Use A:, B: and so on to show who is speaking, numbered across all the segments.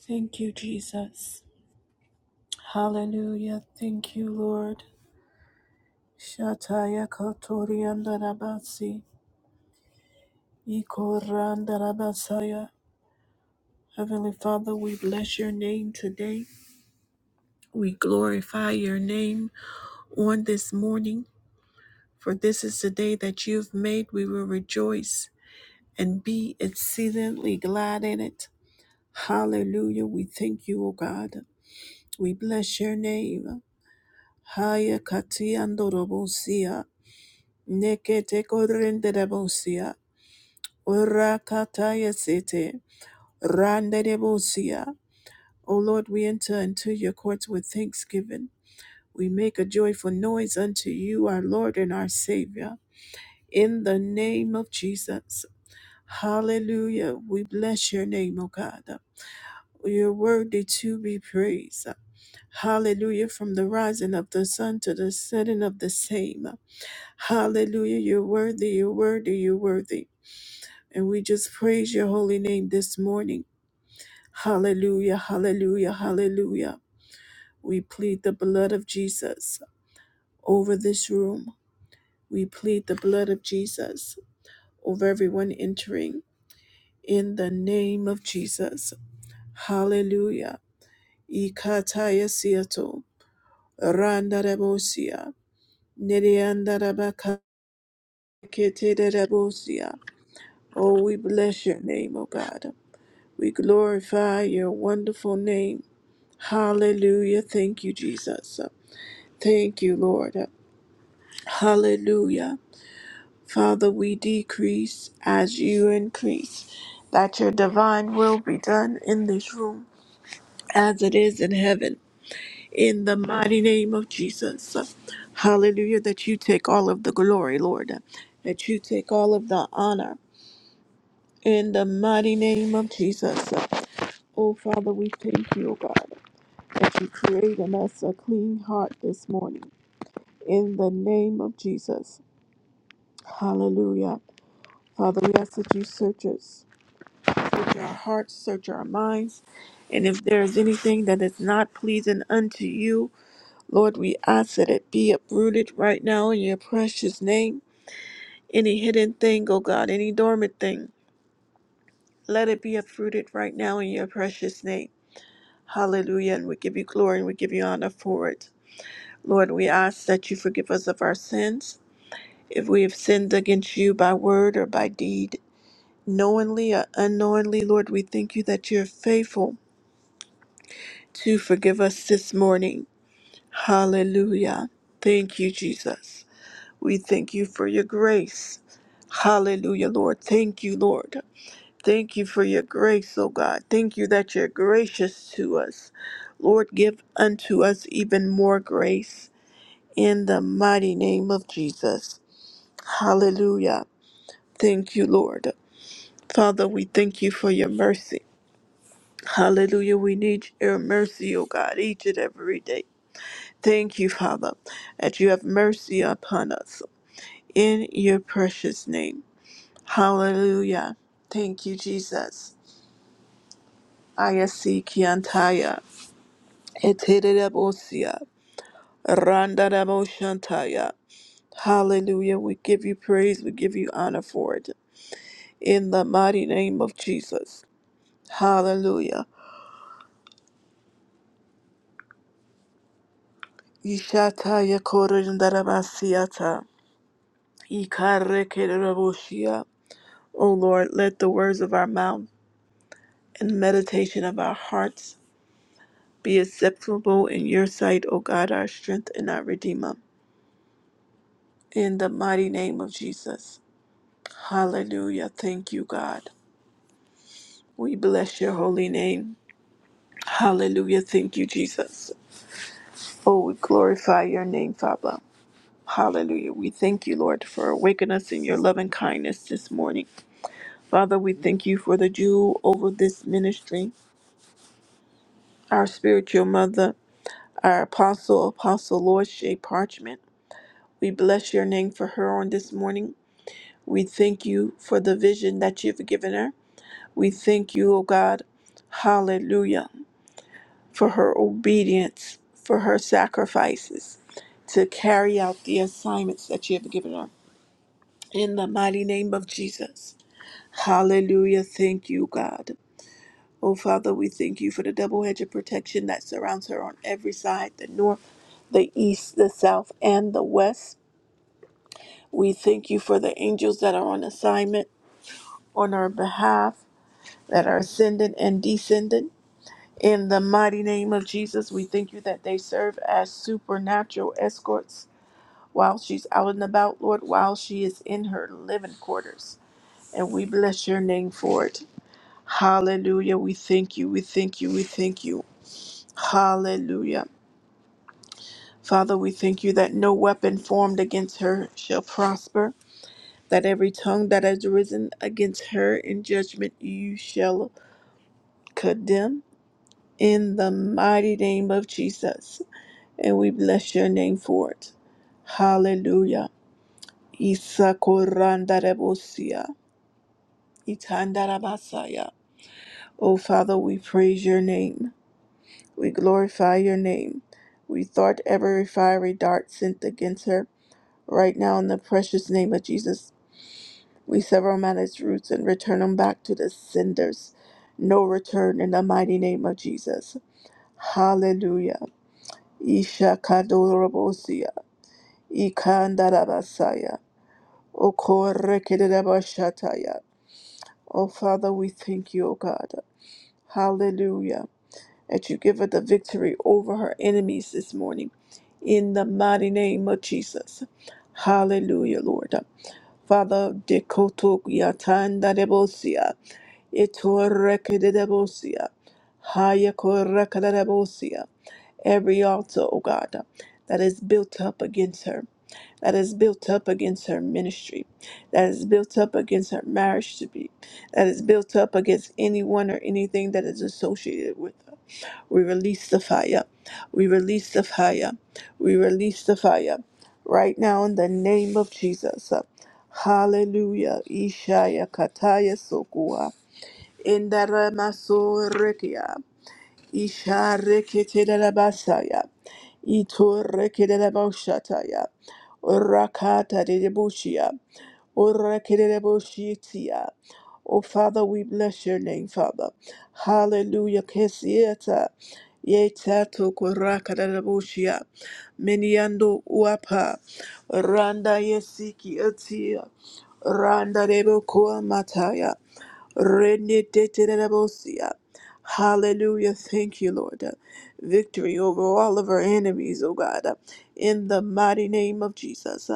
A: Thank you, Jesus. Hallelujah. Thank you, Lord. Shataya kotoriandarabasi, ikorandarabasaya. Heavenly Father, we bless your name today. We glorify your name on this morning, for this is the day that you've made. We will rejoice and be exceedingly glad in it. Hallelujah. We thank you, O God. We bless your name. Haya kati andorobosia. Nekete korende de bosia, urakataya sete, rande de bosia. O Lord, we enter into your courts with thanksgiving. We make a joyful noise unto you, our Lord and our Savior. In the name of Jesus. Hallelujah. We bless your name, O God. You're worthy to be praised. Hallelujah. From the rising of the sun to the setting of the same. Hallelujah. You're worthy. You're worthy. You're worthy. And we just praise your holy name this morning. Hallelujah, hallelujah, hallelujah. We plead the blood of Jesus over this room. We plead the blood of Jesus over everyone entering in the name of Jesus. Hallelujah. Ikataya siato, randa rebosia, nereanda rabaka, kete rebosia. Oh, we bless your name, O God. We glorify your wonderful name. Hallelujah. Thank you, Jesus. Thank you, Lord. Hallelujah. Father, we decrease as you increase, that your divine will be done in this room as it is in heaven. In the mighty name of Jesus. Hallelujah. That you take all of the glory, Lord. That you take all of the honor. In the mighty name of Jesus. Oh, Father, we thank you, oh God, that you create in us a clean heart this morning in the name of Jesus. Hallelujah. Father, we ask that you search us, search our hearts, search our minds. And if there is anything that is not pleasing unto you, Lord, we ask that it be uprooted right now in your precious name. Any hidden thing, oh God, any dormant thing, let it be uprooted right now in your precious name. Hallelujah. And we give you glory and we give you honor for it. Lord, we ask that you forgive us of our sins if we have sinned against you by word or by deed. knowingly or unknowingly, Lord, we thank you that you're faithful to forgive us this morning. Hallelujah. Thank you, Jesus. We thank you for your grace. Hallelujah, Lord. Thank you, Lord. Thank you for your grace, O God. Thank you that you're gracious to us. Lord, give unto us even more grace in the mighty name of Jesus. Hallelujah. Thank you, Lord. Father, we thank you for your mercy. Hallelujah. We need your mercy, O God, each and every day. Thank you, Father, that you have mercy upon us in your precious name. Hallelujah. Thank you, Jesus. Ayasi kiantaya, eterebosia, randarabosantaya. Hallelujah. We give you praise. We give you honor for it. In the mighty name of Jesus. Hallelujah. Ishataya korindarabasia. Ikarekereboshia. O Lord, let the words of our mouth and the meditation of our hearts be acceptable in your sight, O God, our strength and our Redeemer. In the mighty name of Jesus. Hallelujah. Thank you, God. We bless your holy name. Hallelujah. Thank you, Jesus. Oh, we glorify your name, Father. Hallelujah. We thank you, Lord, for waking us in your loving kindness this morning. Father, we thank you for the jewel over this ministry. our spiritual mother, our apostle, Apostle Lord Shea Parchment. We bless your name for her on this morning. We thank you for the vision that you've given her. We thank you, O God, hallelujah, for her obedience, for her sacrifices to carry out the assignments that you have given her. In the mighty name of Jesus. Hallelujah. Thank you, God. Oh, Father, we thank you for the double edge of protection that surrounds her on every side the north, the east, the south, and the west. We thank you for the angels that are on assignment on our behalf, that are ascending and descending. In the mighty name of Jesus, we thank you that they serve as supernatural escorts while she's out and about, Lord, while she is in her living quarters. And we bless your name for it. Hallelujah. We thank you. We thank you. We thank you. Hallelujah. Father, we thank you that no weapon formed against her shall prosper, that every tongue that has risen against her in judgment you shall condemn in the mighty name of Jesus. And we bless your name for it. Hallelujah. Isakorandarebosia, itandarabasaya. Oh, Father, we praise your name. We glorify your name. We thwart every fiery dart sent against her right now in the precious name of Jesus. We sever him at its roots and return him back to the cinders. No return in the mighty name of Jesus. Hallelujah. Isha kadorobosia. Ikandarabasaya. Okorekedebashataya. Oh Father, we thank you, O God. Hallelujah. That you give her the victory over her enemies this morning. In the mighty name of Jesus. Hallelujah, Lord. Father, dekoto Itorekedebosia. Hayakorakedebosia. Every altar, O God, that is built up against her, that is built up against her ministry, that is built up against her marriage to be, that is built up against anyone or anything that is associated with her. We release the fire. We release the fire. We release the fire right now in the name of Jesus. Hallelujah. Ishaya Kataya Sokua. Indaramasorekia. Isharekitelabasaya. Itorekelaboshataya. Rakata de debushia. Orekelaboshitia. Oh, Father, we bless your name, Father. Hallelujah. Kesieta. Yetato korakadabushia. Meniando uapa. Randa yesiki atia. Randa debokoa mataya. Reniteterebosia. Hallelujah. Thank you, Lord. Victory over all of our enemies, oh God, in the mighty name of Jesus.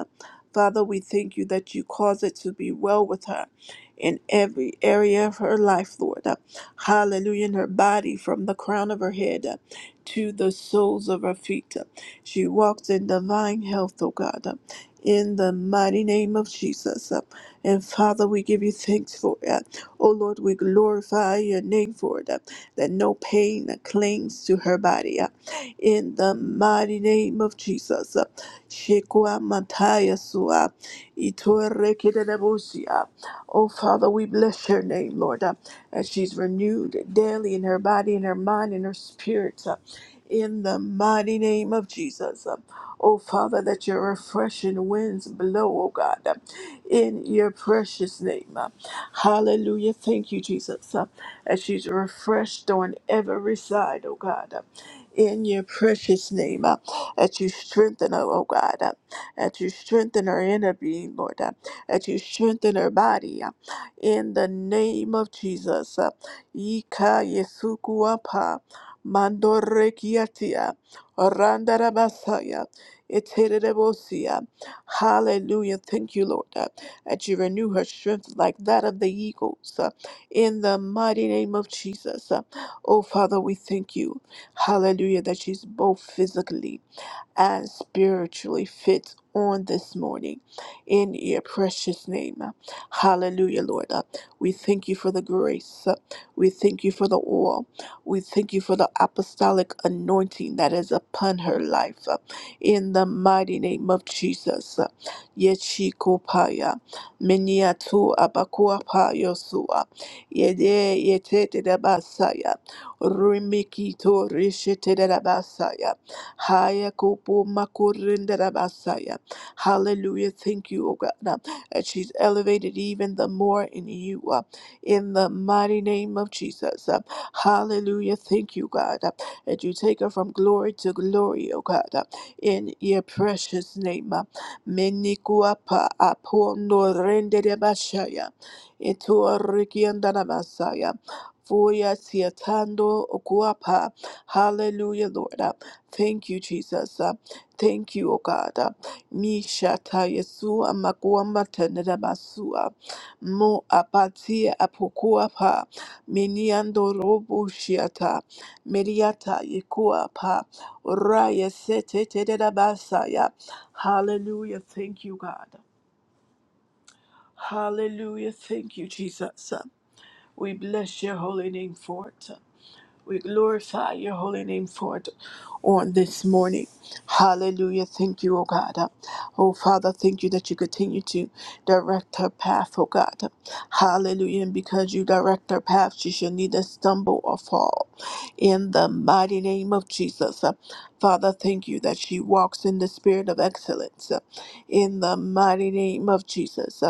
A: Father, we thank you that you cause it to be well with her in every area of her life, Lord. Hallelujah. In her body, from the crown of her head uh, to the soles of her feet. She walks in divine health, oh God, uh, in the mighty name of Jesus. Uh, And Father, we give you thanks for it. O Lord, we glorify your name for them, that no pain clings to her body. uh, In the mighty name of Jesus. uh, Shekwa Mataya Sua, Itore Kedenabusia. Oh Father, we bless your name, Lord, uh, as she's renewed daily in her body, in her mind, in her spirit. uh, In the mighty name of Jesus. uh, Oh Father, that your refreshing winds blow, oh God, uh, in your precious name. uh, Hallelujah. Thank you, Jesus, uh, as she's refreshed on every side, oh God. uh, in your precious name, uh, that you strengthen her, oh God, uh, that you strengthen her inner being, Lord, uh, that you strengthen her body, uh, in the name of Jesus. uh, Ika Yesuku Mandorekiatia, Randarabasaya, Iterebosea. Hallelujah. Thank you, Lord. uh, that you renew her strength like that of the eagles uh, in the mighty name of Jesus. Uh, Oh, Father, we thank you. Hallelujah, that she's both physically and spiritually fit on this morning in your precious name. uh, Hallelujah, Lord. Uh, We thank you for the grace. Uh, We thank you for the oil. We thank you for the apostolic anointing that is upon her life. Uh, In the mighty name of Jesus. Uh, Yechikopaya. Miniatu abakuapayosua. Yede yetete basaya. Rimikito rishete basaya. Haya kupu makurinde rabasaya. Hallelujah. Thank you, O God, uh, that she's elevated even the more in you, uh, in the mighty name of Jesus. uh, Hallelujah. Thank you, God, uh, that you take her from glory to glory, O God, uh, in your precious name. uh, Menikuapa apo norende rabashaya. Itu arikianda rabasaya. Fuya siatando okuapa. Hallelujah, Lord. Uh, Thank you, Jesus. Uh, thank you, O God. Uh, Mishata Yesu amakuamba tenera basua. Mo apatia apokuapa. Miniando robu shiata. Meriata yekuapa. Raya sete tenera basaya. Hallelujah. Thank you, God. Hallelujah. Thank you, Jesus. Uh, we bless your holy name for it. We glorify your holy name for it on this morning. Hallelujah. Thank you, O God. Oh Father, thank you that you continue to direct her path, O God. Hallelujah. And because you direct her path, she shall neither stumble or fall. In the mighty name of Jesus. Father, thank you that she walks in the spirit of excellence. In the mighty name of Jesus.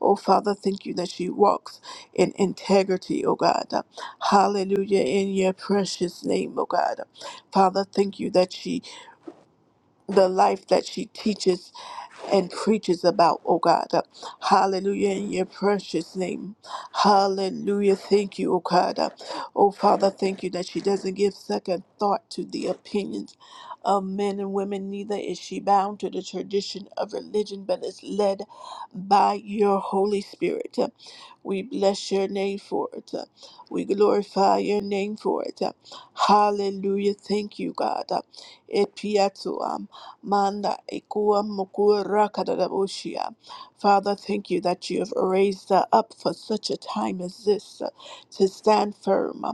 A: Oh Father, thank you that she walks in integrity, O God. Hallelujah. In your precious name, oh God. Father, thank you that she, the life that she teaches and preaches about, oh God. Uh, Hallelujah, in your precious name. Hallelujah. Thank you, oh God. Uh, Oh Father, thank you that she doesn't give second thought to the opinions of men and women, neither is she bound to the tradition of religion, but is led by your Holy Spirit. Uh, We bless your name for it. Uh, We glorify your name for it. Uh, Hallelujah. Thank you, God. Uh, Et piato. Manda ikua mokura kadadabushia. Father, thank you that you have raised us up for such a time as this uh, to stand firm.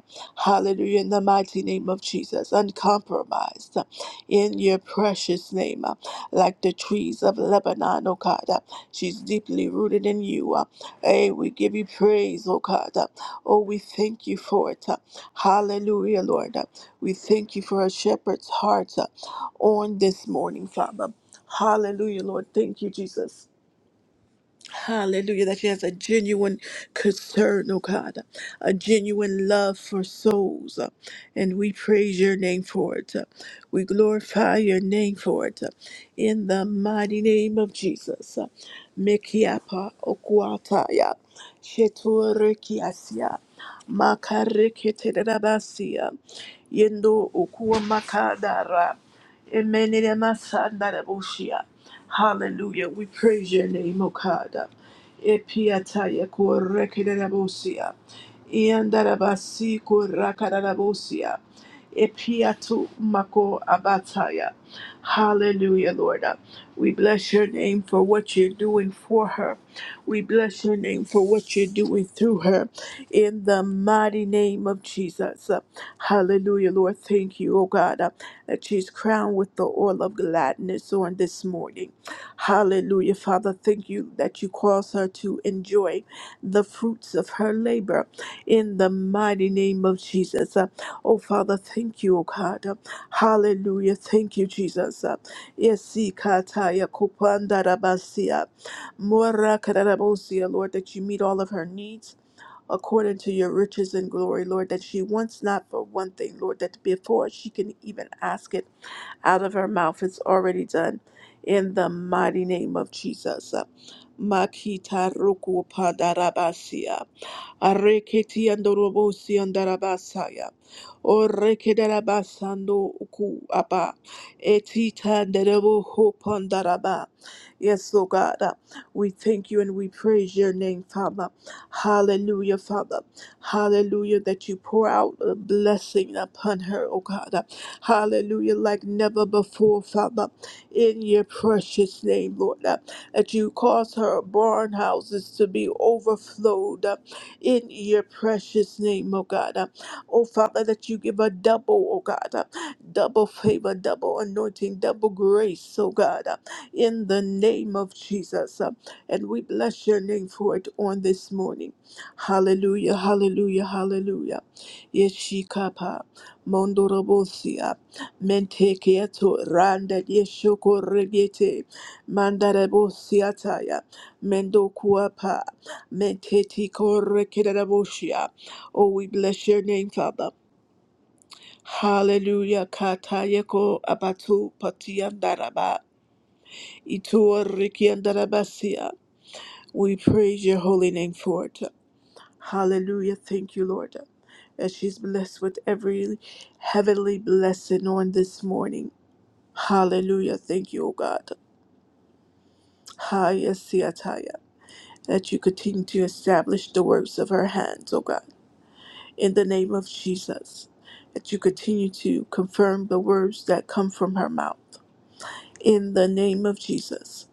A: Hallelujah. In the mighty name of Jesus, uncompromised uh, in your precious name, uh, like the trees of Lebanon, O God. uh, She's deeply rooted in you. uh, Hey, we give you praise, O God. uh, Oh, we thank you for it. uh, Hallelujah, Lord. uh, We thank you for a shepherd's heart. uh, on this morning, Father. Hallelujah, Lord. Thank you, Jesus. Hallelujah, that she has a genuine concern, oh God, a genuine love for souls. uh, And we praise your name for it. uh, We glorify your name for it. uh, In the mighty name of Jesus. uh, Mekiapa okuataya, sheturekiasia, makareketerabasia, yendo okuwa makadara, emenere Hallelujah. We praise your name, O God. Epiataya korekererabosia. Iandarabasi korakararabosia. Epiatu mako abataya. Hallelujah, Lord. We bless your name for what you're doing for her. We bless your name for what you're doing through her. In the mighty name of Jesus. Hallelujah, Lord. Thank you, oh God, that she's crowned with the oil of gladness on this morning. Hallelujah, Father. Thank you that you cause her to enjoy the fruits of her labor in the mighty name of Jesus. Uh, Oh, Father, thank you, oh God. Uh, Hallelujah. Thank you, Jesus. Uh, Yesi kataya kupandarabasia. Mora kararabosia, Lord, that you meet all of her needs. According to your riches and glory, Lord, that she wants not for one thing, Lord, that before she can even ask it out of her mouth. It's already done in the mighty name of Jesus. Makita ruku padarabasia. Arreketi andorobosi andarabasaya. Orrekedarabasando uku aba. Etita nderebo hopandaraba. Yes, Lord God, uh, we thank you and we praise your name, Father. Hallelujah, Father. Hallelujah, that you pour out a blessing upon her, oh God. Uh, Hallelujah, like never before, Father. In your precious name, Lord, uh, that you cause her barn houses to be overflowed. uh, in your precious name, oh God. Uh, Oh Father, that you give a double, oh God, uh, double favor, double anointing, double grace, oh God, uh, in the name of Jesus. Uh, And we bless your name for it on this morning. Hallelujah, hallelujah, hallelujah. Yeshikapa, Mondorobosia, Mentekeato, Randa, Yeshoko Regete, Mandarabosiataya, Mendokuapa. Metetikorekereraboshia. Oh, we bless your name, Father. Hallelujah. Katayeko abatu patiandaraba. Ituorikiandarabasia. We praise your holy name for it. Hallelujah. Thank you, Lord. As she's blessed with every heavenly blessing on this morning. Hallelujah. Thank you, O God. Haya siataya. That you continue to establish the works of her hands, O God. in the name of Jesus, that you continue to confirm the words that come from her mouth. In the name of Jesus.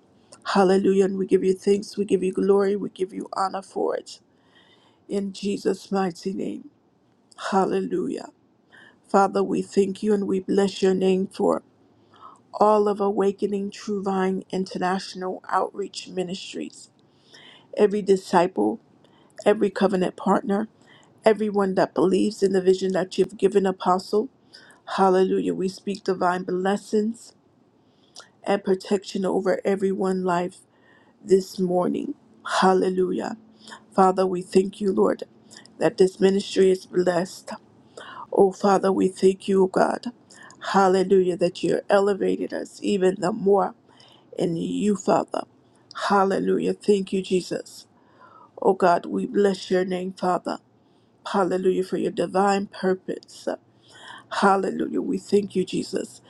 A: Hallelujah. And we give you thanks, we give you glory, we give you honor for it. In Jesus' mighty name. Hallelujah. Father, we thank you and we bless your name for all of Awakening True Vine International Outreach Ministries. Every disciple, every covenant partner, everyone that believes in the vision that you've given, Apostle. Hallelujah. We speak divine blessings and protection over everyone's life this morning. Hallelujah. Father, we thank you, Lord, that this ministry is blessed. Oh, Father, we thank you, God. Hallelujah, that you elevated us even the more in you, Father. Hallelujah. Thank you, Jesus. Oh, God, we bless your name, Father. Hallelujah, for your divine purpose. Hallelujah. We thank you, Jesus,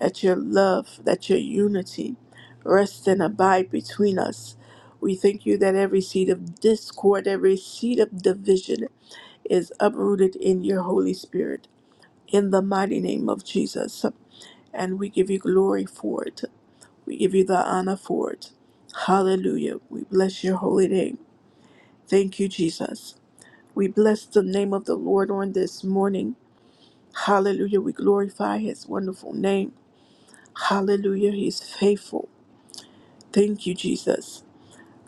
A: that your love, that your unity rest and abide between us. We thank you that every seed of discord, every seed of division is uprooted in your Holy Spirit in the mighty name of Jesus. And we give you glory for it. We give you the honor for it. Hallelujah. We bless your holy name. Thank you, Jesus. We bless the name of the Lord on this morning. Hallelujah. We glorify his wonderful name. Hallelujah. He's faithful. Thank you, Jesus.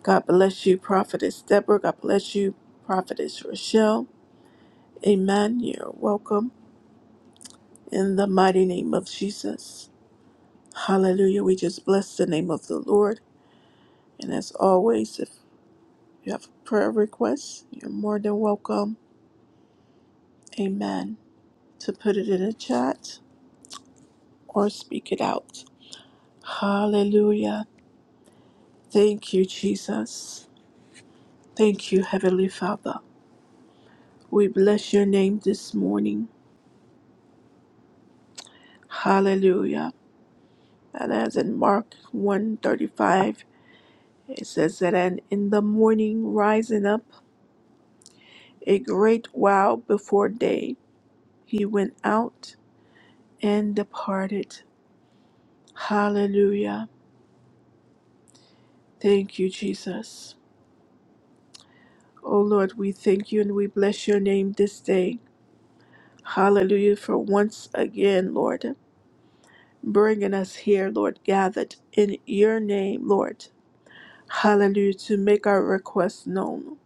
A: God bless you, Prophetess Deborah. God bless you, Prophetess Rochelle. Amen. You're welcome in the mighty name of Jesus. Hallelujah. We just bless the name of the Lord. And as always, if you have a prayer request, you're more than welcome. Amen. To put it in a chat or speak it out. Hallelujah. Thank you, Jesus. Thank you, Heavenly Father. We bless your name this morning. Hallelujah. And as in Mark 1:35, it says that and in the morning rising up a great while before day, he went out and departed. Hallelujah. Thank you, Jesus. Oh Lord, we thank you and we bless your name this day. Hallelujah for once again, Lord, bringing us here, Lord, gathered in your name, Lord Hallelujah, to make our requests known.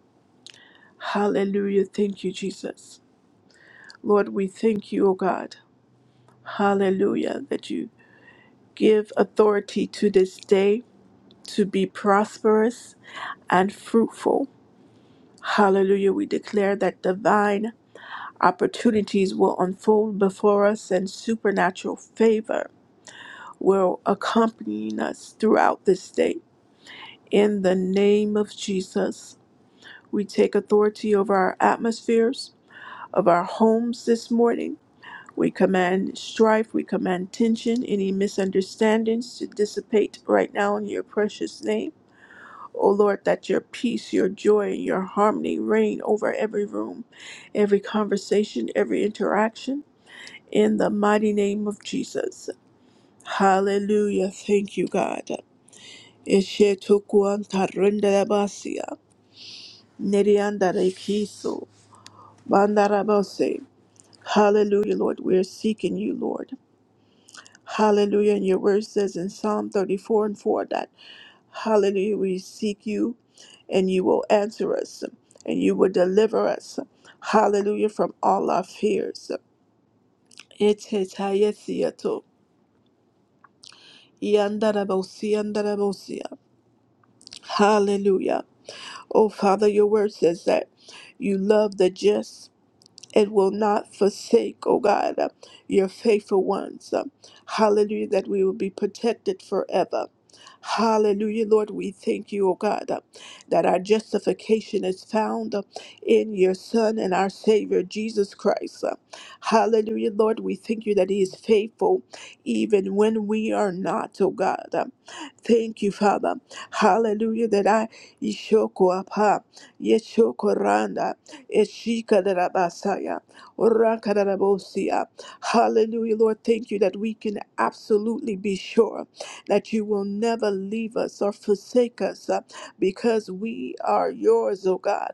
A: Hallelujah. Thank you, Jesus. Lord, we thank you, O God. Hallelujah, that you give authority to this day to be prosperous and fruitful. Hallelujah. We declare that divine opportunities will unfold before us and supernatural favor will accompany us throughout this day. In the name of Jesus, we take authority over our atmospheres of our homes this morning. We command strife, we command tension, any misunderstandings to dissipate right now in your precious name. O Lord, that your peace, your joy, and your harmony reign over every room, every conversation, every interaction, in the mighty name of Jesus. Hallelujah. Thank you, God. Eshe tukuanta renderabasia, neriandarekiso, bandarabase. Hallelujah, Lord. We're seeking you, Lord. Hallelujah. And your word says in Psalm 34 and 4 that, Hallelujah, we seek you and you will answer us and you will deliver us. Hallelujah, from all our fears. Etetayetheato, yandarabosia, andarabosia. Hallelujah. Oh, Father, your word says that you love the just and will not forsake, oh God, uh, your faithful ones. Um, hallelujah, that we will be protected forever. Hallelujah, Lord, we thank you, O God, uh, that our justification is found uh, in your Son and our Savior, Jesus Christ. Uh, Hallelujah, Lord, we thank you that He is faithful even when we are not, O God. Uh, Thank you, Father. Hallelujah, that I, Yeshua, Ishikadadabasaya, Orakadadabosia. Hallelujah, Lord. Thank you that we can absolutely be sure that you will never leave us or forsake us uh, because we are yours, O God.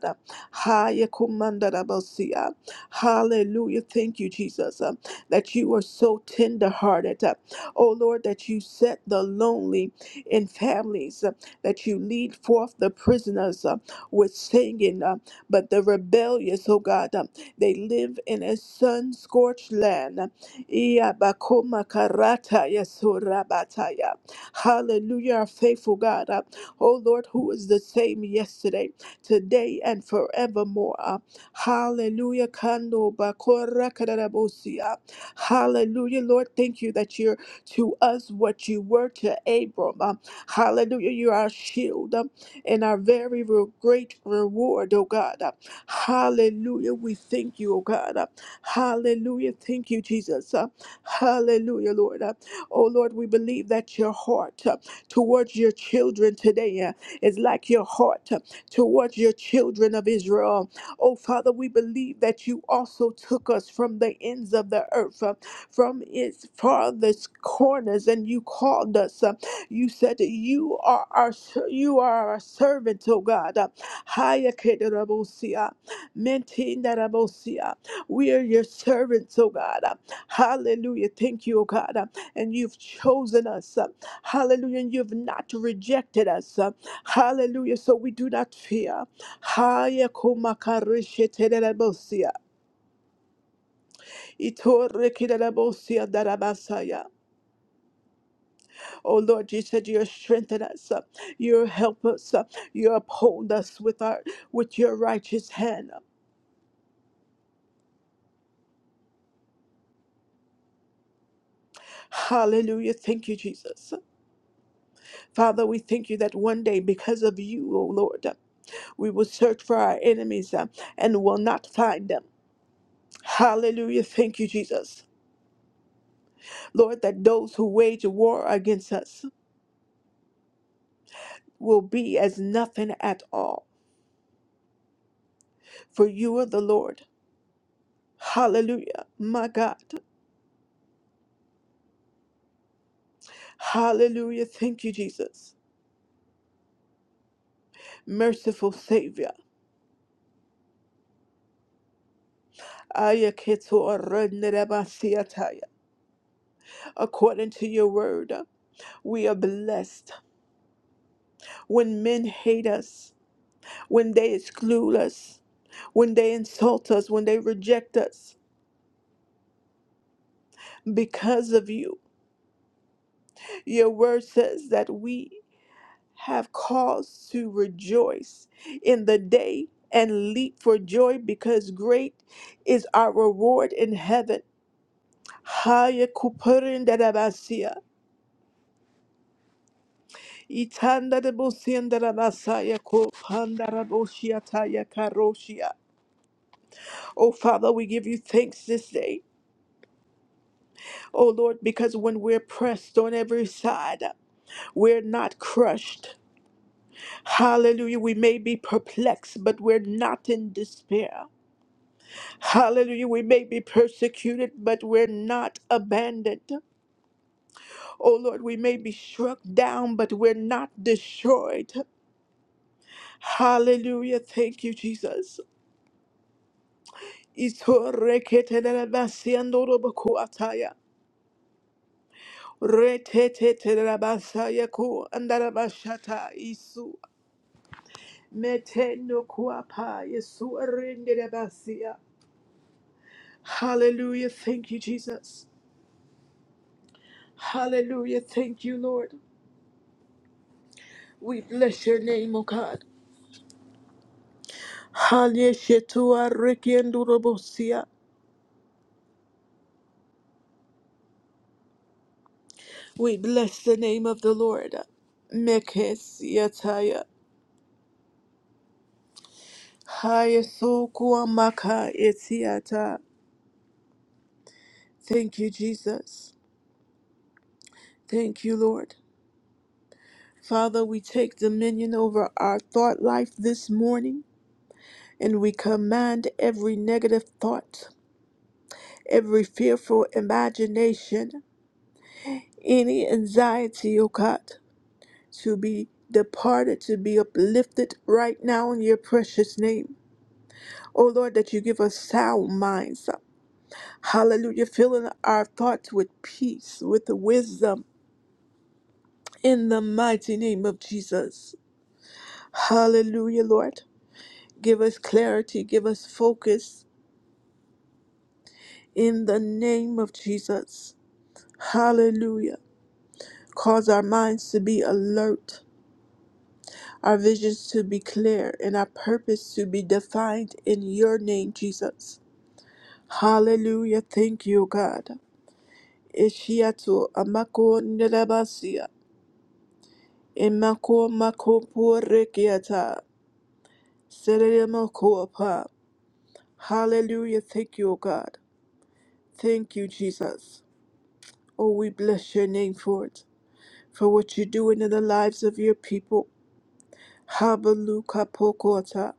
A: Hayakumandadabosia. Hallelujah. Thank you, Jesus, uh, that you are so tender-hearted. uh, Oh Lord, that you set the lonely in families, uh, that you lead forth the prisoners uh, with singing. uh, but the rebellious, oh God, um, they live in a sun scorched land. Iabakoma karata sorabataya. Hallelujah, our faithful God. uh, Oh Lord, who is the same yesterday, today, and forevermore. uh, Hallelujah. Kando bakora kararabosia. Hallelujah, Lord. Thank you that you're to us what you were to Abram. uh, Hallelujah. You are our shield. um, and our very re- great reward, oh God. Uh, Hallelujah. We thank you, oh God. Uh, Hallelujah. Thank you, Jesus. Uh, Hallelujah, Lord. Uh, Oh Lord, we believe that your heart uh, towards your children today uh, is like your heart uh, towards your children of Israel. Oh Father, we believe that you also took us from the ends of the earth, uh, from its farthest corners, and you called us. uh, you said that you are our ser- you are our servant, oh God. Haya kedarabosia, mentindarabosia. We are your servants, oh God. Hallelujah. Thank you, oh God. And you've chosen us. Hallelujah. And you've not rejected us. Hallelujah. So we do not fear. Haya kumakarishetedarabosia. Itorekedarabosia darabasaya. Oh Lord, you said you strengthen us, uh, you help us, uh, you uphold us with our with your righteous hand. Hallelujah. Thank you, Jesus. Father, we thank you that one day, because of you, oh Lord, uh, we will search for our enemies uh, and will not find them. Hallelujah. Thank you, Jesus. Lord, that those who wage war against us will be as nothing at all. For you are the Lord. Hallelujah. My God. Hallelujah. Thank you, Jesus. Merciful Savior, Ayaketo Arunnerabasiataya. according to your word, we are blessed when men hate us, when they exclude us, when they insult us, when they reject us because of you. Your word says that we have cause to rejoice in the day and leap for joy because great is our reward in heaven. Haya Itandarabosiandarabasayako pandaraboshiatayakaroshia. Oh, Father, we give you thanks this day, oh Lord, because when we're pressed on every side, we're not crushed. Hallelujah. We may be perplexed, but we're not in despair. Hallelujah. We may be persecuted, but we're not abandoned. Oh Lord, we may be struck down, but we're not destroyed. Hallelujah. Thank you, Jesus. Isoreketelabasiandorobokuataya. Retetetelabasayaku andarabashata isu. Metenokuapa yesu arendelabasia. Hallelujah. Thank you, Jesus. Hallelujah. Thank you, Lord. We bless your name, O God. Hallelujah. rekiandorobosia. We bless the name of the Lord. Mekes yataya. Hayesu kuamaka etiata. Thank you, Jesus. Thank you, Lord. Father, we take dominion over our thought life this morning and we command every negative thought, every fearful imagination, any anxiety, O God, to be departed, to be uplifted right now in your precious name. O Lord, that you give us sound minds. Hallelujah. Filling our thoughts with peace, with wisdom, in the mighty name of Jesus. Hallelujah, Lord. Give us clarity, give us focus in the name of Jesus. Hallelujah. Cause our minds to be alert, our visions to be clear, and our purpose to be defined in your name, Jesus. Hallelujah. Thank you, God. Ishiatu amako nilabasia. Imako makopo rekiata. Serere moko apa. Hallelujah. Thank you, God. Thank you, Jesus. Oh, we bless your name for it, for what you're doing in the lives of your people. Habaluka pokota,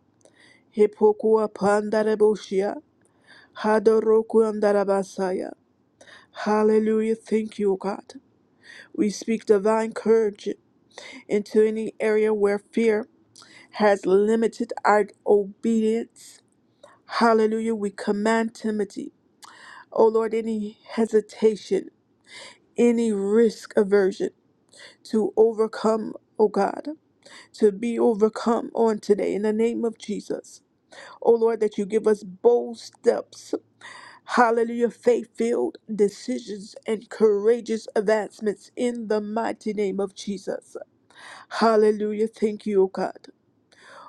A: hipokua pandaraboshia, hadoroku andarabasaya. Hallelujah. Thank you, O God. We speak divine courage into any area where fear has limited our obedience. Hallelujah. We command Timothy, O Lord, any hesitation, any risk aversion to overcome, O God. to be overcome on today in the name of Jesus. Oh Lord, that you give us bold steps, hallelujah, faith filled decisions and courageous advancements in the mighty name of Jesus. Hallelujah. Thank you, O God.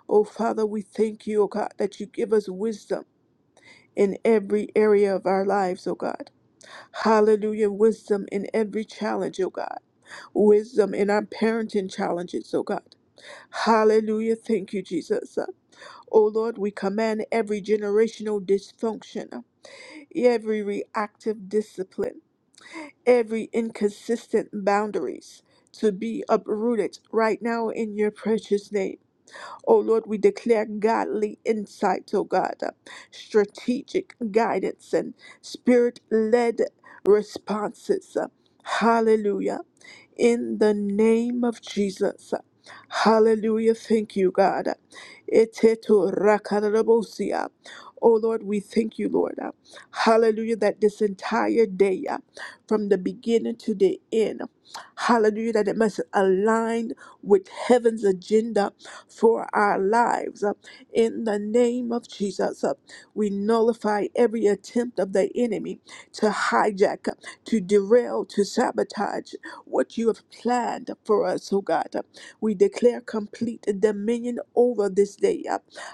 A: Oh Father, we thank you, O God, that you give us wisdom. In every area of our lives, O God. Hallelujah. Wisdom in every challenge, O God. Wisdom in our parenting challenges, O God. Hallelujah. Thank you, Jesus. O Lord, we command every generational dysfunction, every reactive discipline, every inconsistent boundaries to be uprooted right now in your precious name. O Lord, we declare godly insight, O God, strategic guidance and spirit led responses. Hallelujah in the name of Jesus. Hallelujah. Thank you, God. Etetu rakarabosia. Oh Lord, we thank you, Lord. Hallelujah, that this entire day, uh, from the beginning to the end, hallelujah, that it must align with heaven's agenda for our lives. Uh, In the name of Jesus, uh, we nullify every attempt of the enemy to hijack, uh, to derail, to sabotage what you have planned for us, oh God. We declare complete dominion over this day.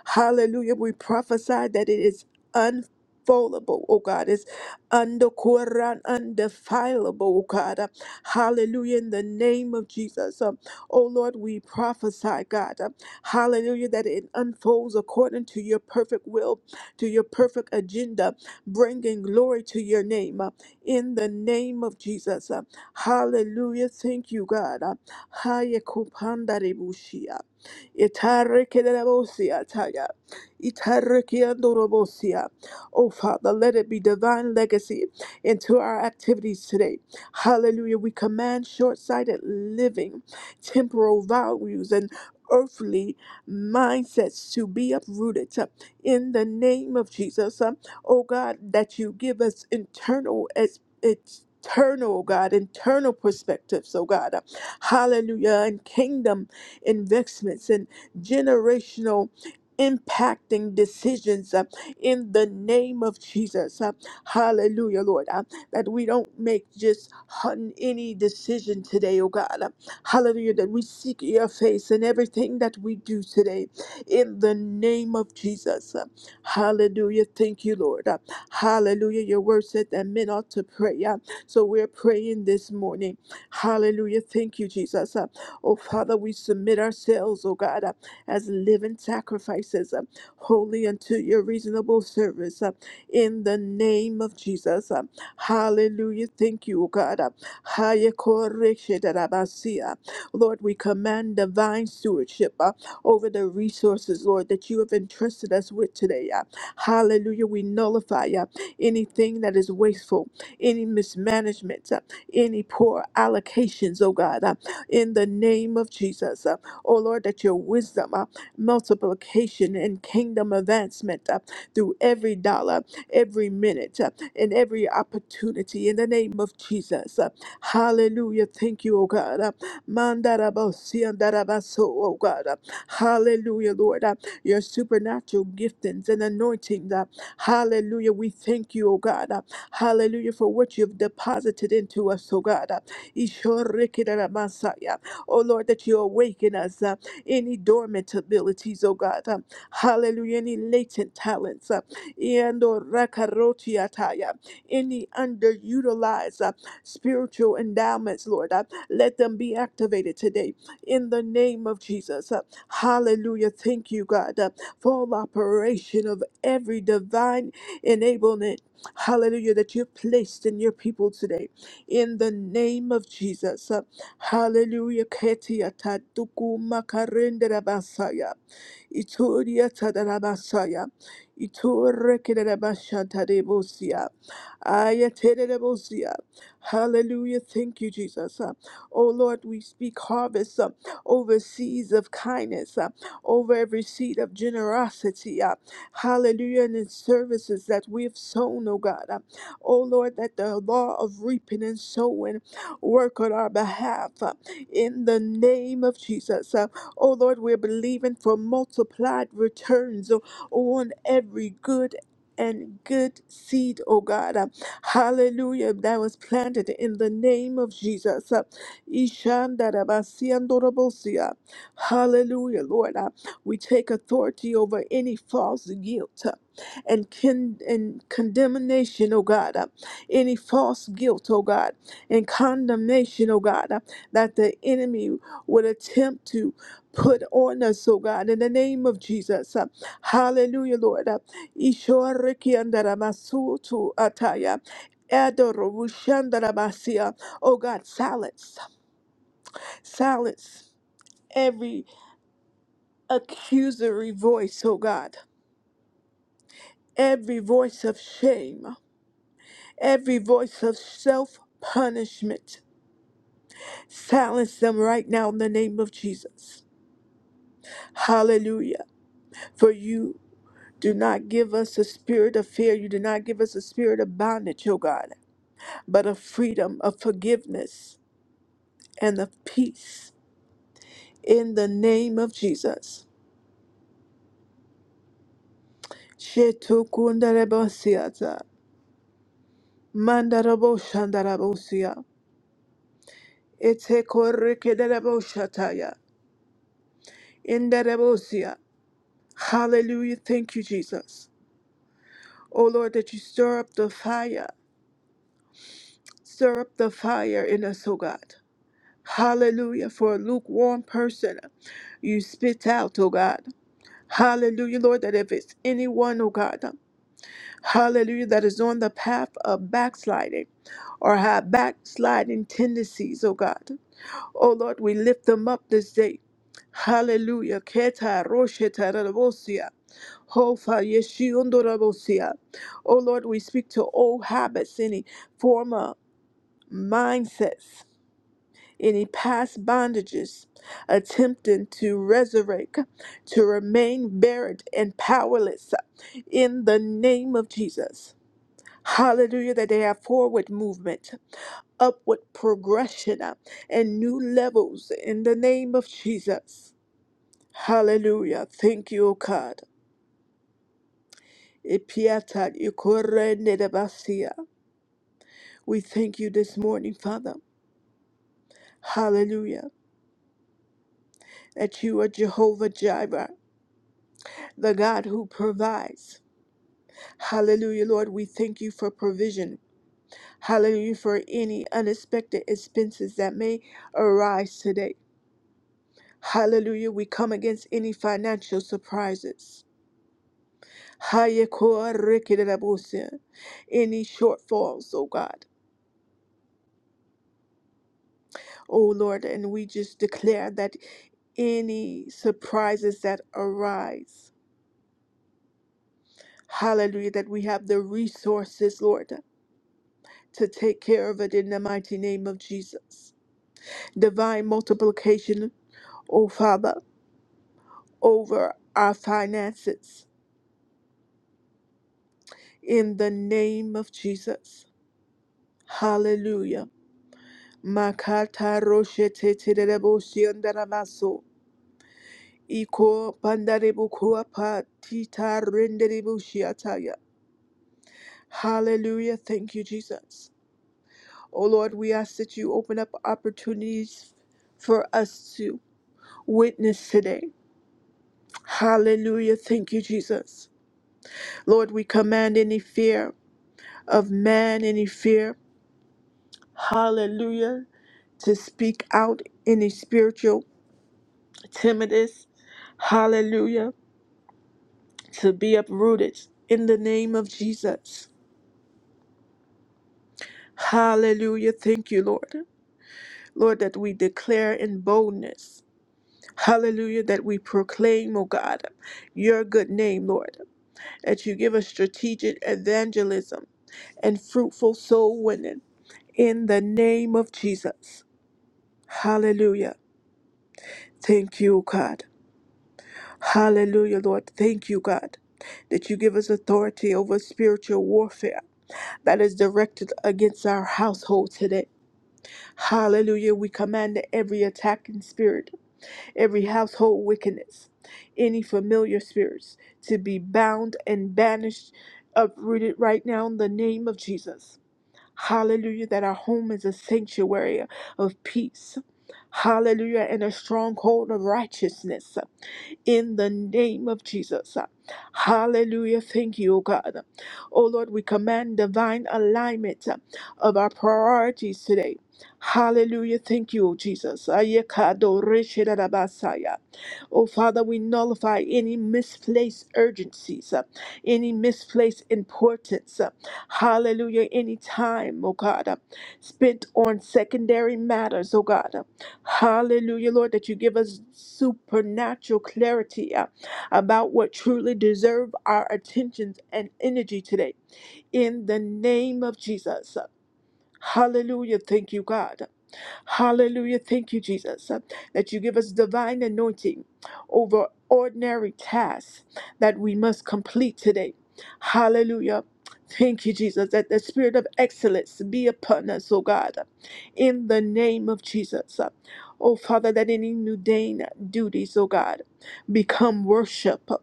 A: Hallelujah. We prophesy that it is unfoldable, oh God, it's under Quran, undefilable, oh God. Hallelujah, in the name of Jesus. Um, oh Lord, we prophesy, God, um, hallelujah, that it unfolds according to your perfect will, to your perfect agenda, bringing glory to your name. uh, in the name of Jesus. Hallelujah. Thank you, God. Haya kupanda rebushia. Itareke rebosia taya. Itareke andorobosia. Oh, Father, let it be divine legacy into our activities today. Hallelujah. We command short sighted living, temporal values, and earthly mindsets to be uprooted uh, in the name of Jesus. Um, Oh, God, that you give us internal Eternal, oh God, internal perspectives, oh God, hallelujah, and kingdom investments and generational impacting decisions uh, in the name of Jesus. Uh, hallelujah, Lord. Uh, that we don't make just hun- any decision today, oh God. Uh, hallelujah, that we seek your face in everything that we do today in the name of Jesus. Uh, hallelujah. Thank you, Lord. Uh, Hallelujah. Your word said that men ought to pray. uh, So we're praying this morning. Hallelujah. Thank you, Jesus. Uh, Oh, Father, we submit ourselves, oh God, uh, as living sacrifices, uh, holy unto your reasonable service. uh, In the name of Jesus. Uh, Hallelujah. Thank you, oh God. Uh, Haya koreshe darabasia. Lord, we command divine stewardship uh, over the resources, Lord, that you have entrusted us with today. uh, Hallelujah. We nullify uh, anything that is wasteful, any mismanagement, uh, any poor allocations, oh God, uh, in the name of Jesus. Uh, oh Lord, that your wisdom, uh, multiplication, and kingdom advancement uh, through every dollar, every minute, uh, and every opportunity in the name of Jesus. Uh, hallelujah. Thank you, oh God. Uh, Mandarabosi andarabaso, oh God. Uh, Hallelujah, Lord. uh, your supernatural giftings and anointings. uh, Hallelujah. We thank you, oh God. uh, Hallelujah for what you've deposited into us, oh God. uh, Ishorikidaramasaya. Oh Lord, that you awaken us. uh, Any dormant abilities, oh God. uh, Hallelujah. Any latent talents. uh, Iandorakorotiataya. Any underutilized uh, spiritual endowments, Lord. uh, Let them be activated today in the name of Jesus. uh, Hallelujah. Thank you, God, uh, for operation of every divine enablement. Hallelujah, that you've placed in your people today. In the name of Jesus. Uh, Hallelujah. Ketia taduku makarendera basaya. Ituria Tadarabasaya, Iturekedabashantarebosia, Ayaterebosia. Hallelujah. Thank you, Jesus. Uh, Oh Lord, we speak harvest uh, over seeds of kindness, uh, over every seed of generosity. uh, Hallelujah. And in services that we have sown, oh God. Uh, Oh Lord, that the law of reaping and sowing work on our behalf. uh, In the name of Jesus. Uh, Oh Lord, we're believing for multiplied returns o- on every good and good seed, oh God. Uh, Hallelujah, that was planted in the name of Jesus. Uh, Ishandarabasiandorobosia. Hallelujah, Lord. Uh, We take authority over any false guilt uh, and, con- and condemnation, oh God. Uh, Any false guilt, oh God, and condemnation, oh God, uh, that the enemy would attempt to Put on us, oh God, in the name of Jesus. Uh, Hallelujah, Lord. Uh, Ishorikiandaramasutu ataya, Adorushandaramasia. Oh God, silence, silence every accusory voice, oh God, every voice of shame, every voice of self punishment. Silence them right now in the name of Jesus. Hallelujah. For you Do not give us a spirit of fear. You do not give us a spirit of bondage, O God, but of freedom, of forgiveness, and of peace. In the name of Jesus. Shetukundarebosiata, mandaraboshandarabosia, etekorekedareboshataya, indarebosia. Hallelujah. Thank you, Jesus. O Lord, that you stir up the fire. Stir up the fire in us, O God. Hallelujah. For a lukewarm person, you spit out, oh God. Hallelujah, Lord, that if it's anyone, oh God, hallelujah, that is on the path of backsliding or have backsliding tendencies, oh God. Oh Lord, we lift them up this day. Hallelujah. Keta rosheta rabosia. Hofa yeshiondo rabosia. Oh Lord, we speak to old habits, any former mindsets any past bondages, attempting to resurrect, to remain buried and powerless in the name of Jesus. Hallelujah, that they have forward movement, upward progression, uh, and new levels in the name of Jesus. Hallelujah. Thank you, O God. Ipiata ikore nedebasia. We thank you this morning, Father. Hallelujah. That you are Jehovah Jireh. the God who provides. Hallelujah, Lord, we thank you for provision. Hallelujah, for any unexpected expenses that may arise today. Hallelujah, we come against any financial surprises. Hayekorikidabusya. Any shortfalls, oh God. Oh Lord, and we just declare that any surprises that arise, hallelujah, that we have the resources, Lord, to take care of it in the mighty name of Jesus. divine multiplication, O Father, over our finances. In the name of Jesus. Hallelujah. Makata roshe te te de debo shi andara maso. Iko pandarebu kuapa tita renderebu shiataya. Hallelujah. Thank you, Jesus. O Lord, we ask that you open up opportunities for us to witness today. Hallelujah. Thank you, Jesus. Lord, we command any fear of man, any fear, hallelujah, to speak out any spiritual timidness, hallelujah, to be uprooted in the name of Jesus. Hallelujah. Thank you, Lord. Lord, that we declare in boldness. Hallelujah, that we proclaim, O God, your good name, Lord, that you give us strategic evangelism and fruitful soul winning in the name of Jesus. Hallelujah. Thank you, God. Hallelujah, Lord. Thank you, God, that you give us authority over spiritual warfare that is directed against our household today. Hallelujah. We command every attacking spirit, every household wickedness, any familiar spirits to be bound and banished, uprooted right now in the name of Jesus. Hallelujah, that our home is a sanctuary of peace. Hallelujah, and a stronghold of righteousness in the name of Jesus. Hallelujah. Thank you, O God. Oh Lord, we command divine alignment of our priorities today. Hallelujah. Thank you, O Jesus. Ayekado reshedabasaya. Oh Father, we nullify any misplaced urgencies, uh, any misplaced importance. uh, Hallelujah. Any time, oh God, uh, spent on secondary matters, oh God. Hallelujah, Lord, that you give us supernatural clarity uh, about what truly deserve our attentions and energy today. In the name of Jesus. Hallelujah. Thank you, God. Hallelujah. Thank you, Jesus, uh, that you give us divine anointing over ordinary tasks that we must complete today. Hallelujah. Thank you, Jesus, that the spirit of excellence be upon us, O God, in the name of Jesus. Uh, Oh, Father, that any mundane duties, O God, become worship, uh,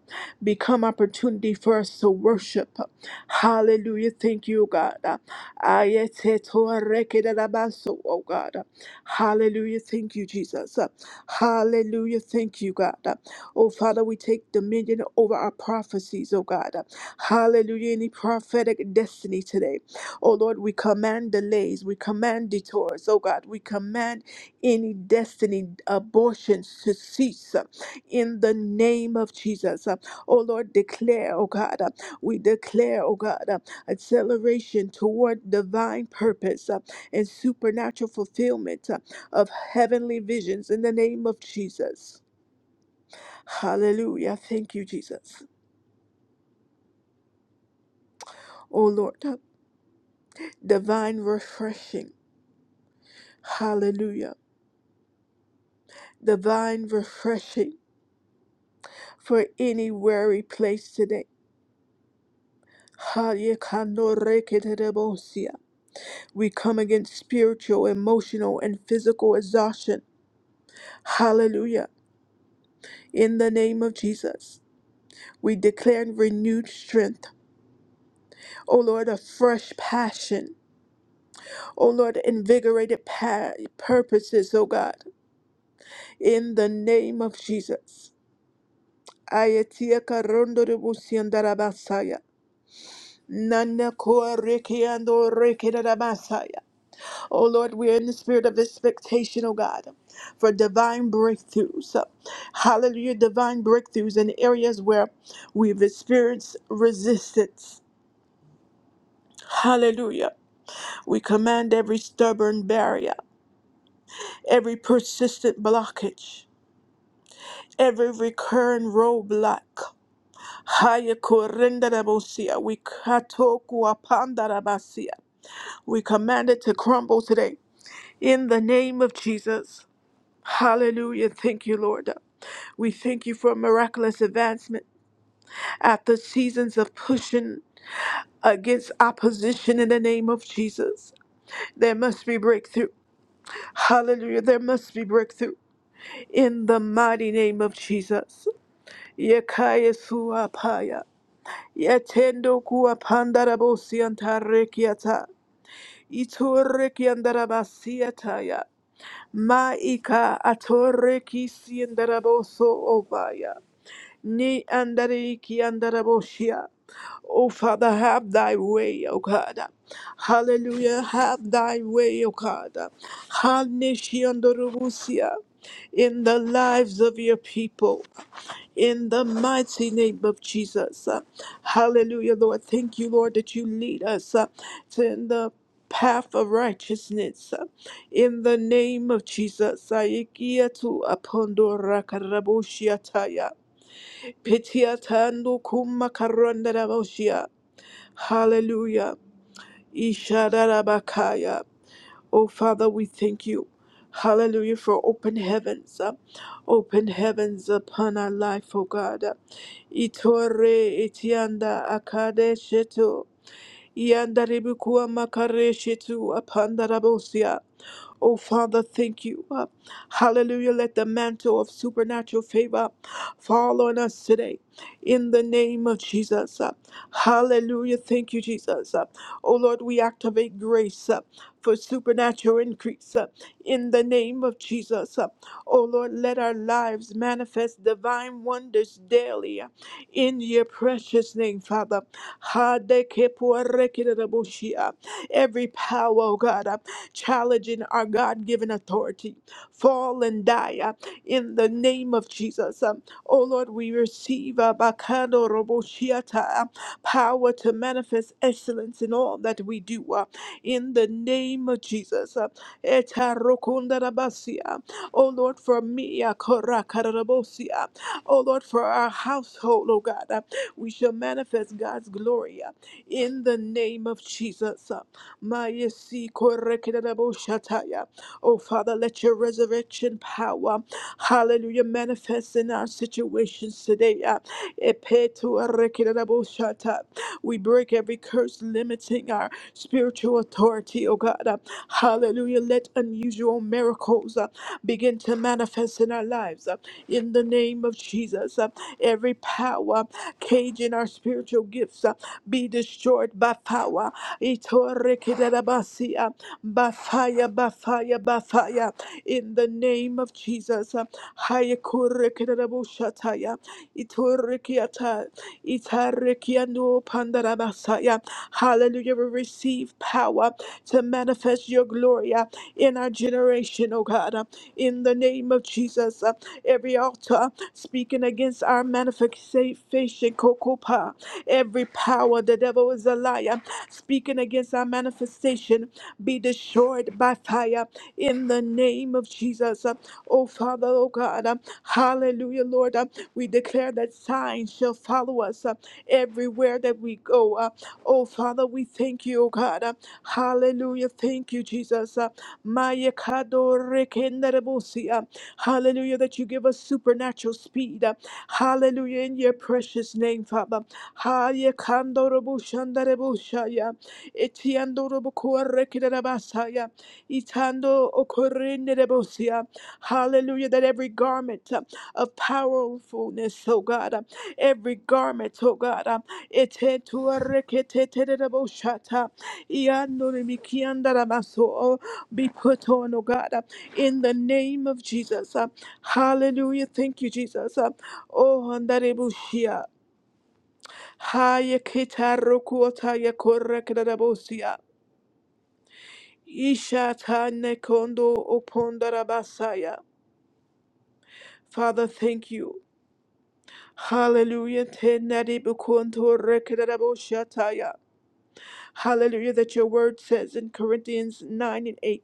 A: become opportunity for us to worship. Hallelujah. Thank you, O God. Ayetetorrekedarabaso, Oh God. Hallelujah. Thank you, Jesus. Hallelujah. Thank you, God. Oh Father, we take dominion over our prophecies, oh God. Hallelujah. Any prophetic destiny today. Oh Lord, we command delays. We command detours. Oh God, we command any destiny abortions to cease uh, in the name of Jesus. Uh, Oh Lord, declare, oh God. uh, We declare, oh God acceleration toward divine purpose uh, and supernatural fulfillment uh, of heavenly visions in the name of Jesus. Hallelujah. Thank you, Jesus. Oh Lord, uh, divine refreshing. Hallelujah. Divine refreshing for any weary place today. Hallelujah. We come against spiritual, emotional, and physical exhaustion. Hallelujah. In the name of Jesus. We declare in renewed strength, O Lord, a fresh passion, O Lord, invigorated pa- purposes, O God, in the name of Jesus. Ayatia karondo de busiandara basaya. Nana koa reki ando reki dada basaya. O Lord, we are in the spirit of expectation, O God, for divine breakthroughs. Hallelujah, divine breakthroughs in areas where we've experienced resistance. Hallelujah. We command every stubborn barrier, every persistent blockage, every recurring roadblock. Haya korendarabosia, We katoku apandarabasia. We command it to crumble today in the name of Jesus. Hallelujah. Thank you, Lord. We thank you for miraculous advancement after seasons of pushing against opposition in the name of Jesus. There must be breakthrough. Hallelujah. There must be breakthrough. in the mighty name of Jesus. Yekaya suapaya. Yetendo kuapandarabosi antarekiata. Itoreki andarabasiataya. Maika atoreki siandaraboso ovaya. Ni andariki andarabosia, O Father, have thy way, O God. Hallelujah, have thy way, O God. Hanishiandarubusia in the lives of your people. in the mighty name of Jesus. Uh, Hallelujah, Lord. Thank you, Lord, that you lead us uh, to in the path of righteousness. Uh, In the name of Jesus. Aikiatu apondora karaboshiataya. Petiatando kumakarondarabashia. Hallelujah. Ishadarabakaya. Oh, Father, we thank you. Hallelujah for open heavens, uh, open heavens upon our life, oh God. Itore itianda akade shetu. Ianda ribukua upon the rabosia. Oh, Father, thank you. Uh, Hallelujah. Let the mantle of supernatural favor fall on us today in the name of Jesus. Uh, Hallelujah. Thank you, Jesus. Uh, Oh, Lord, we activate grace uh, for supernatural increase uh, in the name of Jesus. Uh, Oh, Lord, let our lives manifest divine wonders daily uh, in your precious name, Father. Hadekepuarekirebushia. Every power, oh God. uh, challenging our God given authority. Fall and die uh, in the name of Jesus. Um, oh Lord, we receive uh, Bakando Roboshiata, uh, power to manifest excellence in all that we do. uh, in the name of Jesus. Uh, Eta Rokunda Rabasia. Oh Lord, for me, uh, Korakarabosia. oh Lord, for our household, oh God, uh, we shall manifest God's glory uh, in the name of Jesus. uh. Mayesi korekedabo shataya. Oh, Father, let your resurrection power, hallelujah, manifest in our situations today. uh, Epetu arekedabo shata. We break every curse limiting our spiritual authority, oh God. uh, Hallelujah. Let unusual miracles uh, begin to manifest in our lives. uh, In the name of Jesus, uh, every power cage in our spiritual gifts uh, be destroyed by power Itorekedarabasia. By fire, by fire, by fire. In the name of Jesus. Hayakorekedarabushataya. Itorekiata. Itarekiano pandarabasaya. Hallelujah. We receive power to manifest your glory uh, in our generation, oh God. uh, In the name of Jesus. uh, Every altar uh, speaking against our manifestation, kokopa. Every power, the devil is a liar speaking against our manifestation be destroyed by fire in the name of Jesus. Oh, Father, oh God, um, hallelujah, Lord. um, We declare that signs shall follow us uh, everywhere that we go. uh, Oh, Father, we thank you, oh God. uh, Hallelujah. Thank you, Jesus. uh, Maya kadore kenderebosi, uh, Hallelujah, that you give us supernatural speed. uh, Hallelujah, in your precious name, Father. Haya kandorobo shandarebo shaya. Etiandorobo kuarekerabasaya. Itando okorenderebosia. Hallelujah. That every garment uh, of powerfulness, oh God, uh, every garment, oh God, uh, etetuareketetereboshata. Iandorimikiyandarabaso, oh, be put on, oh God, uh, in the name of Jesus. uh, Hallelujah. Thank you, Jesus. uh, Oh, andarebushia. Haya kitaru kuataya korakadabosia. Ishatane kondo upondarabasaya. Father, thank you. Hallelujah. Tenadi bukonto rekadaboshataya. Hallelujah. That your word says in Corinthians 9 and 8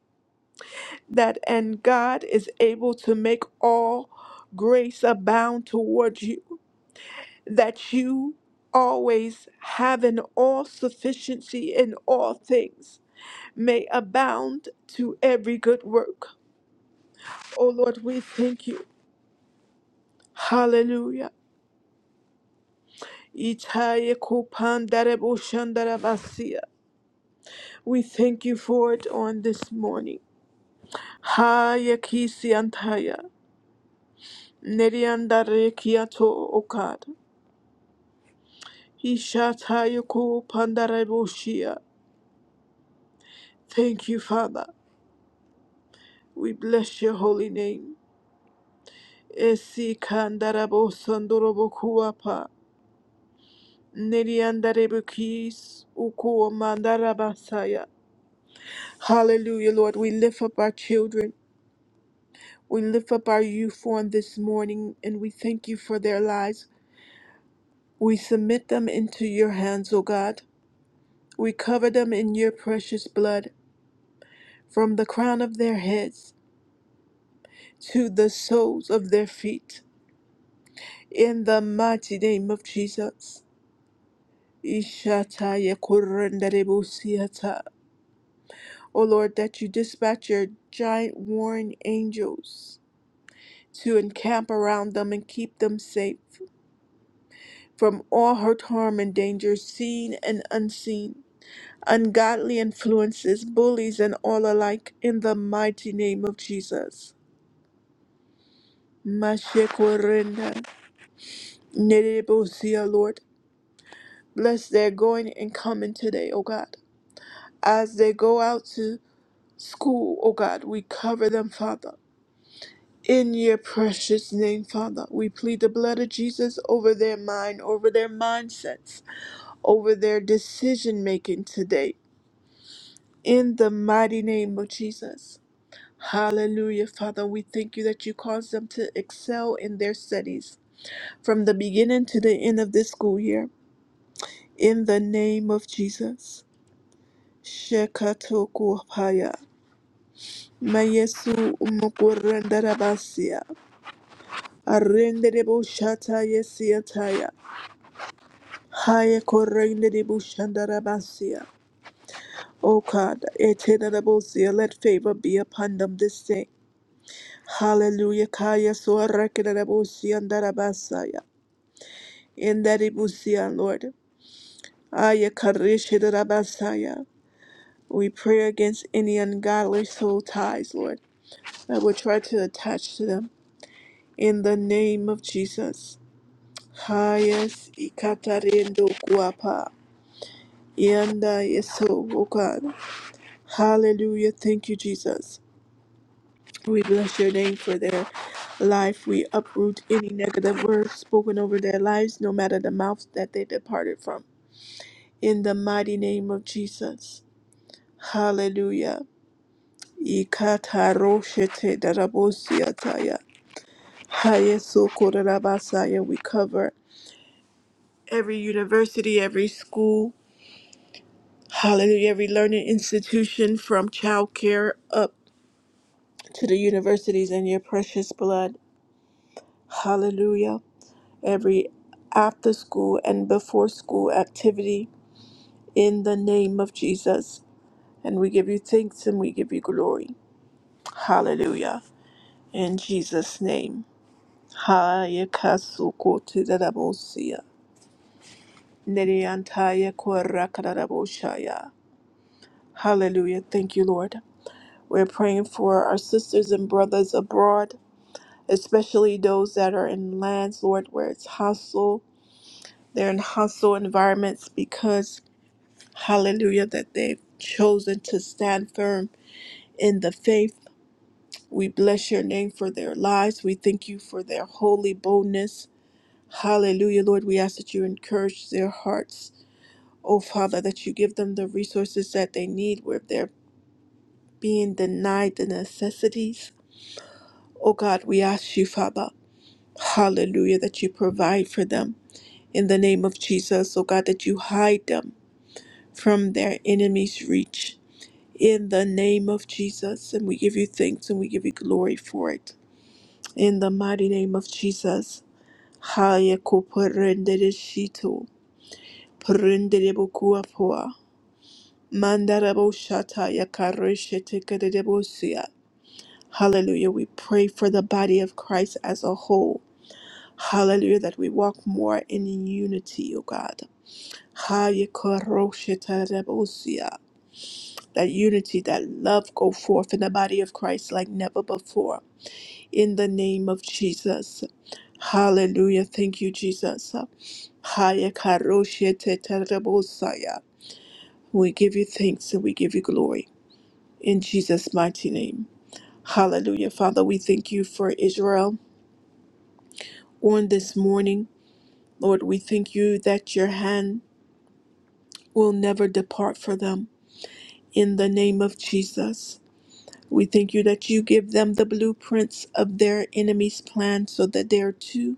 A: that and God is able to make all grace abound towards you, that you always have an all sufficiency in all things may abound to every good work. O Lord, we thank you. Hallelujah. Itaye kupandare bushandara basia. We thank you for it on this morning. Haye kisi antaya. Neriandare kiato okad. Ishataye kupandare bushia. Thank you, Father. We bless your holy name. Esi kandara bosandoro bokuapa. Neriandarebukis, ukuamandarabasaya. Hallelujah, Lord. We lift up our children. We lift up our youth on this morning, and we thank you for their lives. We submit them into your hands, O God. We cover them in your precious blood, from the crown of their heads to the soles of their feet. In the mighty name of Jesus. Ishataya O Lord, that you dispatch your giant warring angels to encamp around them and keep them safe from all hurt, harm, and danger, seen and unseen, ungodly influences, bullies, and all alike, in the mighty name of Jesus. Mashikorinda, nerebosia, Lord, bless their going and coming today, O God. As they go out to school, O God, we cover them, Father. In your precious name, Father, we plead the blood of Jesus over their mind, over their mindsets, over their decision making today. In the mighty name of Jesus. Hallelujah, Father. We thank you that you caused them to excel in their studies from the beginning to the end of this school year. In the name of Jesus. Shekatoku Haya. Mayesu Mukurandarabasia. Arrenderebo Shata Haya korende de bushandara basia. O God, eternal bosia, let favor be upon them this day. Hallelujah. Kaya soarakina bosia andara basaya. In that ibusia, Lord. Aya karishidara basaya. We pray against any ungodly soul ties, Lord, that will try to attach to them. In the name of Jesus. Hayas ikatarendo guapa. Yanda yeso, O God. Hallelujah. Thank you, Jesus. We bless your name for their life. We uproot any negative words spoken over their lives, no matter the mouth that they departed from. In the mighty name of Jesus. Hallelujah. Ikataroshete darabosiataya. Hayesokorabasaya. We cover every university, every school, hallelujah, every learning institution from childcare up to the universities in your precious blood. Hallelujah. every after school and before school activity in the name of Jesus. And we give you thanks and we give you glory. Hallelujah. In Jesus' name. Haya kasuko tedarabosia. Neriantaya korakaraboshaya. Hallelujah. Thank you, Lord. We're praying for our sisters and brothers abroad, especially those that are in lands, Lord, where it's hostile. They're in hostile environments because Hallelujah, that they've chosen to stand firm in the faith. We bless your name for their lives. We thank you for their holy boldness. Hallelujah, Lord. We ask that you encourage their hearts. Oh, Father, that you give them the resources that they need where they're being denied the necessities. Oh, God, we ask you, Father, hallelujah, that you provide for them in the name of Jesus. Oh, God, that you hide them from their enemies' reach. in the name of Jesus. And we give you thanks and we give you glory for it. In the mighty name of Jesus. Haya kuparendere shito. Parendere bokuapoa. Mandarabo shata yakareshe tekerebosia. Hallelujah. We pray for the body of Christ as a whole. Hallelujah. That we walk more in unity, O God. Haya koroshe terebosia. That unity, that love go forth in the body of Christ like never before. in the name of Jesus. Hallelujah. Thank you, Jesus. Haya karoshe te terebosaya. We give you thanks and we give you glory in Jesus' mighty name. Hallelujah. Father, we thank you for Israel on this morning. Lord, we thank you that your hand will never depart from them in the name of Jesus. We thank you that you give them the blueprints of their enemy's plan so that they're two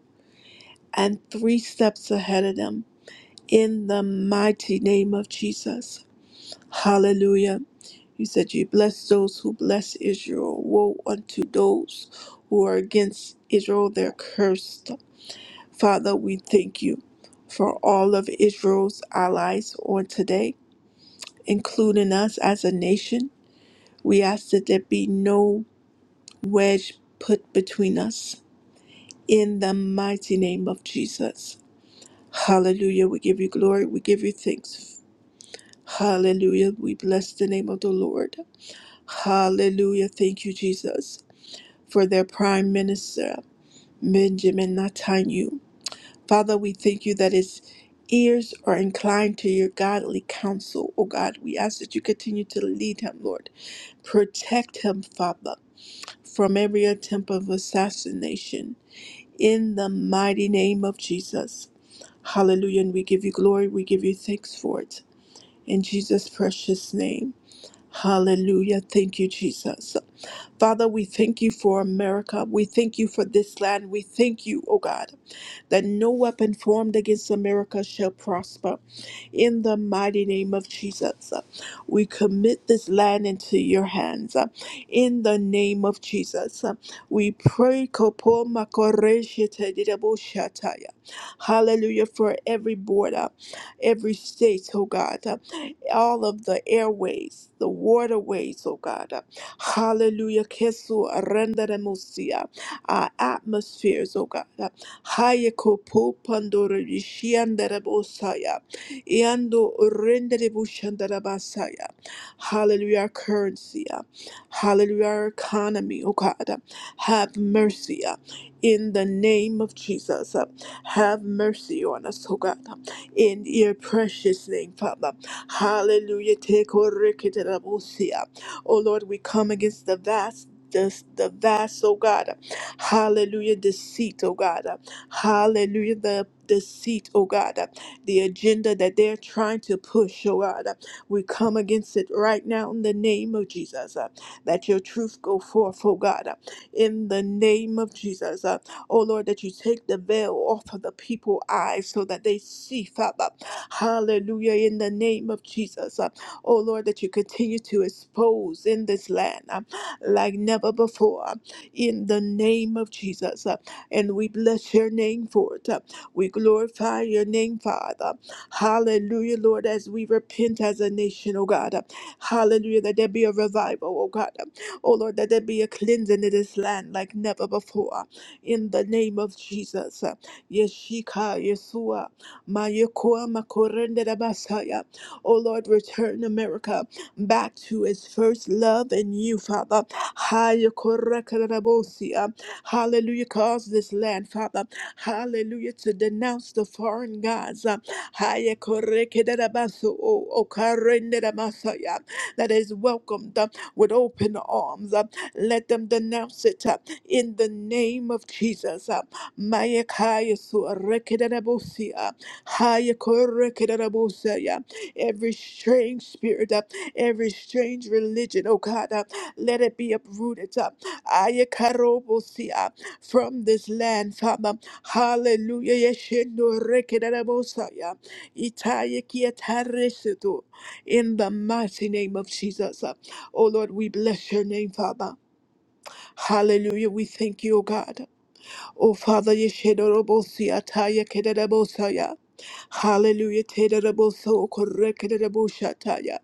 A: and three steps ahead of them in the mighty name of Jesus. Hallelujah. You said you bless those who bless Israel. Woe unto those who are against Israel, they're cursed. Father, we thank you for all of Israel's allies on today, including us as a nation. We ask that there be no wedge put between us. In the mighty name of Jesus. Hallelujah. We give you glory. We give you thanks. Hallelujah. We bless the name of the Lord. Hallelujah. Thank you, Jesus, for their prime minister, Benjamin Netanyahu. Father, we thank you that his ears are inclined to your godly counsel, O God. We ask that you continue to lead him, Lord. Protect him, Father, from every attempt of assassination. In the mighty name of Jesus. Hallelujah. And we give you glory. We give you thanks for it. In Jesus' precious name. Hallelujah. Thank you, Jesus. Father, we thank you for America. We thank you for this land. We thank you, oh God, that no weapon formed against America shall prosper in the mighty name of Jesus. We commit this land into your hands uh, in the name of Jesus. Uh, We pray, Kopo Makoreshete Didabo Shataya. hallelujah, for every border, every state, oh God, uh, all of the airways, the waterways, oh God, uh, hallelujah, Kesu Arendaremusia, our atmospheres, oh God, uh, Hayeko Po Pandorishia Yando rendere bushandara basaya. Hallelujah, our currency. uh, Hallelujah, our economy, oh God. uh, Have mercy uh, in the name of Jesus. uh, Have mercy on us, oh God. uh, In your precious name, Father. Hallelujah. Take O rekindere busia. Oh Lord, we come against the vast the, the vast, oh God, uh, hallelujah, deceit, oh God, uh, hallelujah, the deceit, oh God. uh, the agenda that they're trying to push, oh God. We come against it right now in the name of Jesus. Uh, That your truth go forth, oh God, uh, in the name of Jesus. Uh, Oh Lord, that you take the veil off of the people's eyes so that they see, Father. Hallelujah, in the name of Jesus. Uh, Oh Lord, that you continue to expose in this land uh, like never before, uh, in the name of Jesus. Uh, And we bless your name for it. We glorify your name, Father. Hallelujah, Lord, as we repent as a nation, oh God. Hallelujah, that there be a revival, oh God. Oh Lord, that there be a cleansing in this land like never before. In the name of Jesus. Yeshika, Yeshua, Mayekoa, Makorende, da Basaya. Oh Lord, return America back to its first love in you, Father. Hayekoreka, da da Bosia. Hallelujah. Cause this land, Father. Hallelujah. To denounce the foreign gods. uh, Haya korekedarabaso o- okareneramasaya, That is welcomed uh, with open arms. uh, Let them denounce it uh, in the name of Jesus. uh, Maya kaya suarekedarabosia, haya korekedarabosaya, Every strange spirit, uh, every strange religion, oh God, uh, let it be uprooted. uh, Ayekarobosia from this land, Father. Hallelujah. Yeshendo rekedabosaya. Itayekiatareseto. In the mighty name of Jesus. uh, Oh Lord, we bless your name, Father. Hallelujah. We thank you, O God. Oh, Father, Yeshedorobosiataya Kedabosaya. Hallelujah, Tedaraboso Korekedaboshataya.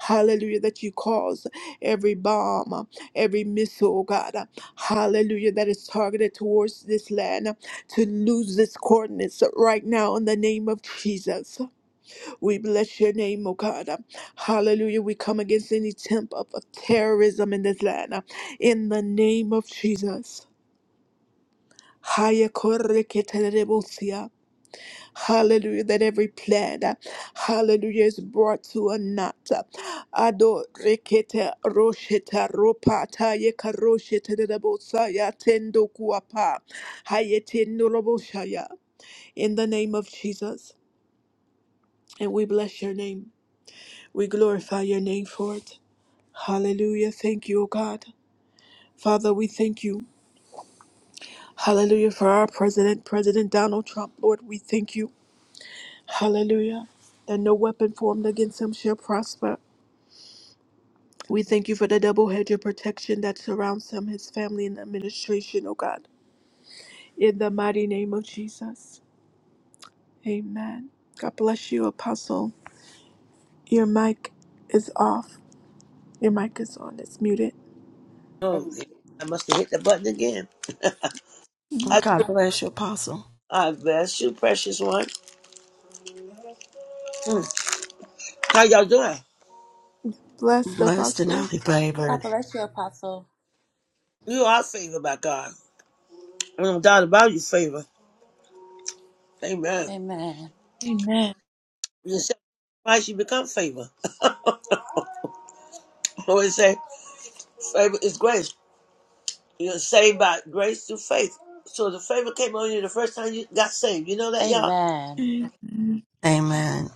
A: Hallelujah, that you cause every bomb, every missile, oh, God. Hallelujah, that is targeted towards this land to lose its coordinates right now in the name of Jesus. We bless your name, oh God. Hallelujah, we come against any temp of terrorism in this land in the name of Jesus. Haya korre ketelebosia. Hallelujah, that every plan, uh, hallelujah, is brought to a knot. uh, Ado rekete rosheta ropata ye karosheta ya tendo kuapa. Haya tendo roboshaya. In the name of Jesus, and we bless your name. We glorify your name for it. Hallelujah. Thank you, O God. Father, we thank you. Hallelujah for our president, President Donald Trump. Lord, we thank you. Hallelujah. That no weapon formed against him shall prosper. We thank you for the double hedge of protection that surrounds him, his family, and administration, oh God. In the mighty name of Jesus. Amen. God bless you, Apostle. Your mic is off. Your mic is on. It's muted.
B: Oh, yeah, I must have hit the button again. I,
C: God bless you, Apostle.
B: God bless you, precious one. How y'all doing?
A: Blessed
C: Blessed and
A: Apostle.
C: highly
D: God
C: favored.
D: bless you, Apostle.
B: You are favored by God. I don't doubt about you, favor. Amen.
D: Amen.
A: Amen.
B: You accept Christ, you become favor. I always say, favor is grace. You're saved by grace through faith. So the favor came on you the first time you got saved. You know that, y'all?
D: Amen.
A: Amen.
C: Amen.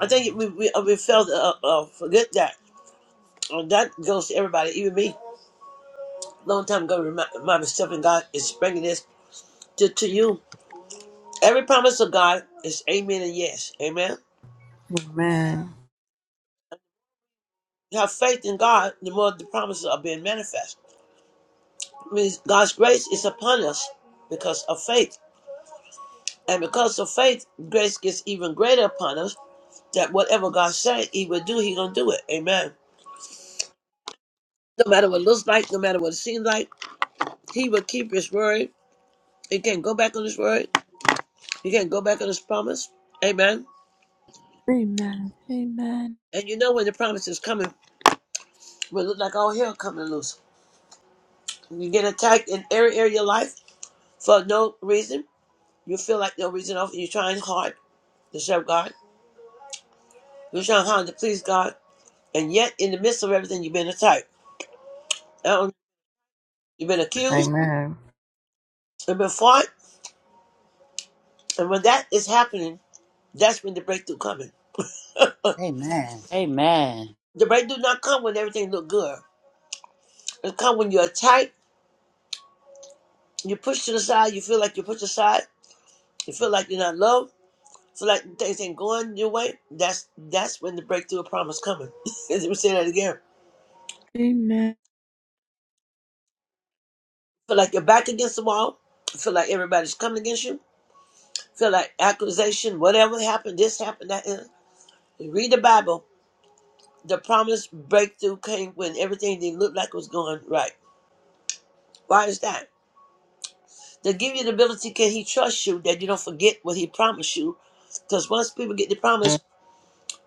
B: I think we we, uh, we failed to uh, uh, forget that. And that goes to everybody, even me. Long time ago, remi- remind myself and God is bringing this to, to you. Every promise of God is amen and yes. Amen.
C: Amen.
B: You have faith in God, the more the promises are being manifest. It means God's grace is upon us because of faith. And because of faith, grace gets even greater upon us that whatever God said he will do, he gonna do it. Amen. No matter what it looks like, no matter what it seems like, he will keep his word. He can't go back on his word. He can't go back on his promise. Amen.
A: Amen. Amen.
B: And you know when the promise is coming, it will look like all hell coming loose. You get attacked in every area of your life for no reason. You feel like no reason. Often you're trying hard to serve God. You're trying hard to please God. And yet, in the midst of everything, you've been attacked. Um, You've been accused.
C: Amen.
B: You've been fought. And when that is happening, that's when the breakthrough coming.
D: Amen. Amen.
B: The breakthrough not come when everything look good. It come when you're attacked. You push to the side. You feel like you're pushed aside. You feel like you're not loved. Feel like things ain't going your way. That's that's when the breakthrough of promise coming. Let me say that again.
A: Amen.
B: Feel like you're back against the wall. Feel like everybody's coming against you So like accusation, whatever happened, this happened, that happened. You read the Bible. The promised breakthrough came when everything didn't look like it was going right. Why is that? To give you the ability, can he trust you that you don't forget what he promised you? Because once people get the promise,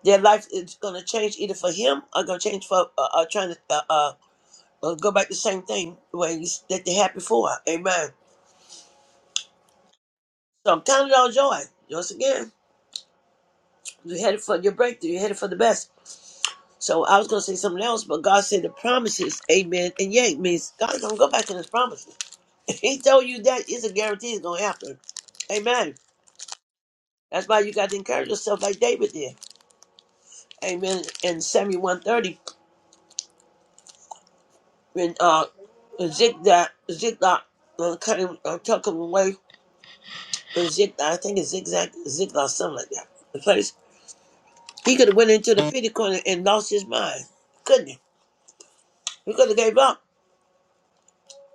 B: their life is going to change either for him or going to change for uh, uh, trying to uh, uh, uh, go back the same thing when you, that they had before. Amen. So count it all joy. Once again, you're headed for your breakthrough. You're headed for the best. So I was gonna say something else, but God said the promises, amen, and yay means God's gonna go back to his promises. he told you that it's a guarantee it's gonna happen. Amen. That's why you got to encourage yourself like David did. Amen. In Samuel 130, when uh Ziklag, Zigzag uh, cut him uh, took him away in Zigzag, I think it's zigzag Ziklag, something like that. The place he could have went into the pity corner and lost his mind. Couldn't he? He could have gave up.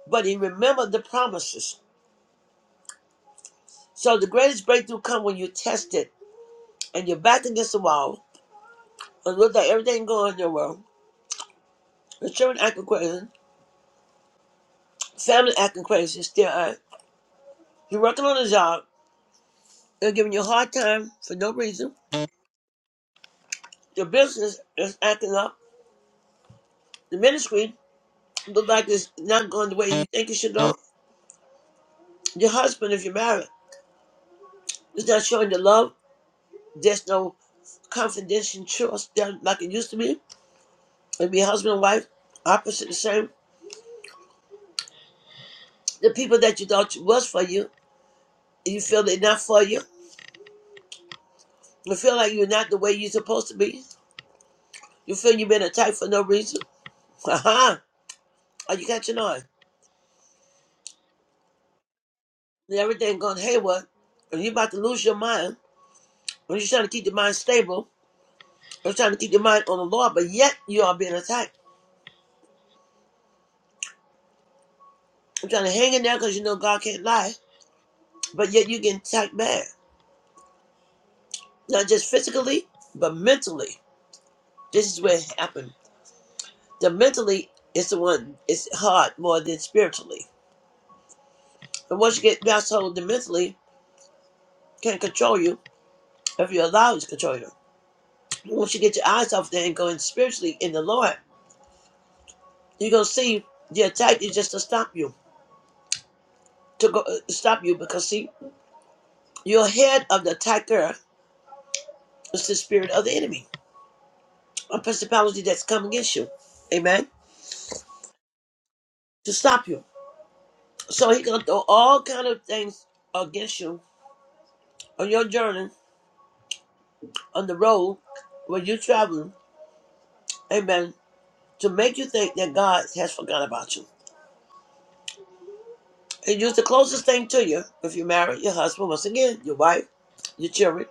B: But he remembered the promises. So the greatest breakthrough comes when you're tested and you're back against the wall. And look like everything going on in your world. Your children acting crazy, family acting crazy, still are. You're working on a job, they're giving you a hard time for no reason. Your business is acting up. The ministry looks like it's not going the way you think it should go. Your husband, if you're married, is not showing the love. There's no confidence and trust that like it used to be. And be husband and wife, opposite the same. The people that you thought was for you You feel enough for you? You feel like you're not the way you're supposed to be? You feel you've been attacked for no reason? Uh-huh. Are you catching on? And everything going haywire. And you're about to lose your mind. When you're trying to keep your mind stable. You're trying to keep your mind on the Lord, but yet you are being attacked. You're trying to hang in there because you know God can't lie. But yet you're getting attacked bad. Not just physically, but mentally. This is where it happened. The mentally is the one, it's hard more than spiritually. And once you get mass hold mentally, can't control you if you allow His control you. Once you get your eyes off there and go in spiritually in the Lord, you're gonna see the attack is just to stop you, to go uh, stop you because see, your head of the attacker is the spirit of the enemy, a principality that's come against you, amen, to stop you. So he gonna throw all kind of things against you on your journey, on the road, when you're traveling, amen, to make you think that God has forgotten about you. And use the closest thing to you if you are married, your husband, once again, your wife, your children,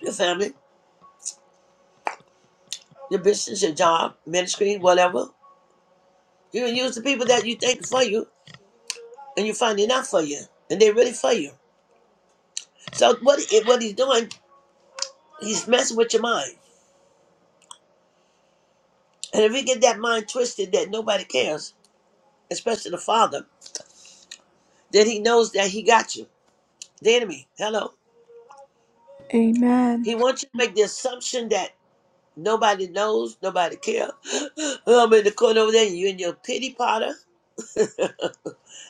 B: your family, your business, your job, ministry, whatever. You can use the people that you think for you and you find they're not for you. And they are really for you. So what he- what he's doing, he's messing with your mind. And if he get that mind twisted that nobody cares, especially the father, then he knows that he got you. The enemy. Hello.
A: Amen.
B: He wants you to make the assumption that nobody knows, nobody cares. I'm in the corner over there, and you are in your pity potter.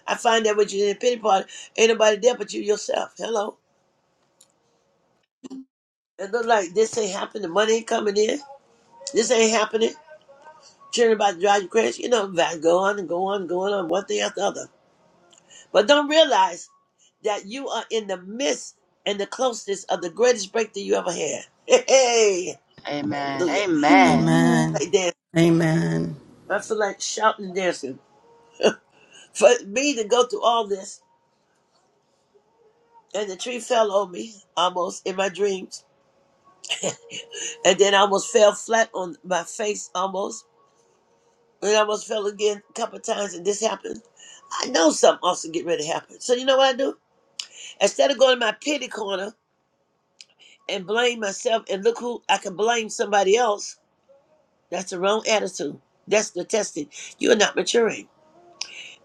B: I find that when you're in a pity party, ain't nobody there but you yourself. Hello. It look like this ain't happening. Money ain't coming in. This ain't happening. Children about to drive you crazy. You know, go on and go on, going on, one thing after the other. But don't realize that you are in the midst and the closeness of the greatest breakthrough you ever had. Hey, hey.
D: Amen.
B: hallelujah.
D: Amen.
A: Amen.
C: Amen.
B: Like dance.
C: Amen.
B: I feel like shouting and dancing. For me to go through all this, and the tree fell on me almost in my dreams and then I almost fell flat on my face almost. And I almost fell again a couple of times, and this happened. I know something also get ready to happen. So you know what I do? Instead of going to my pity corner and blame myself and look who I can blame somebody else, that's the wrong attitude. That's the testing. You are not maturing.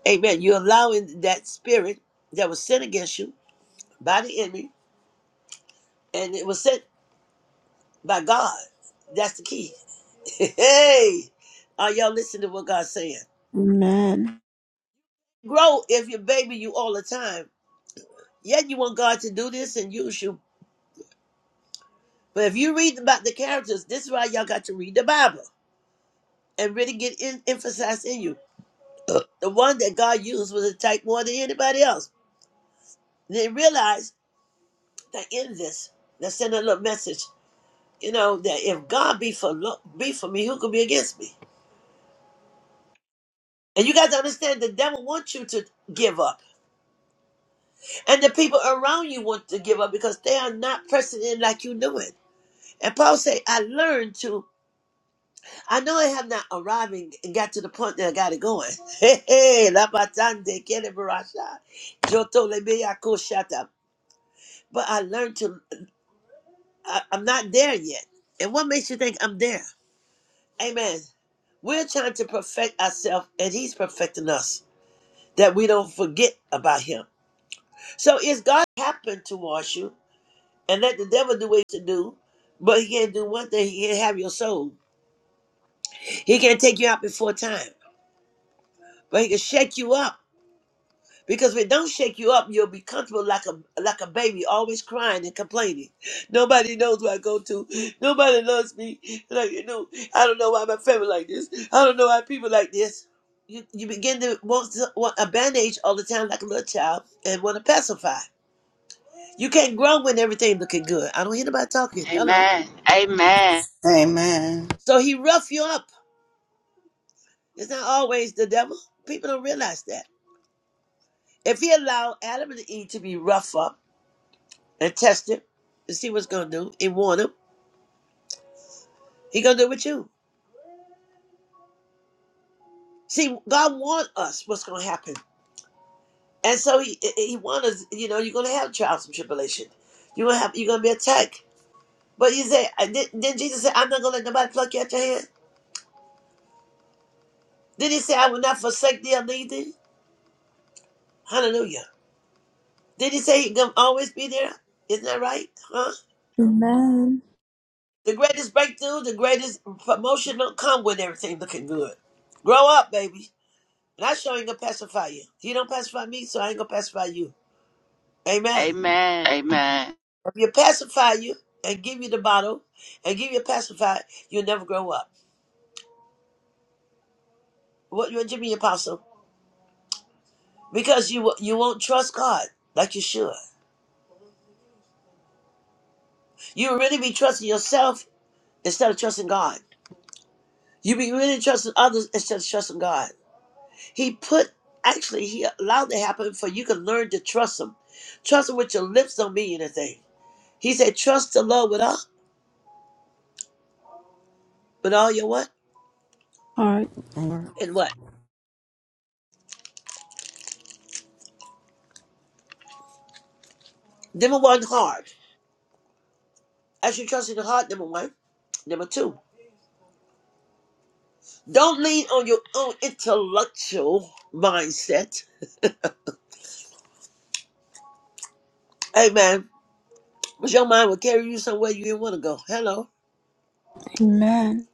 B: Amen. You're allowing that spirit that was sent against you by the enemy, and it was sent by God. That's the key. hey, are y'all listening to what God's saying?
A: Amen.
B: grow if you baby you all the time. Yet you want God to do this and use you. But if you read about the characters, this is why y'all got to read the Bible and really get in, emphasized in you. The one that God used was a type more than anybody else. And they realize that in this, they send a little message, you know, that if God be for lo- be for me, who could be against me? And you got to understand the devil wants you to give up. And the people around you want to give up because they are not pressing in like you do it. And Paul said, I learned to I know I have not arrived and and got to the point that I got it going. Hey, hey, la batande, kele barasha, joto lebe yako shata. But I learned to, I, I'm not there yet. And what makes you think I'm there? Amen. We're trying to perfect ourselves, and He's perfecting us, that we don't forget about Him. So if God happened towards you, and let the devil do what he to do, but he can't do one thing, he can't have your soul. He can't take you out before time, but he can shake you up Because if it don't shake you up, you'll be comfortable like a like a baby, always crying and complaining. Nobody knows where I go to. Nobody loves me. Like you know, I don't know why my family like this. I don't know why people like this. You you begin to want, to- want a bandage all the time like a little child and want to pacify. You can't grow when everything looking good. I don't hear nobody talking. Hello.
D: Amen. Amen.
C: Amen.
B: So he rough you up. It's not always the devil. People don't realize that. If he allowed Adam and Eve to be rough up and test him and see what's gonna do and warn him. He gonna do it with you. See, God warned us what's gonna happen, and so he he warned us. You know, you're gonna have trials and tribulation. You're gonna have you're gonna be attacked. But you say, did, did Jesus say, "I'm not gonna let nobody pluck you out your hand"? Did he say, "I will not forsake thee or leave thee"? Hallelujah. Did he say he's gonna always be there? Isn't that right? Huh?
A: Amen.
B: The greatest breakthrough, the greatest promotion don't come when everything looking good. Grow up, baby. And I sure ain't gonna pacify you. You don't pacify me, so I ain't gonna pacify you.
D: Amen.
B: Amen.
D: Amen.
B: If you pacify you and give you the bottle and give you a pacifier, you'll never grow up. What you Jimmy Apostle? Because you wo- you won't trust God like you should. You will really be trusting yourself instead of trusting God. You be really trusting others instead of trusting God. He put actually he allowed it to happen for you can learn to trust him. Trust him with your lips don't mean anything. He said, trust the Lord with all with all your what?
A: All right.
C: Amen.
B: And what? Number one, heart. As you trust in the heart, number one. Number two, don't lean on your own intellectual mindset. Amen. Because your mind will carry you somewhere you didn't want to go. Hello.
A: Amen.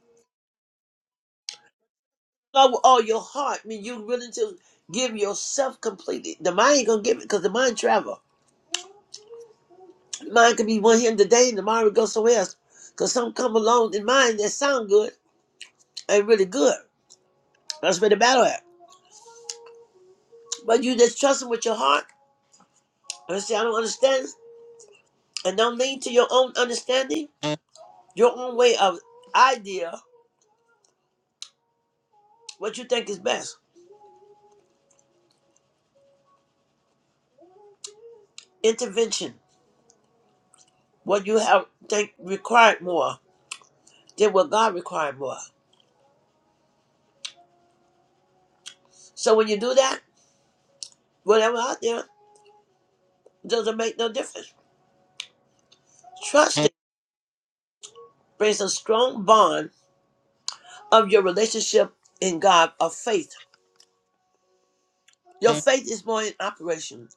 B: Love with all your heart. I mean, you're willing to give yourself completely. The mind ain't going to give it because the mind travel. The mind could be one here today and tomorrow it go somewhere else. Because some come along in mind that sound good ain't really good. That's where the battle at. But you just trust them with your heart. And say, I don't understand. And don't lean to your own understanding. your own way of idea, what you think is best, intervention, what you have think required more than what God required more. So when you do that, whatever out there doesn't make no difference. Trusting brings a strong bond of your relationship in God of faith. Your faith is more in operation.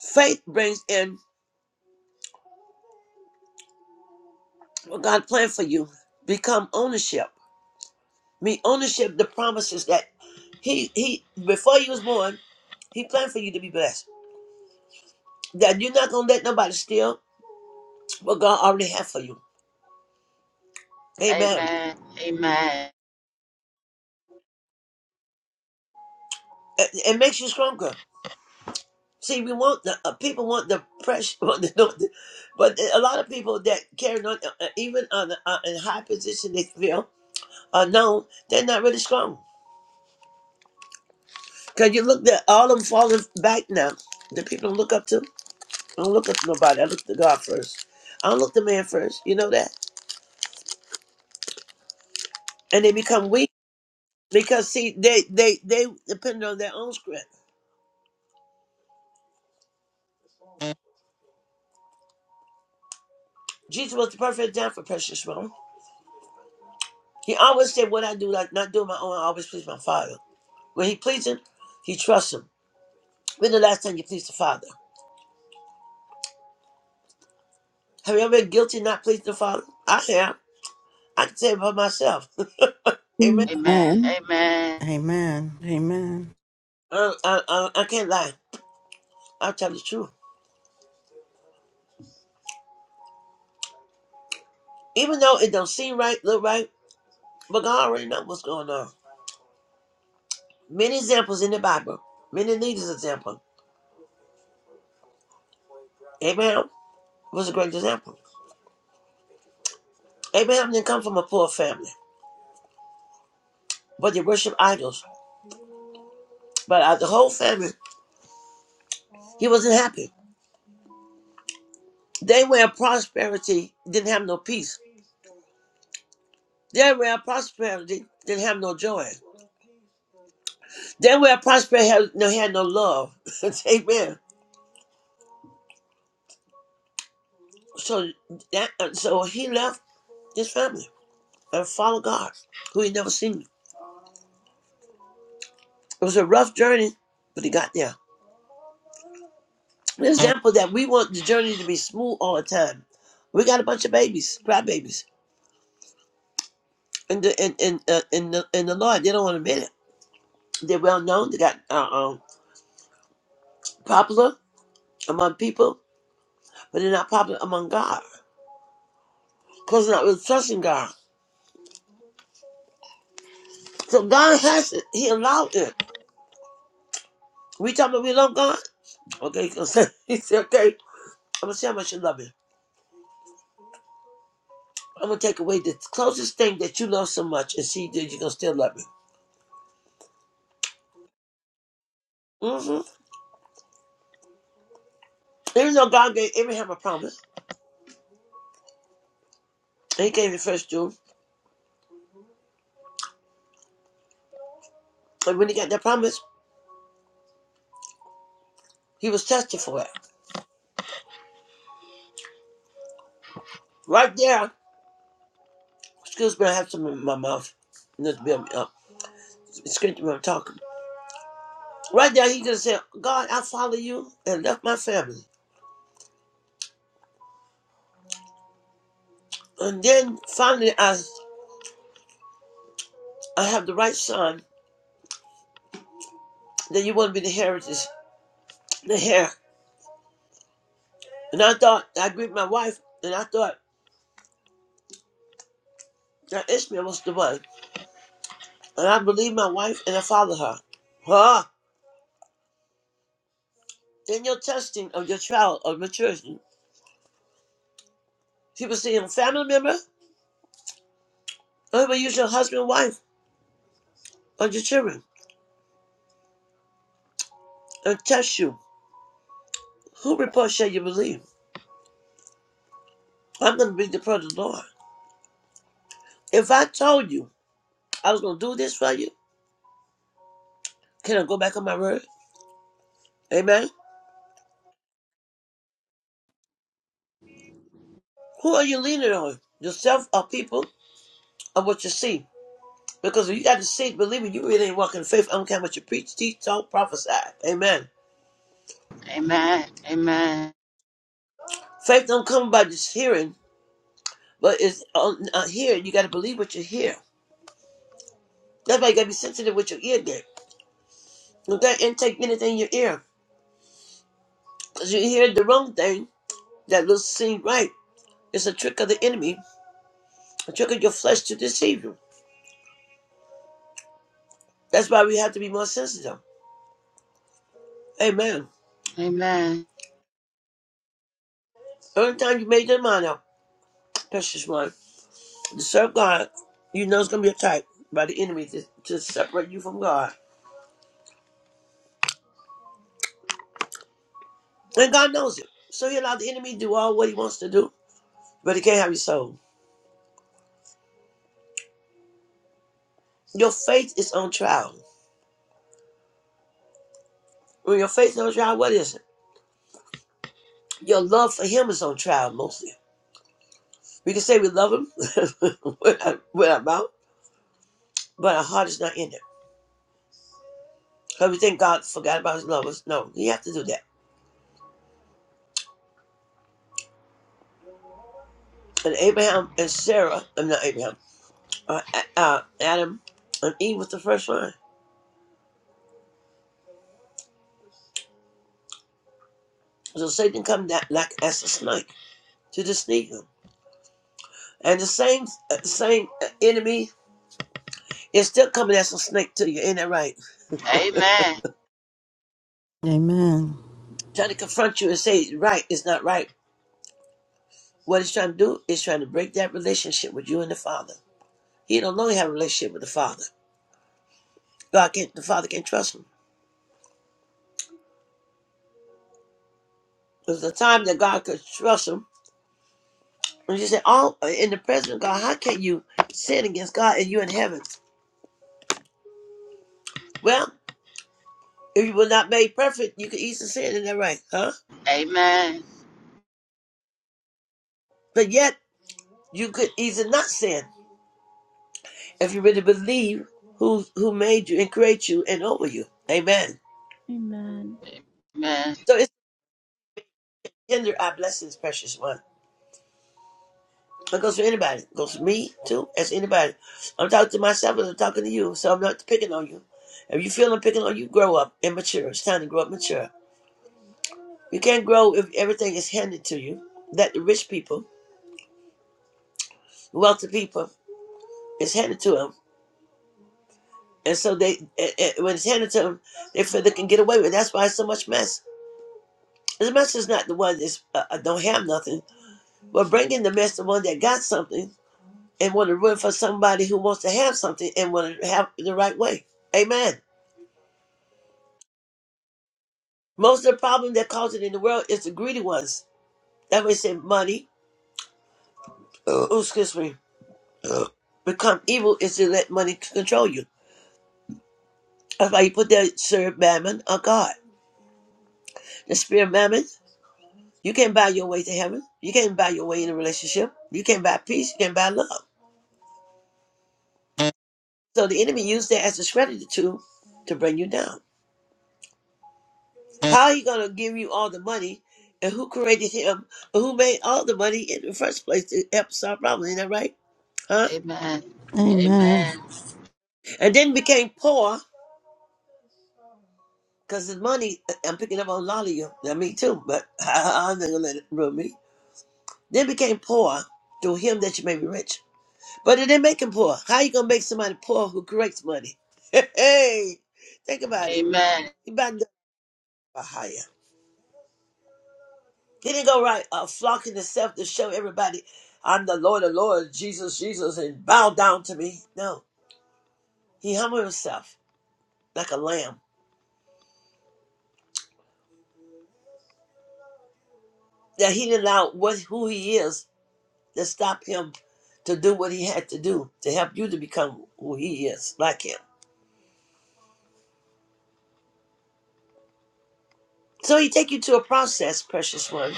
B: Faith brings in what God planned for you. Become ownership. Me ownership the promises that He He before you was born, He planned for you to be blessed. that you're not gonna let nobody steal what God already has for you.
D: Amen.
B: Amen.
D: Amen. Amen.
B: It, it makes you stronger. See, we want the uh, people want the pressure, want the, the, but a lot of people that carry on, uh, uh, even on the, uh, in high position, they feel are known. They're not really strong because you look at all of them falling back now. The people don't look up to. I don't look up to nobody. I look to God first. I don't look to man first. You know that, and they become weak because see, they they they depend on their own strength. Jesus was the perfect example, precious one. He always said, What I do, like not doing my own, I always please my Father. When he pleases, him, he trusts him. When the last time you pleased the Father? Have you ever been guilty of not pleasing the Father? I have. I can say it about myself. Amen.
A: Amen.
D: Amen.
C: Amen. Amen.
B: I, I, I, I can't lie. I'll tell the truth. Even though it don't seem right, look right, but God already knows what's going on. Many examples in the Bible. Many leaders example. Abraham was a great example. Abraham didn't come from a poor family, but they worship idols. But out of the whole family, He wasn't happy. They were in prosperity, didn't have no peace. They were in prosperity, didn't have no joy. They were in prosperity, had no, had no love. Amen. So that, uh, so he left his family and followed God, who he never seen. It was a rough journey, but he got there. An example that we want the journey to be smooth all the time. We got a bunch of babies, cry babies, and the and and uh, in the in the Lord, they don't want to admit it. They're well known. They got uh, um, popular among people but they're not popular among God because they're not really trusting God. So God has it. He allowed it. We talking about we love God? Okay, he gonna say, he said, okay, I'm gonna see how much you love me. I'm gonna take away the closest thing that you love so much and see that you're gonna still love me. hmm Even though God gave Abraham a promise, and he gave the first two, and when he got that promise, he was tested for it. Right there, excuse me, I have something in my mouth. Not to be up. It's Excuse me, I'm talking. Right there, he could have said, God, I follow you and left my family. And then finally, I I have the right son. Then you want to be the heritage, the heir. And I thought I agreed with my wife, and I thought that Ishmael was the one. And I believed my wife, and I followed her. Huh? Then your testing of your child or maturity. People say your family member, or even use your husband, wife, or your children, and test you. Who report shall you believe? I'm going to be the part of the Lord. If I told you I was going to do this for you, can I go back on my word? Amen. Who are you leaning on? Yourself or people or what you see? Because if you got to see, believe me, you really ain't walking in faith. I don't care what you preach, teach, talk, prophesy. Amen.
D: Amen. Amen. Amen.
B: Faith don't come by just hearing, but it's on uh, hearing. You got to believe what you hear. That's why you got to be sensitive with your ear gate. You can't intake anything in your ear. Because you hear the wrong thing that looks seem right. It's a trick of the enemy, a trick of your flesh to deceive you. That's why we have to be more sensitive. Amen.
D: Amen. Amen.
B: Every time you made your mind up, precious one. To serve God, you know it's gonna be attacked by the enemy to, to separate you from God. And God knows it. So he allowed the enemy to do all what he wants to do, but he can't have your soul. Your faith is on trial. When your faith is on trial, what is it? Your love for him is on trial mostly. We can say we love him with our with our mouth, but our heart is not in it. Because we think God forgot about his lovers. No, he have to do that. And Abraham and Sarah, I'm not Abraham, uh, A- uh, Adam and Eve was the first one. So Satan come down like as a snake to just sneak them. And the same uh, same uh, enemy is still coming as a snake to you, ain't that right?
D: Amen.
C: Amen.
B: Trying to confront you and say right is not right. What he's trying to do is trying to break that relationship with you and the Father. He don't know he have a relationship with the Father. God can't the Father can't trust him. There's a time that God could trust him. When you say, Oh uh, in the presence of God, how can you sin against God and you in heaven? Well, if you were not made perfect, you could easily sin, isn't that right? Huh?
D: Amen. Amen. Amen. Amen.
B: But yet you could easily not sin. if you really believe who who made you and created you and over you. Amen.
A: Amen.
B: So it's under our blessings, precious one. It goes for anybody. It goes for me too, as anybody. I'm talking to myself as I'm talking to you, so I'm not picking on you. If you feel I'm picking on you, grow up and mature. It's time to grow up mature. You can't grow if everything is handed to you. That the rich people, wealthy people, is handed to them. And so they, eh, eh, when it's handed to them, they feel they can get away with it. That's why it's so much mess. The mess is not the one that's uh, uh, don't have nothing. But bring in the mess the one that got something and want to run for somebody who wants to have something and want to have it the right way. Amen. Most of the problem that causes it in the world is the greedy ones. That way, say money. uh, oh, excuse me. uh, become evil is to let money control you. That's why you put that serve mammon or God. The spirit of mammon, you can't buy your way to heaven. You can't buy your way in a relationship. You can't buy peace. You can't buy love. So the enemy used that as a strategy tool to bring you down. How he gonna give you all the money? And who created him? And who made all the money in the first place to help solve problems? Isn't that right? Huh?
C: Amen.
B: And then became poor because his money. I'm picking up on a lot of you. Now me too, but I, am not gonna let it ruin me. Then became poor through him that you may be rich. But it didn't make him poor. How you gonna make somebody poor who creates money? Hey, think about it. You about to He Didn't go right. Uh, flocking himself to show everybody, I'm the Lord of Lord, Jesus, Jesus, and bow down to me. No, he humbled himself like a lamb. That he didn't allow what who he is to stop him to do what he had to do to help you to become who he is, like him. So he take you to a process, precious one.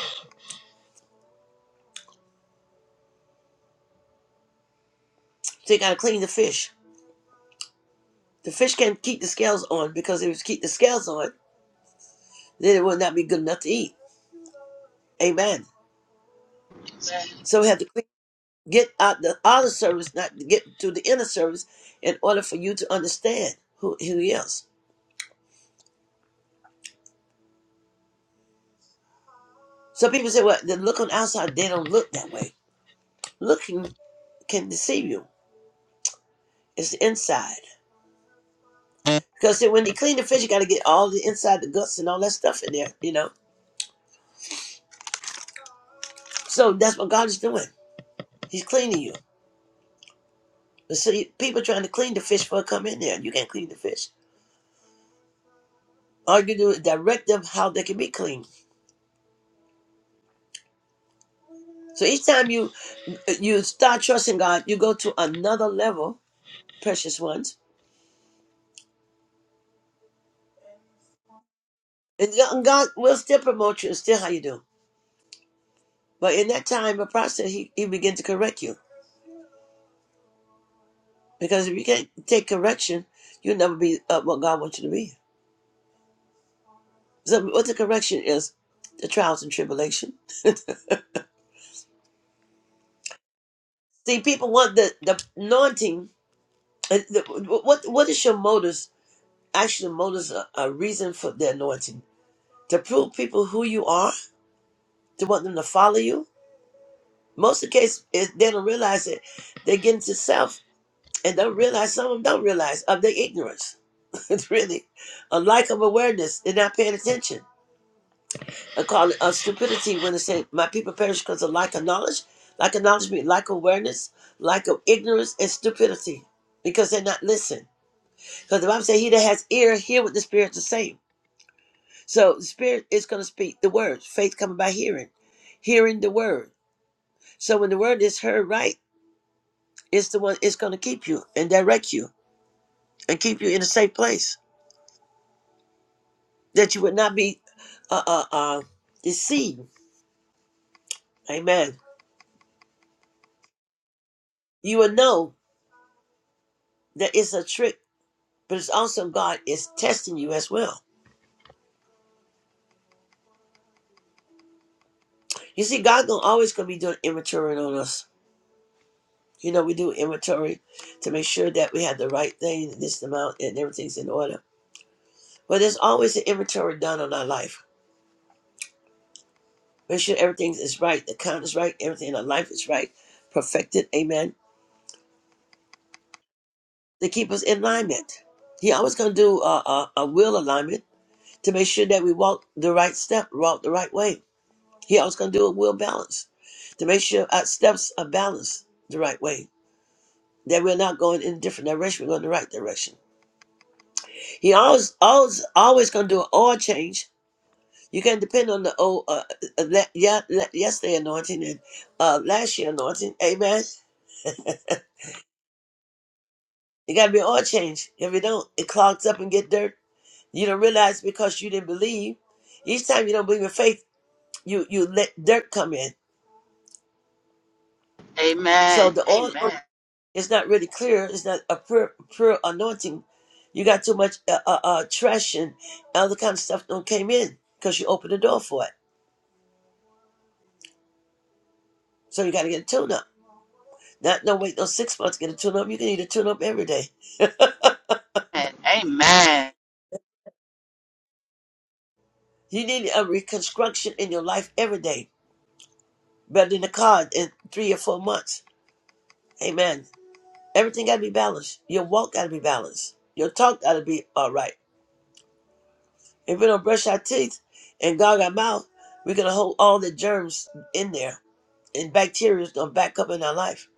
B: So you gotta clean the fish. The fish can't keep the scales on because if it keep the scales on, then it would not be good enough to eat. Amen. So we have to clean. get out the outer service, not to get to the inner service, in order for you to understand who who he is. So people say, "Well, they look on the outside. They don't look that way. Looking can deceive you. It's the inside." Because see, when you clean the fish, you got to get all the inside, the guts, and all that stuff in there, you know? So that's what God is doing. He's cleaning you. But see, people trying to clean the fish for come in there. You can't clean the fish. All you do is direct them how they can be clean. So each time you you start trusting God, you go to another level precious ones. And God will still promote you and still how you do. But in that time of process, he, he begins to correct you. Because if you can't take correction, you'll never be uh, what God wants you to be. So what the correction is, the trials and tribulation. See, people want the, the anointing. uh, the- What, what is your motives? Actually, motives are a reason for the anointing. To prove people who you are, to want them to follow you. Most of the case, is they don't realize it. They get into self and don't realize some of them don't realize of their ignorance. it's really a lack of awareness. They're not paying attention. I call it a stupidity when they say my people perish because of lack of knowledge. Lack of knowledge means lack of awareness, lack of ignorance, and stupidity because they're not listening. Because the Bible says, "He that has ear, hear what the Spirit is saying." So the Spirit is going to speak the word. Faith coming by hearing, hearing the word. So when the word is heard right, it's the one it's going to keep you and direct you and keep you in a safe place. that you would not be uh, uh, uh, deceived. Amen. You will know that it's a trick, but it's also God is testing you as well. You see, God gonna always gonna be doing inventory on us. You know, we do inventory to make sure that we have the right thing, this amount, and everything's in order. But there's always an inventory done on our life. Make sure everything is right, the count is right, everything in our life is right, perfected. Amen. To keep us in alignment. He always gonna do a, a, a will alignment to make sure that we walk the right step, walk the right way. He always gonna do a will balance to make sure our steps are balanced the right way. That we're not going in a different direction, we're going the right direction. He always, always, always gonna do an oil change. You can not depend on the old, uh, uh, le- yeah, le- yesterday anointing and uh, last year anointing. Amen. It gotta be an oil change. If you don't, it clogs up and get dirt. You don't realize because you didn't believe. Each time you don't believe in faith, you you let dirt come in. So the oil. It's not really clear. It's not a pure, pure anointing. You got too much uh, uh, uh, trash and other kind of stuff that came in because you opened the door for it. So you got to get a tune up. Not no wait no six months to get a tune up. You can need a tune up every day. You need a reconstruction in your life every day, better than a car in three or four months. Amen. Everything got to be balanced. Your walk got to be balanced. Your talk got to be all right. If we don't brush our teeth and gog our mouth, we're gonna hold all the germs in there and bacteria is gonna back up in our life.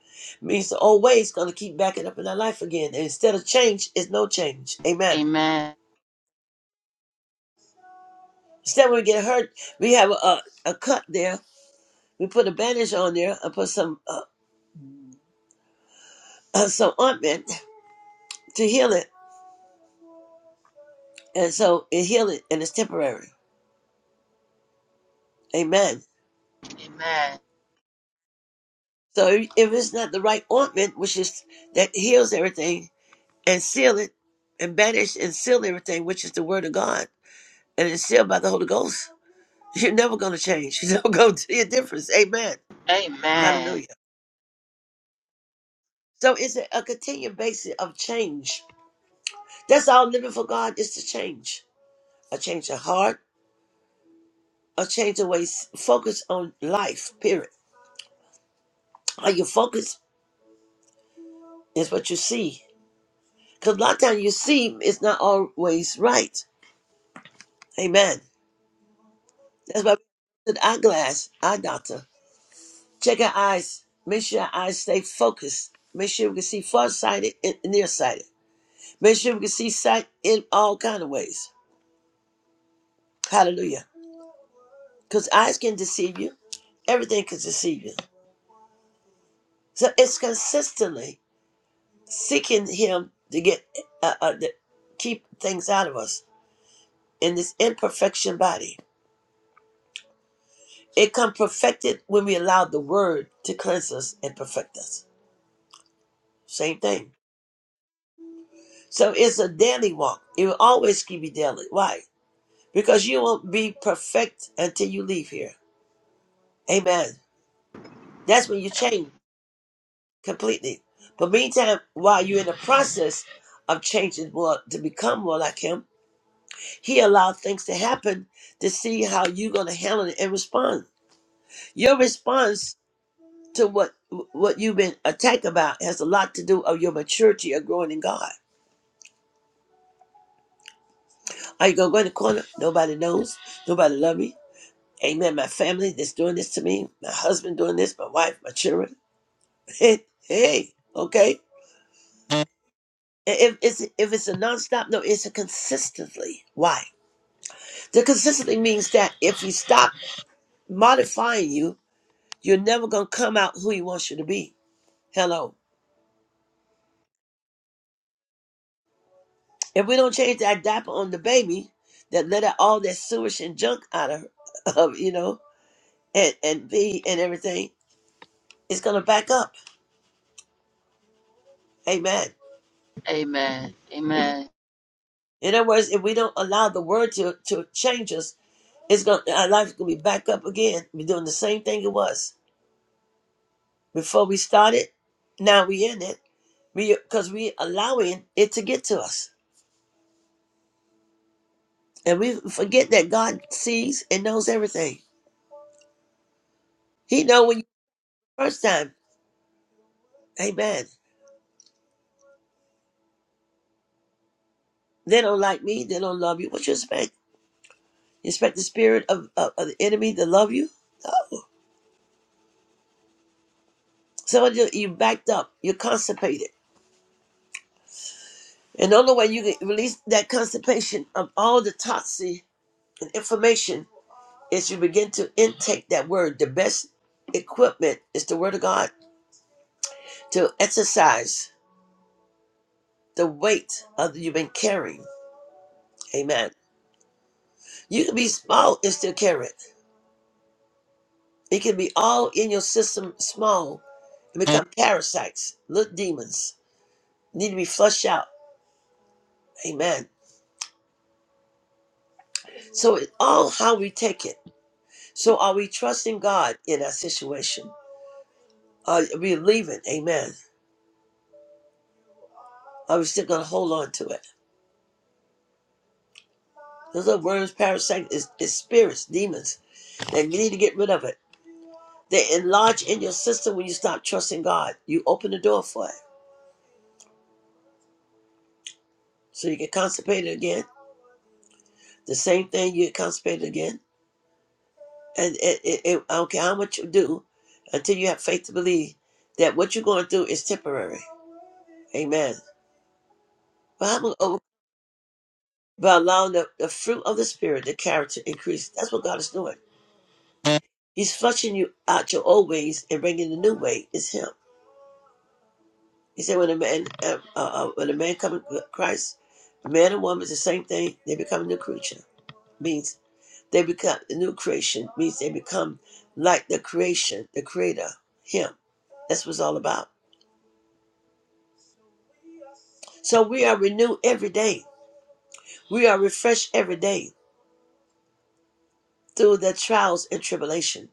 B: Means the old way is gonna keep backing up in our life again. And instead of change, it's no change.
D: Amen.
B: Amen.
D: Amen.
B: Instead, when we get hurt, we have a, a, a cut there. We put a bandage on there and put some uh, some ointment to heal it, and so it heal it, and it's temporary. Amen.
D: Amen.
B: So if, if it's not the right ointment, which is that heals everything and seal it, and bandage and seal everything, which is the Word of God, and it's sealed by the Holy Ghost You're never going to change. You're never going to see a difference. Amen.
D: Amen. Amen.
B: Hallelujah. So it's a, a continued basis of change. That's all living for God is to change. A change of heart, a change of ways, focus on life, period. How you focus is what you see. Because a lot of times you see is not always right. Amen. That's why we an eyeglass, eye doctor. Check our eyes. Make sure our eyes stay focused. Make sure we can see farsighted and nearsighted. Make sure we can see sight in all kind of ways. Hallelujah. Because eyes can deceive you. Everything can deceive you. So it's consistently seeking Him to get uh, uh, to keep things out of us in this imperfection body. It come perfected when we allow the Word to cleanse us and perfect us. Same thing. So it's a daily walk. It will always keep you daily. Why? Because you won't be perfect until you leave here. Amen. That's when you change. completely. But meantime, while you're in the process of changing more to become more like Him, He allowed things to happen to see how you're going to handle it and respond. Your response to what what you've been attacked about has a lot to do of your maturity of growing in God. Are you going to go in the corner? Nobody knows. Nobody love me. Amen. My family that's doing this to me. My husband doing this. My wife. My children. Hey, hey. Okay. If it's if it's a nonstop, no, it's a consistently. Why? The consistency means that if you stop modifying you, you're never gonna come out who he wants you to be. Hello. If we don't change that diaper on the baby, that let out all that sewage and junk out of, of you know, and and be and everything, it's gonna back up. Amen.
D: Amen. Amen.
B: In other words, if we don't allow the word to to change us, it's gonna our life's gonna be back up again. We're doing the same thing it was before we started. Now we in it because we 'cause we allowing it to get to us. And we forget that God sees and knows everything. He know when you first time. Amen. They don't like me. They don't love you. What you expect? You expect the spirit of, of, of the enemy to love you? Some of you, you backed up. You're constipated. And the only way you can release that constipation of all the toxin and information is you begin to intake that word. The best equipment is the word of God to exercise the weight of that you've been carrying. Amen. You can be small and still carry it. It can be all in your system small and become parasites, little demons. Need to be flushed out. Amen. So it all how we take it. So are we trusting God in our situation? Are we leaving? Amen. Are we still gonna hold on to it? Those little worms, parasites, is, is spirits, demons, and you need to get rid of it. They enlarge in your system when you stop trusting God. You open the door for it. So you get constipated again. The same thing you get constipated again And it, it, it, I don't care how much you do until you have faith to believe that what you're going through is temporary. Amen. But I'm going to overcome by allowing the, the fruit of the Spirit, the character, increase. That's what God is doing. He's flushing you out your old ways and bringing the new way. It's Him. He said, when a man, uh, uh, uh, when a man comes to Christ, a man and woman is the same thing. They become a new creature. Means they become a new creation. Means they become like the creation, the Creator, Him. That's what it's all about. So we are renewed every day. We are refreshed every day through the trials and tribulation.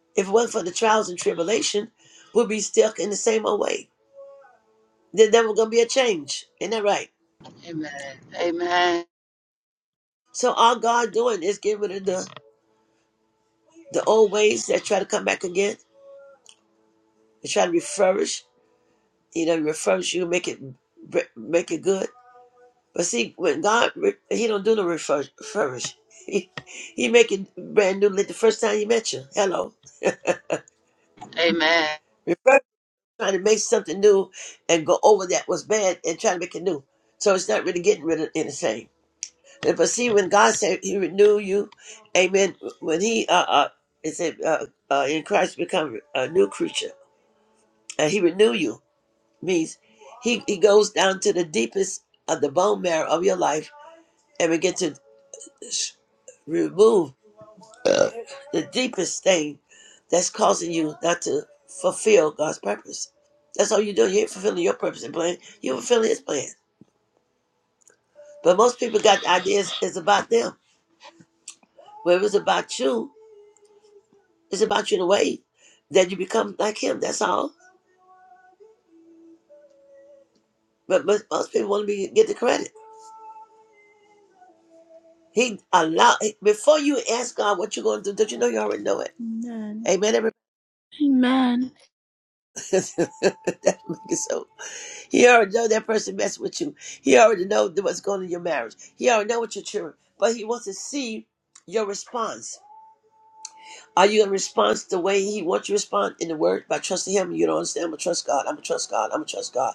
B: If it wasn't for the trials and tribulation, we'll be stuck in the same old way. There's never gonna be a change. Isn't that right?
D: Amen. Amen.
B: So all God doing is getting rid of the, the old ways that try to come back again and try to refurbish. You know, refurbish you, make it make it good. But see, when God, He don't do no refurbish. He, he make it brand new like the first time He met you. Hello,
D: Amen.
B: refurbish. trying to make something new and go over that was bad and try to make it new. So it's not really getting rid of anything. And But see, when God said He renew you, Amen. When He uh, uh it said uh, uh, in Christ become a new creature, and He renew you means He He goes down to the deepest of the bone marrow of your life and begin to s- remove uh, the deepest thing that's causing you not to fulfill God's purpose. That's all you're doing. You ain't fulfilling your purpose and plan. You fulfill His plan. But most people got ideas is about them. Where it was about you, it's about you in a way that you become like Him. That's all. But most, most people want to be get the credit. He allow before you ask God what you're going to do. Don't you know you already know it?
A: Amen.
B: Amen. Everybody.
A: Amen.
B: that make it so. He already know that person messed with you. He already know th- what's going on in your marriage. He already know what your children. But he wants to see your response. Are you gonna respond the way he wants you to respond in the word by trusting him? You don't understand. I'm gonna trust God. I'm gonna trust God. I'm gonna trust God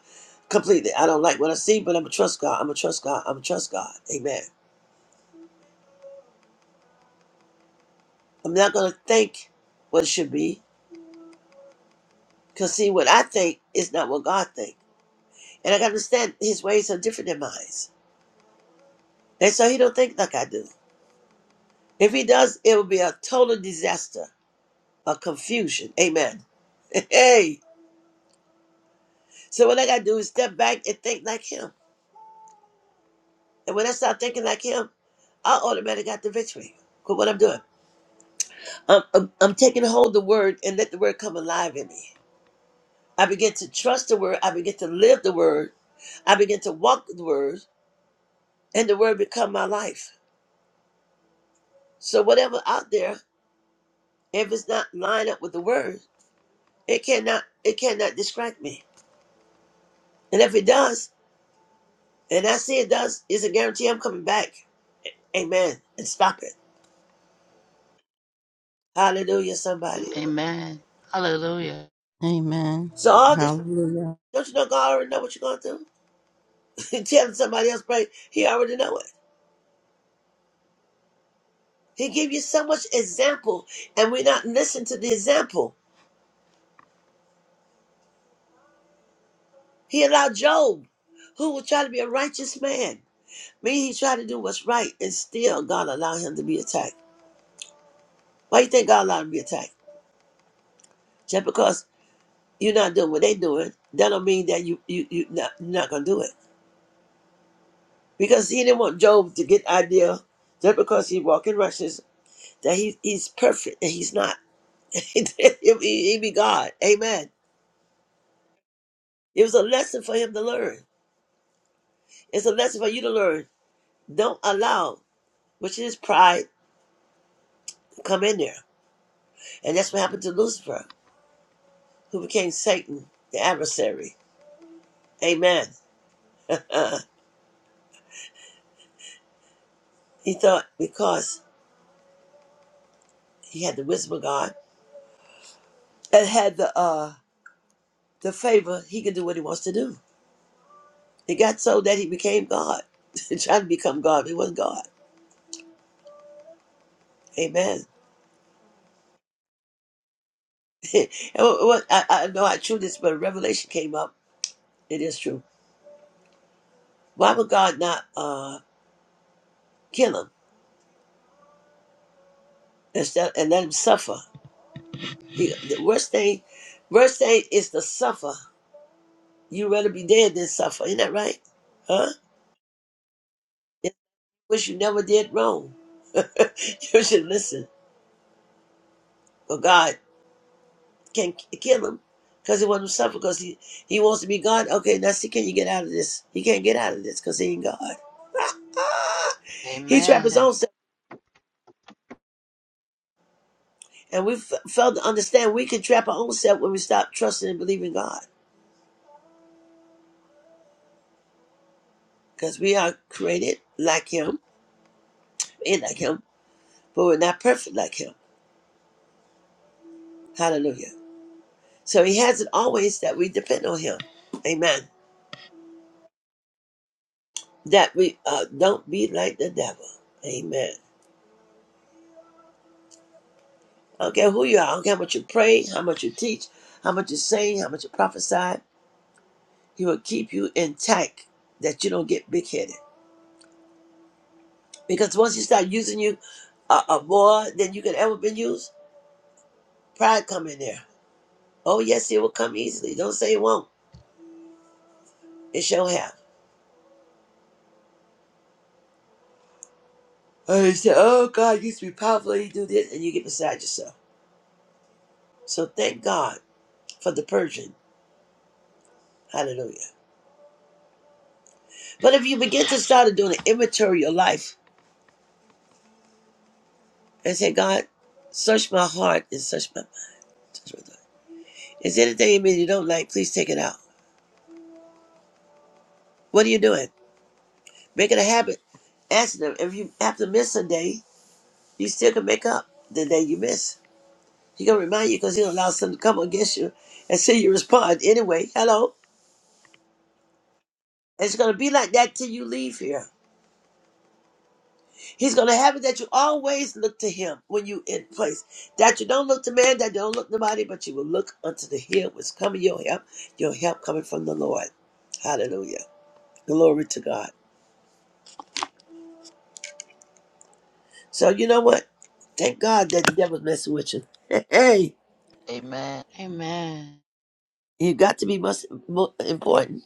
B: completely. I don't like what I see, but I'm gonna trust God. I'm gonna trust God. I'm gonna trust God. Amen. I'm not gonna think what it should be, cause see what I think is not what God thinks, and I gotta understand His ways are different than mine, and so He don't think like I do. If He does, it will be a total disaster a confusion. Amen. Hey. So what I gotta do is step back and think like him. And when I start thinking like him, I automatically got the victory. Cause what I'm doing, I'm, I'm I'm taking hold of the word and let the word come alive in me. I begin to trust the word. I begin to live the word. I begin to walk the word, and the word become my life. So whatever out there, if it's not lined up with the word, it cannot it cannot distract me. And if it does, and I see it does, it's a guarantee I'm coming back. Amen. And stop it. Hallelujah, somebody.
D: Amen. Hallelujah.
C: Amen.
B: So all this,
C: Hallelujah.
B: don't you know God already know what you're going through? Telling somebody else pray, He already know it. He give you so much example, and we not listen to the example. He allowed Job, who was trying to be a righteous man. Me, he tried to do what's right, and still God allowed him to be attacked. Why you think God allowed him to be attacked? Just because you're not doing what they doing, that don't mean that you you you not, you're not gonna do it. Because he didn't want Job to get idea just because he walk in righteousness that he, he's perfect and he's not. he, be he be God. Amen. It was a lesson for him to learn. It's a lesson for you to learn. Don't allow, which is pride, to come in there. And that's what happened to Lucifer, who became Satan, the adversary. Amen. Uh, he thought because he had the wisdom of God and had the uh, the favor, he could do what he wants to do. It got so that he became God. He tried to become God, but he wasn't God. Amen. it was, I, I know I true this, but a revelation came up. It is true. Why would God not uh, kill him instead and let him suffer? The, the worst thing, worst thing is to suffer. You rather be dead than suffer. Isn't that right? Huh? It wish you never did wrong. you should listen. But God can not kill him because he wants him to suffer because he, he wants to be God. Okay, now see, can you get out of this? He can't get out of this because he ain't God. He trapped his
D: Amen.
B: own self. And we f- fail to understand we can trap our own self when we stop trusting and believing God. Because we are created like Him, in like Him, but we're not perfect like Him. Hallelujah. So He has it always that we depend on Him. Amen. That we uh, don't be like the devil. Amen. I don't care who you are. I don't care how much you pray, how much you teach, how much you sing, how much you prophesy. He will keep you intact that you don't get big headed. Because once He start using you uh, uh, more than you could ever been used, pride come in there Oh, yes, it will come easily. Don't say it won't. It shall have. Or you say, oh, God used to be powerful. You do this, and you get beside yourself. So thank God for the purging. Hallelujah. But if you begin to start doing an inventory of your life and say, God, search my heart and search my mind. Search my thought. Is there anything in me you don't like? Please take it out. What are you doing? Make it a habit. Ask them. If you have to miss a day, you still can make up the day you miss. He gonna remind you because he'll allow something to come against you and see you respond anyway. Hello. It's going to be like that till you leave here. He's going to have it that you always look to him when you in place. That you don't look to man, that you don't look to body, but you will look unto the hill which coming your help, your help coming from the Lord. Hallelujah. Glory to God. So you know what? Thank God that the devil's messing with you. Hey,
D: Amen. Amen.
B: you got to be most most important.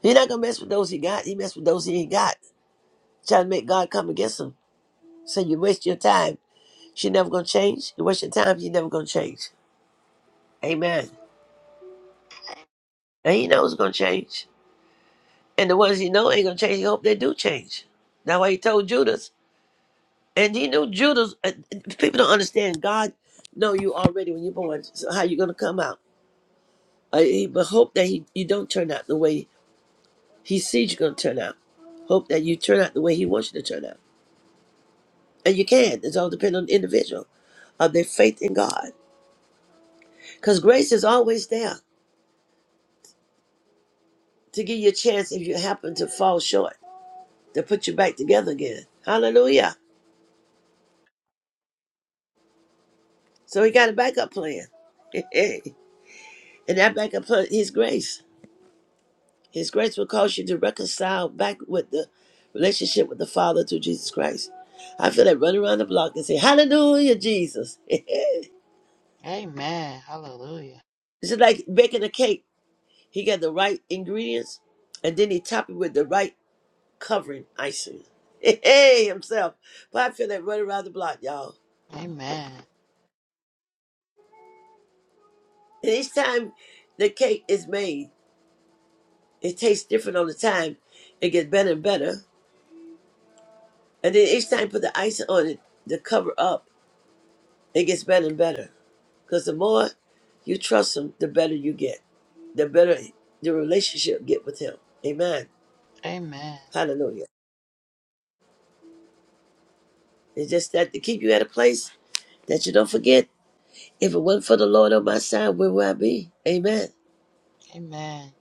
B: He's not going to mess with those he got. He mess with those he ain't got. Trying to make God come against him. So you waste your time. She never going to change. You waste your time. You never going to change. Amen. And he knows it's gonna change. And the ones he know ain't gonna change, he hope they do change. That's why he told Judas. And he knew Judas uh, people don't understand God know you already when you're born. So how you gonna come out? Uh, he, but hope that he, you don't turn out the way he sees you're gonna turn out. Hope that you turn out the way he wants you to turn out. And you can. It's all dependent on the individual of their faith in God. Because grace is always there to give you a chance if you happen to fall short, to put you back together again. Hallelujah. So he got a backup plan. and that backup plan, is grace. His grace will cause you to reconcile back with the relationship with the Father through Jesus Christ. I feel like running around the block and say, Hallelujah, Jesus. it's
D: Amen. Hallelujah.
B: just like baking a cake. He got the right ingredients and then he top it with the right covering icing. Hey, himself. But I feel like running around the block, y'all.
D: Amen.
B: And each time the cake is made, it tastes different on the time. It gets better and better And then each time you put the ice on it, the cover up, it gets better and better. Because the more you trust him, the better you get. The better the relationship get with him. Amen.
D: Amen.
B: Hallelujah. It's just that to keep you at a place that you don't forget. If it wasn't for the Lord on my side, where would I be? Amen.
D: Amen.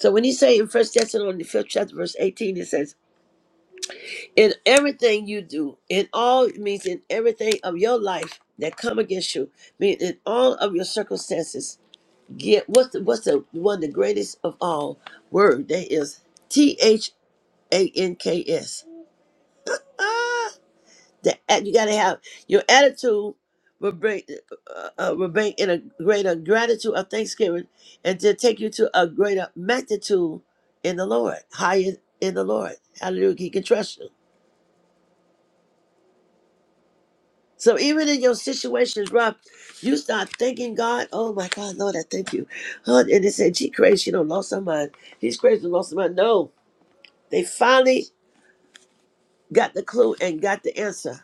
B: So when you say in First Thessalonians the fifth chapter, verse 18, it says, In everything you do, in all it means in everything of your life that come against you, mean in all of your circumstances, Get what's the, what's the one of the greatest of all word that is T H A N K S. Ah, the at- you gotta have your attitude will bring uh, uh, will bring in a greater gratitude of thanksgiving, and to take you to a greater magnitude in the Lord, higher in the Lord. Hallelujah! He can trust you. So even in your situations, rough, you start thanking God. Oh my God, Lord, I thank you. Huh, And they say, "Gee, crazy, you know, lost her mind. He's crazy, lost her mind." No, They finally got the clue and got the answer.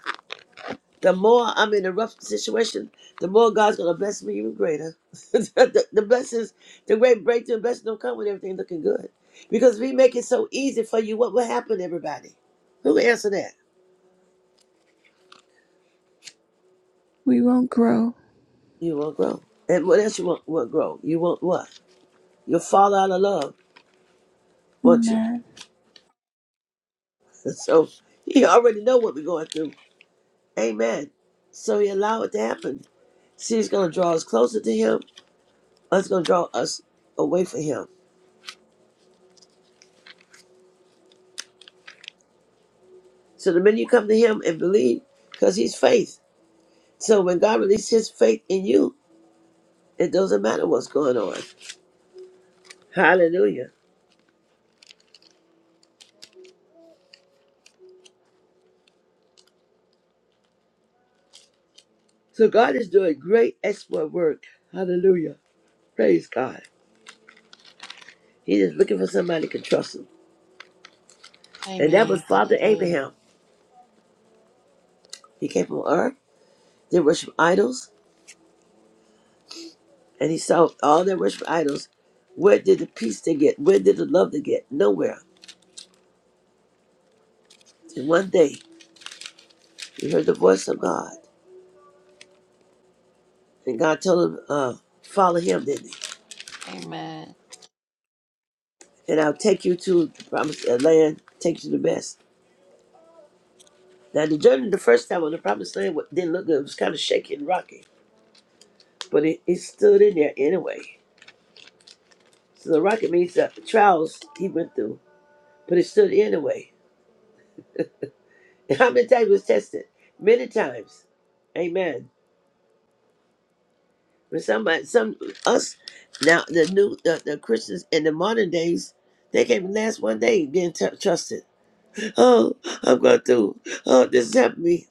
B: The more I'm in a rough situation, the more God's gonna bless me even greater. the, the blessings, the great breakthrough and blessings don't come when everything looking good. Because we make it so easy for you, what will happen, everybody? Who can answer that?
A: We won't grow.
B: You won't grow. And what else you won't, won't grow? You won't what? You'll fall out of love, won't you?
A: Amen.
B: So he already know what we're going through. Amen. So he allowed it to happen. See, it's gonna draw us closer to him That's going to draw us away from Him. So the minute you come to Him and believe, because He's faith. So when God releases His faith in you, it doesn't matter what's going on. Hallelujah. So God is doing great exploit work. Hallelujah. Praise God. He's just looking for somebody who can trust Him. And that was
D: Amen.
B: Father
D: Hallelujah.
B: Abraham. He came from earth. They worship idols. And he saw all their worship idols. Where did the peace they get? Where did the love they get? Nowhere. And one day, he heard the voice of God. And God told him, uh, follow him, didn't he?
D: Amen.
B: And I'll take you to the promised uh, land, take you to the best. Now, the journey the first time on the promised land wa- didn't look good. It was kind of shaky and rocky. But it, it stood in there anyway. So the rocket means the trials he went through, but it stood anyway. And how many times was tested? Many times. Amen. But somebody, some us now, the new the, the Christians in the modern days, they came last one day being t- trusted. Oh, I'm going to oh, this help me.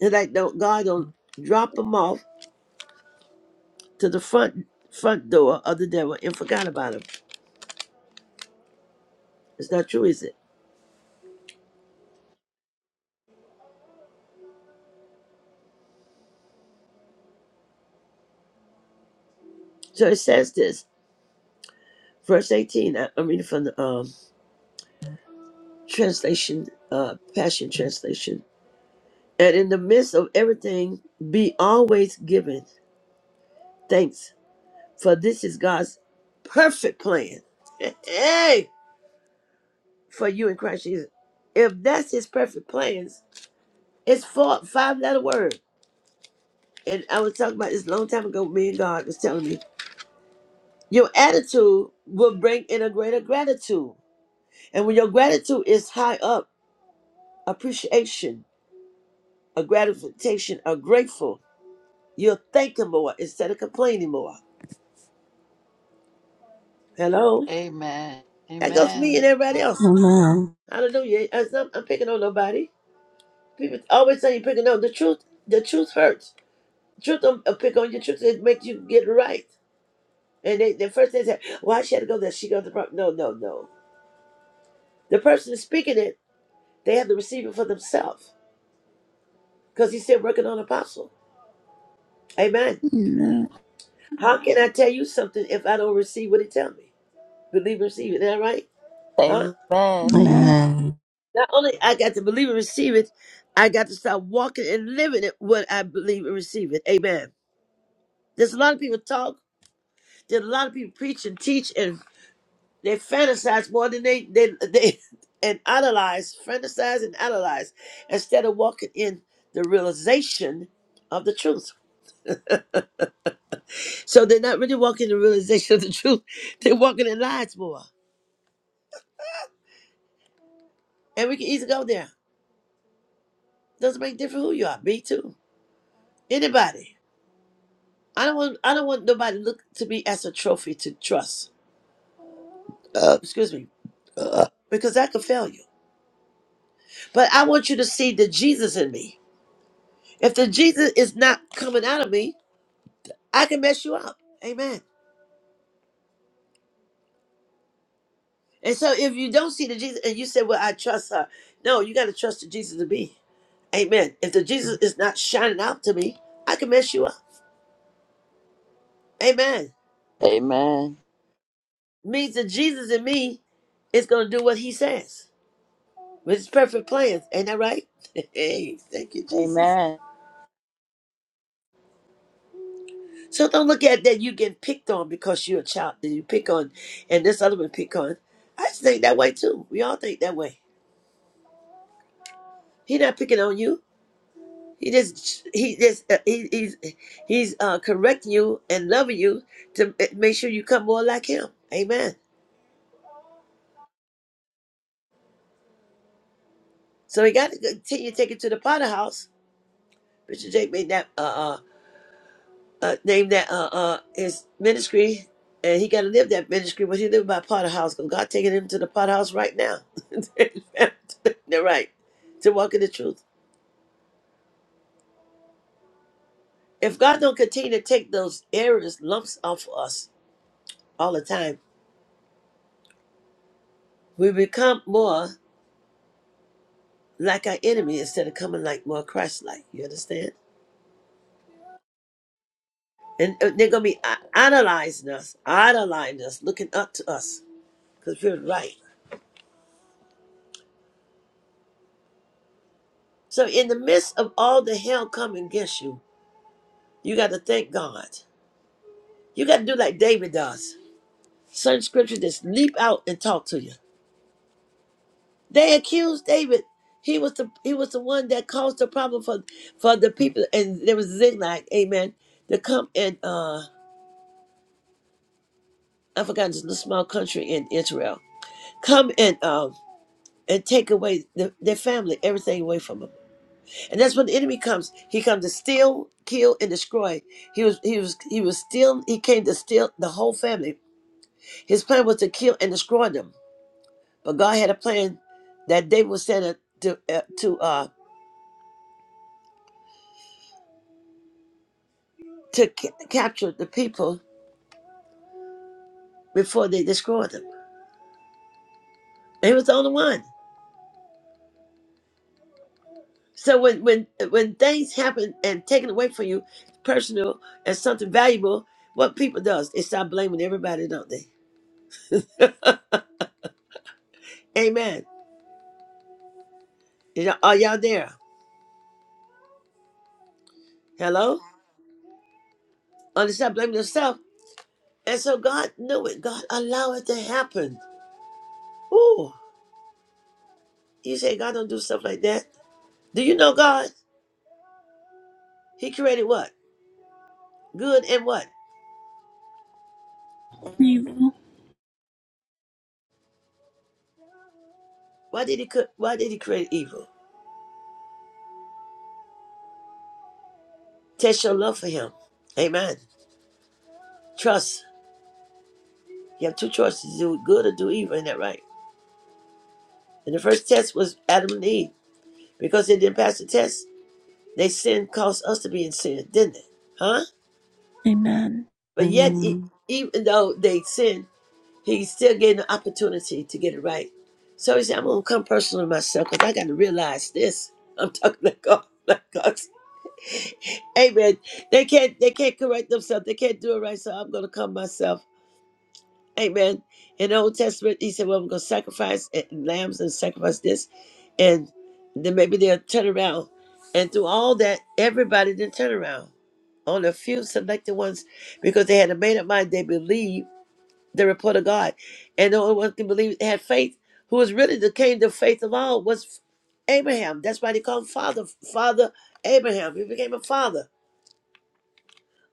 B: And I don't, God don't drop them off to the front front door of the devil and forgot about them. It's not true, is it? So it says this, verse 18. I, I'm reading from the um, translation, uh, Passion Translation. And in the midst of everything, be always giving thanks, for this is God's perfect plan. Hey, for you in Christ Jesus. If that's His perfect plans, it's four five letter word. and I was talking about this a long time ago. Me and God was telling me your attitude will bring in a greater gratitude, and when your gratitude is high up, appreciation, a gratification, a grateful, you're thanking more instead of complaining more. Hello,
D: Amen.
B: that goes for
D: Amen.
B: me
D: Amen.
B: and everybody else.
C: Amen.
B: Hallelujah. I'm, not- I'm picking on nobody. People always say you're picking on the truth. The truth hurts. Truth don't uh, pick on your truth. It makes you get it right. And they, the first they say, "Why she had to go there? She got the problem." No, no, no. The person is speaking it They had to receive it for themselves because he's still working on apostle. Amen.
A: Amen.
B: How can I tell you something if I don't receive what he tell me? Believe and receive it. Is that right? Huh?
D: Amen.
A: Amen.
C: Amen.
B: Not only I got to believe and receive it, I got to start walking and living it what I believe and receive it. Amen. There's a lot of people talk. There's a lot of people preach and teach, and they fantasize more than they they they and idolize, fantasize and idolize, instead of walking in the realization of the truth. So they're not really walking the realization of the truth. They're walking in lies more. And we can easily go there. Doesn't make a difference who you are. Me too. Anybody. I don't want I don't want nobody to look to me as a trophy to trust. Uh, excuse me. Uh, because that could fail you. But I want you to see the Jesus in me. If the Jesus is not coming out of me, I can mess you up. Amen. And so if you don't see the Jesus and you say, Well, I trust her. No, you gotta trust the Jesus in me. Amen. If the Jesus is not shining out to me, I can mess you up. Amen. Means that Jesus in me is going to do what he says with his perfect plans. Ain't that right? hey, thank you, Jesus.
D: Amen.
B: So don't look at that you getting picked on because you're a child that you pick on and this other one pick on. I just think that way too. We all think that way. He not picking on you. He just he just uh, he, he's he's uh, correcting you and loving you to uh, make sure you come more like him. Amen. So he got to continue to take it to the potter house. Bishop Jake made that. Uh, uh uh, name that uh, uh, his ministry, and he got to live that ministry, but he lived by Potter House because God taking him to the Potter House right now. They're right to walk in the truth. If God don't continue to take those errors, lumps off of us all the time, we become more like our enemy instead of coming like more Christ-like. You understand? And uh, they're gonna be i- idolizing us, idolizing us, looking up to us because we're right. So in the midst of all the hell coming against you, you got to thank God. You got to do like David does. Certain scriptures just leap out and talk to you. They accused David. He was the he was the one that caused the problem for for the people. And there was Ziglag, amen, to come and uh I forgot it's a small country in Israel. Come and um and take away the, their family, everything away from them. And that's when the enemy comes. He comes to steal, kill, and destroy. He was he was he was stealing. He came to steal the whole family. His plan was to kill and destroy them. But God had a plan that they were sent it to uh, to uh to ca- capture the people before they destroyed them. He was the only one. So when when when things happen and taken away from you, personal and something valuable, what people does they start blaming everybody, don't they? Amen. y'all- Are y'all there? Hello? Or they start blaming themselves. And so God knew it. God allowed it to happen. Ooh. You say God don't do stuff like that. Do you know God? He created what? Good and what?
A: Evil.
B: Why did he cre- why did he create evil? Test your love for him. Amen. Trust. You have two choices, do good or do evil, ain't that right? And the first test was Adam and Eve. Because they didn't pass the test, they sin caused us to be in sin, didn't it? Huh?
A: Amen.
B: But yet e-
C: Amen.
B: even though they sinned, he still gave the opportunity to get it right. So he said, I'm gonna come personal to myself because I gotta realize this. I'm talking like God, like God. Amen. They can't they can't correct themselves. They can't do it right, so I'm gonna come myself Amen. In the Old Testament, he said, Well, we're going to sacrifice eh, lambs and sacrifice this. And then maybe they'll turn around. And through all that, everybody didn't turn around. Only a few selected ones, because they had a made up mind, they believed the report of God. And the only one who believed had faith, who was really the king of faith of all, was Abraham. That's why they called him Father, Father Abraham. He became a father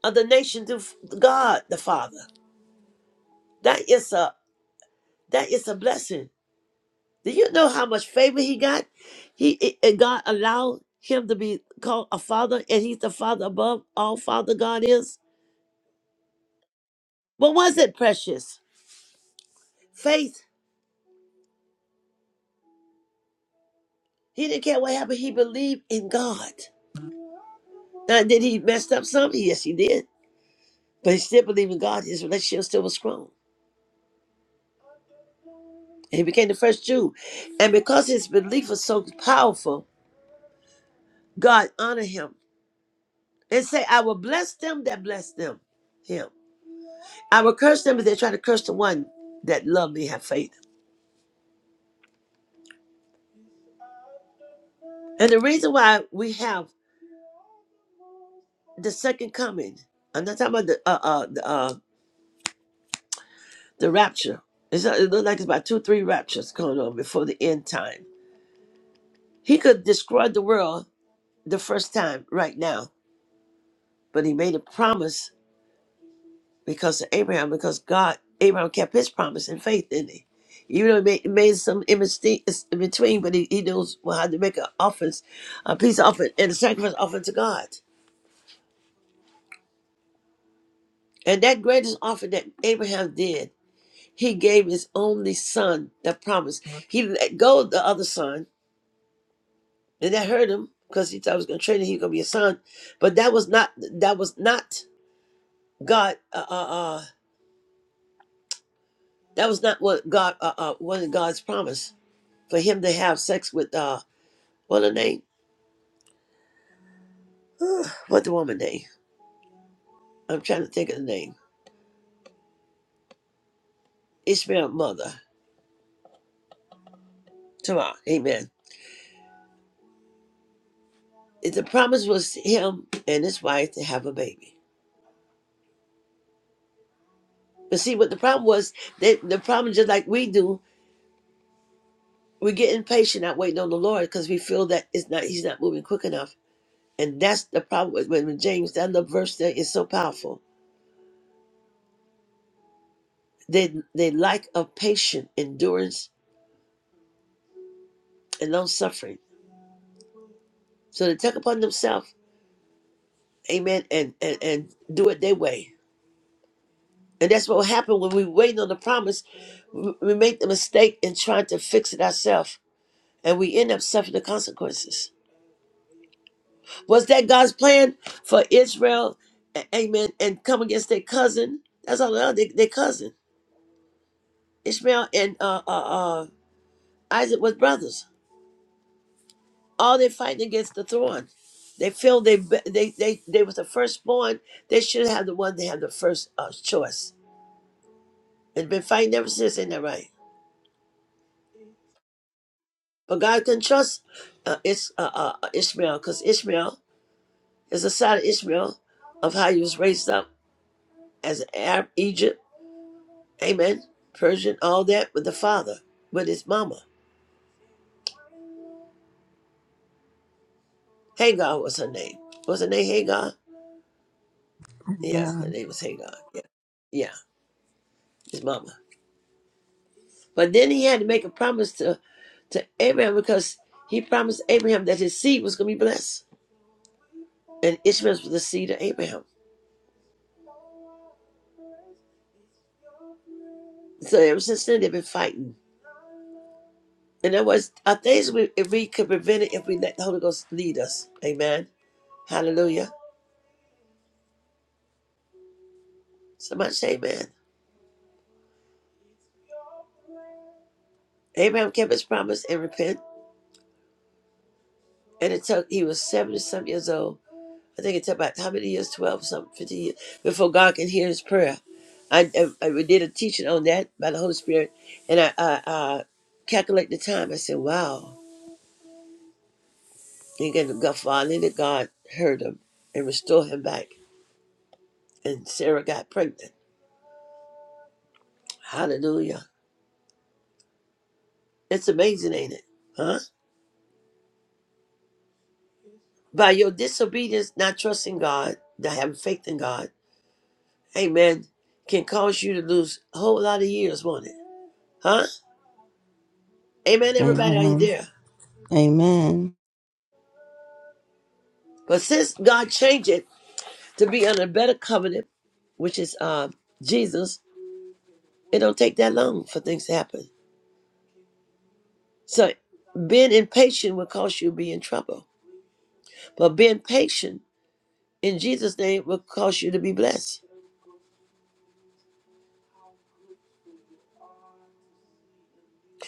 B: of the nation to God the Father. That is a that is a blessing Do you know how much favor he got? He it- and God allowed him to be called a father, and he's the father above all Father God is. What was it, precious? Faith. He didn't care what happened. He believed in God. Now, did he mess up some? Yes, he did. But he still believed in God. His relationship still was strong. And he became the first Jew. And because his belief was so powerful, God honored him and say, I will bless them that bless them. Him. I will curse them if they try to curse the one that love me, have faith. And the reason why we have the second coming, I'm not talking about the uh uh the, uh, the rapture. It's not, it looks like it's about two three raptures going on before the end time. He could destroy the world the first time right now, but he made a promise because of Abraham, because God Abraham kept his promise in faith, didn't he? Even though he made, made some in miste- in between, but he, he knows well how to make an offense, a peace offering, and a sacrifice offering to God. And that greatest offering that Abraham did He gave his only son the promise. He let go of the other son, and that hurt him because he thought he was going to train him. He was going to be a son, but that was not. That was not God. Uh, uh, uh, that was not what God. Uh, uh, wasn't God's promise for him to have sex with. Uh, what her name? What the woman name? I'm trying to think of the name. Ishmael's mother. Tamar. Amen. If The promise was him and his wife to have a baby. But see, what the problem was, they, the problem just like we do. we get impatient not waiting on the Lord because we feel that it's not He's not moving quick enough, and that's the problem. With, when when James, that little verse there is so powerful. They they lack of patience, endurance, and long suffering. So they take upon themselves, Amen, and, and and do it their way. And that's what will happen when we waiting on the promise. We we make the mistake in trying to fix it ourselves, and we end up suffering the consequences. Was that God's plan for Israel? A- Amen. And come against their cousin. That's all they are. They, their cousin. Ishmael and uh, uh, uh, Isaac was brothers. All they fighting against the throne. They feel they be- they they they was the firstborn. They should have the one. They have the first uh, choice. They've been fighting ever since. Ain't that right? But God can trust uh, Ish, uh, uh, uh, Ishmael because Ishmael is a side of Ishmael of how he was raised up as an Arab Egypt Amen. Persian, all that with the father, with his mama. Hagar was her name. Was her name Hagar? Yeah, her
C: Amen.
B: name was Hagar. Yeah, yeah, his mama. But then he had to make a promise to, to Abraham because he promised Abraham that his seed was going to be blessed. And Ishmael was the seed of Abraham. So ever since then, they've been fighting. And there was are things we, if we could prevent it if we let the Holy Ghost lead us. Amen. Hallelujah. Somebody say amen. Abraham kept his promise and repent. And it took, he was 70 some years old I think it's about how many years, 12, something, 15 years, before God can hear his prayer. I, I, I- we did a teaching on that by the Holy Spirit, and I, I, I calculate the time. I said, wow. And again, God, finally, God heard him and restored him back. And Sarah got pregnant. Hallelujah. It's amazing, ain't it? Huh? By your disobedience, not trusting God, not having faith in God, amen, can cause you to lose a whole lot of years, won't it? Huh? Amen, everybody. Are you
C: Amen.
B: there? But since God changed it to be under a better covenant, which is uh, Jesus, it don't take that long for things to happen. So being impatient will cause you to be in trouble. But being patient in Jesus' name will cause you to be blessed.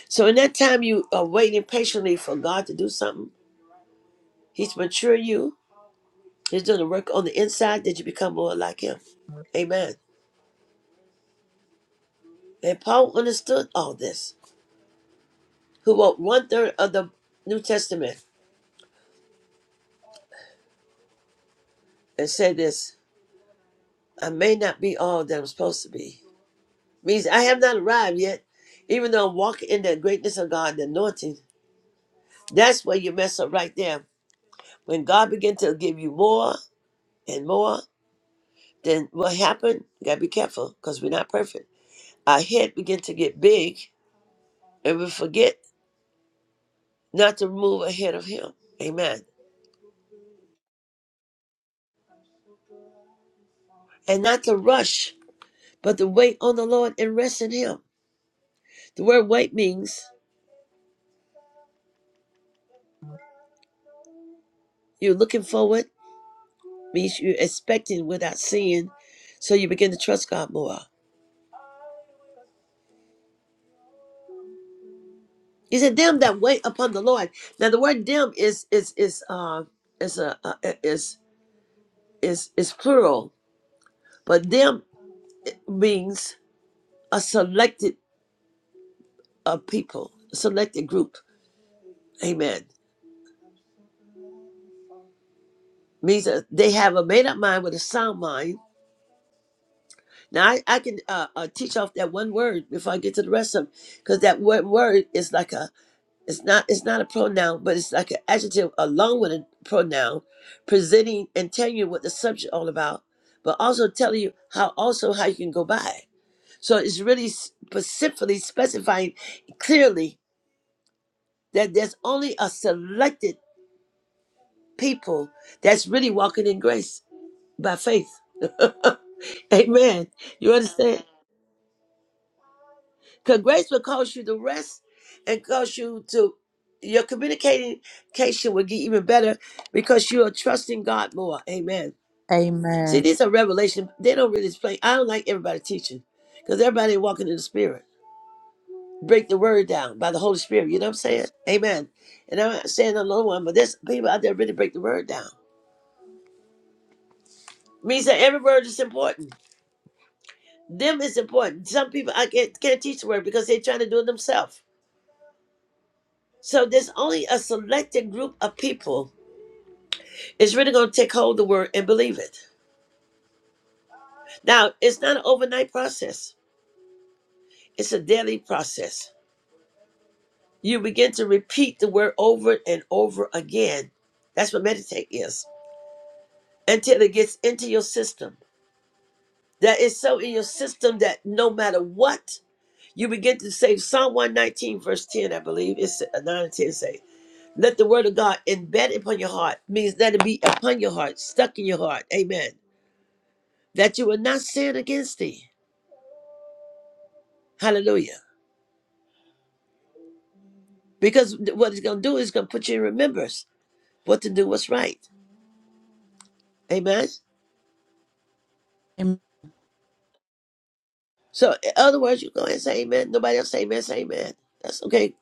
B: So in that time you are waiting patiently for God to do something, He's maturing you. He's doing the work on the inside that you become more like Him. Amen. And Paul understood all this, who wrote one third of the New Testament and said this. I may not be all that I'm supposed to be. Means I have not arrived yet. Even though I'm walking in the greatness of God, the anointing, that's where you mess up right there. When God begin to give you more and more, then what happened? You gotta be careful because we're not perfect. Our head begin to get big and we forget not to move ahead of him. Amen. And not to rush, but to wait on the Lord and rest in him. The word wait means you're looking forward means you're expecting without seeing, so you begin to trust God more. He said, "Them that wait upon the Lord." Now, the word "them" is is is uh, is a uh, is is is plural, but "them" means a selected uh, people, a selected group. Amen. Means that they have a made up mind with a sound mind. Now, I, I can uh, uh, teach off that one word before I get to the rest of them, because that one word is like a It's not it's not a pronoun, but it's like an adjective along with a pronoun, presenting and telling you what the subject all about, but also telling you how also how you can go by. it. So it's really specifically specifying clearly that there's only a selected people that's really walking in grace by faith. Amen. You understand? Because grace will cause you to rest and cause you to, your communication will get even better because you are trusting God more. Amen. See,
D: Amen.
B: these are revelation. They don't really explain. I don't like everybody teaching because everybody walking in the spirit. Break the word down by the Holy Spirit. You know what I'm saying? Amen. And I'm not saying another one, but there's people out there really break the word down. Means that every word is important. Them is important. Some people I can't, can't teach the word because they're trying to do it themselves. So there's only a selected group of people It's really going to take hold of the word and believe it. Now, it's not an overnight process, it's a daily process. You begin to repeat the word over and over again. That's what meditate is until it gets into your system. That is so in your system that no matter what, you begin to say Psalm 119, verse 10, I believe, it's uh, 9 and 10 say, Let the word of God embed upon your heart, means let it be upon your heart, stuck in your heart. Amen. That you will not sin against thee. Hallelujah. Because what it's going to do is going to put you in remembrance what to do, what's right. Amen.
D: Am-
B: So, in other words, you go ahead and say amen. Nobody else say amen, say amen. That's okay.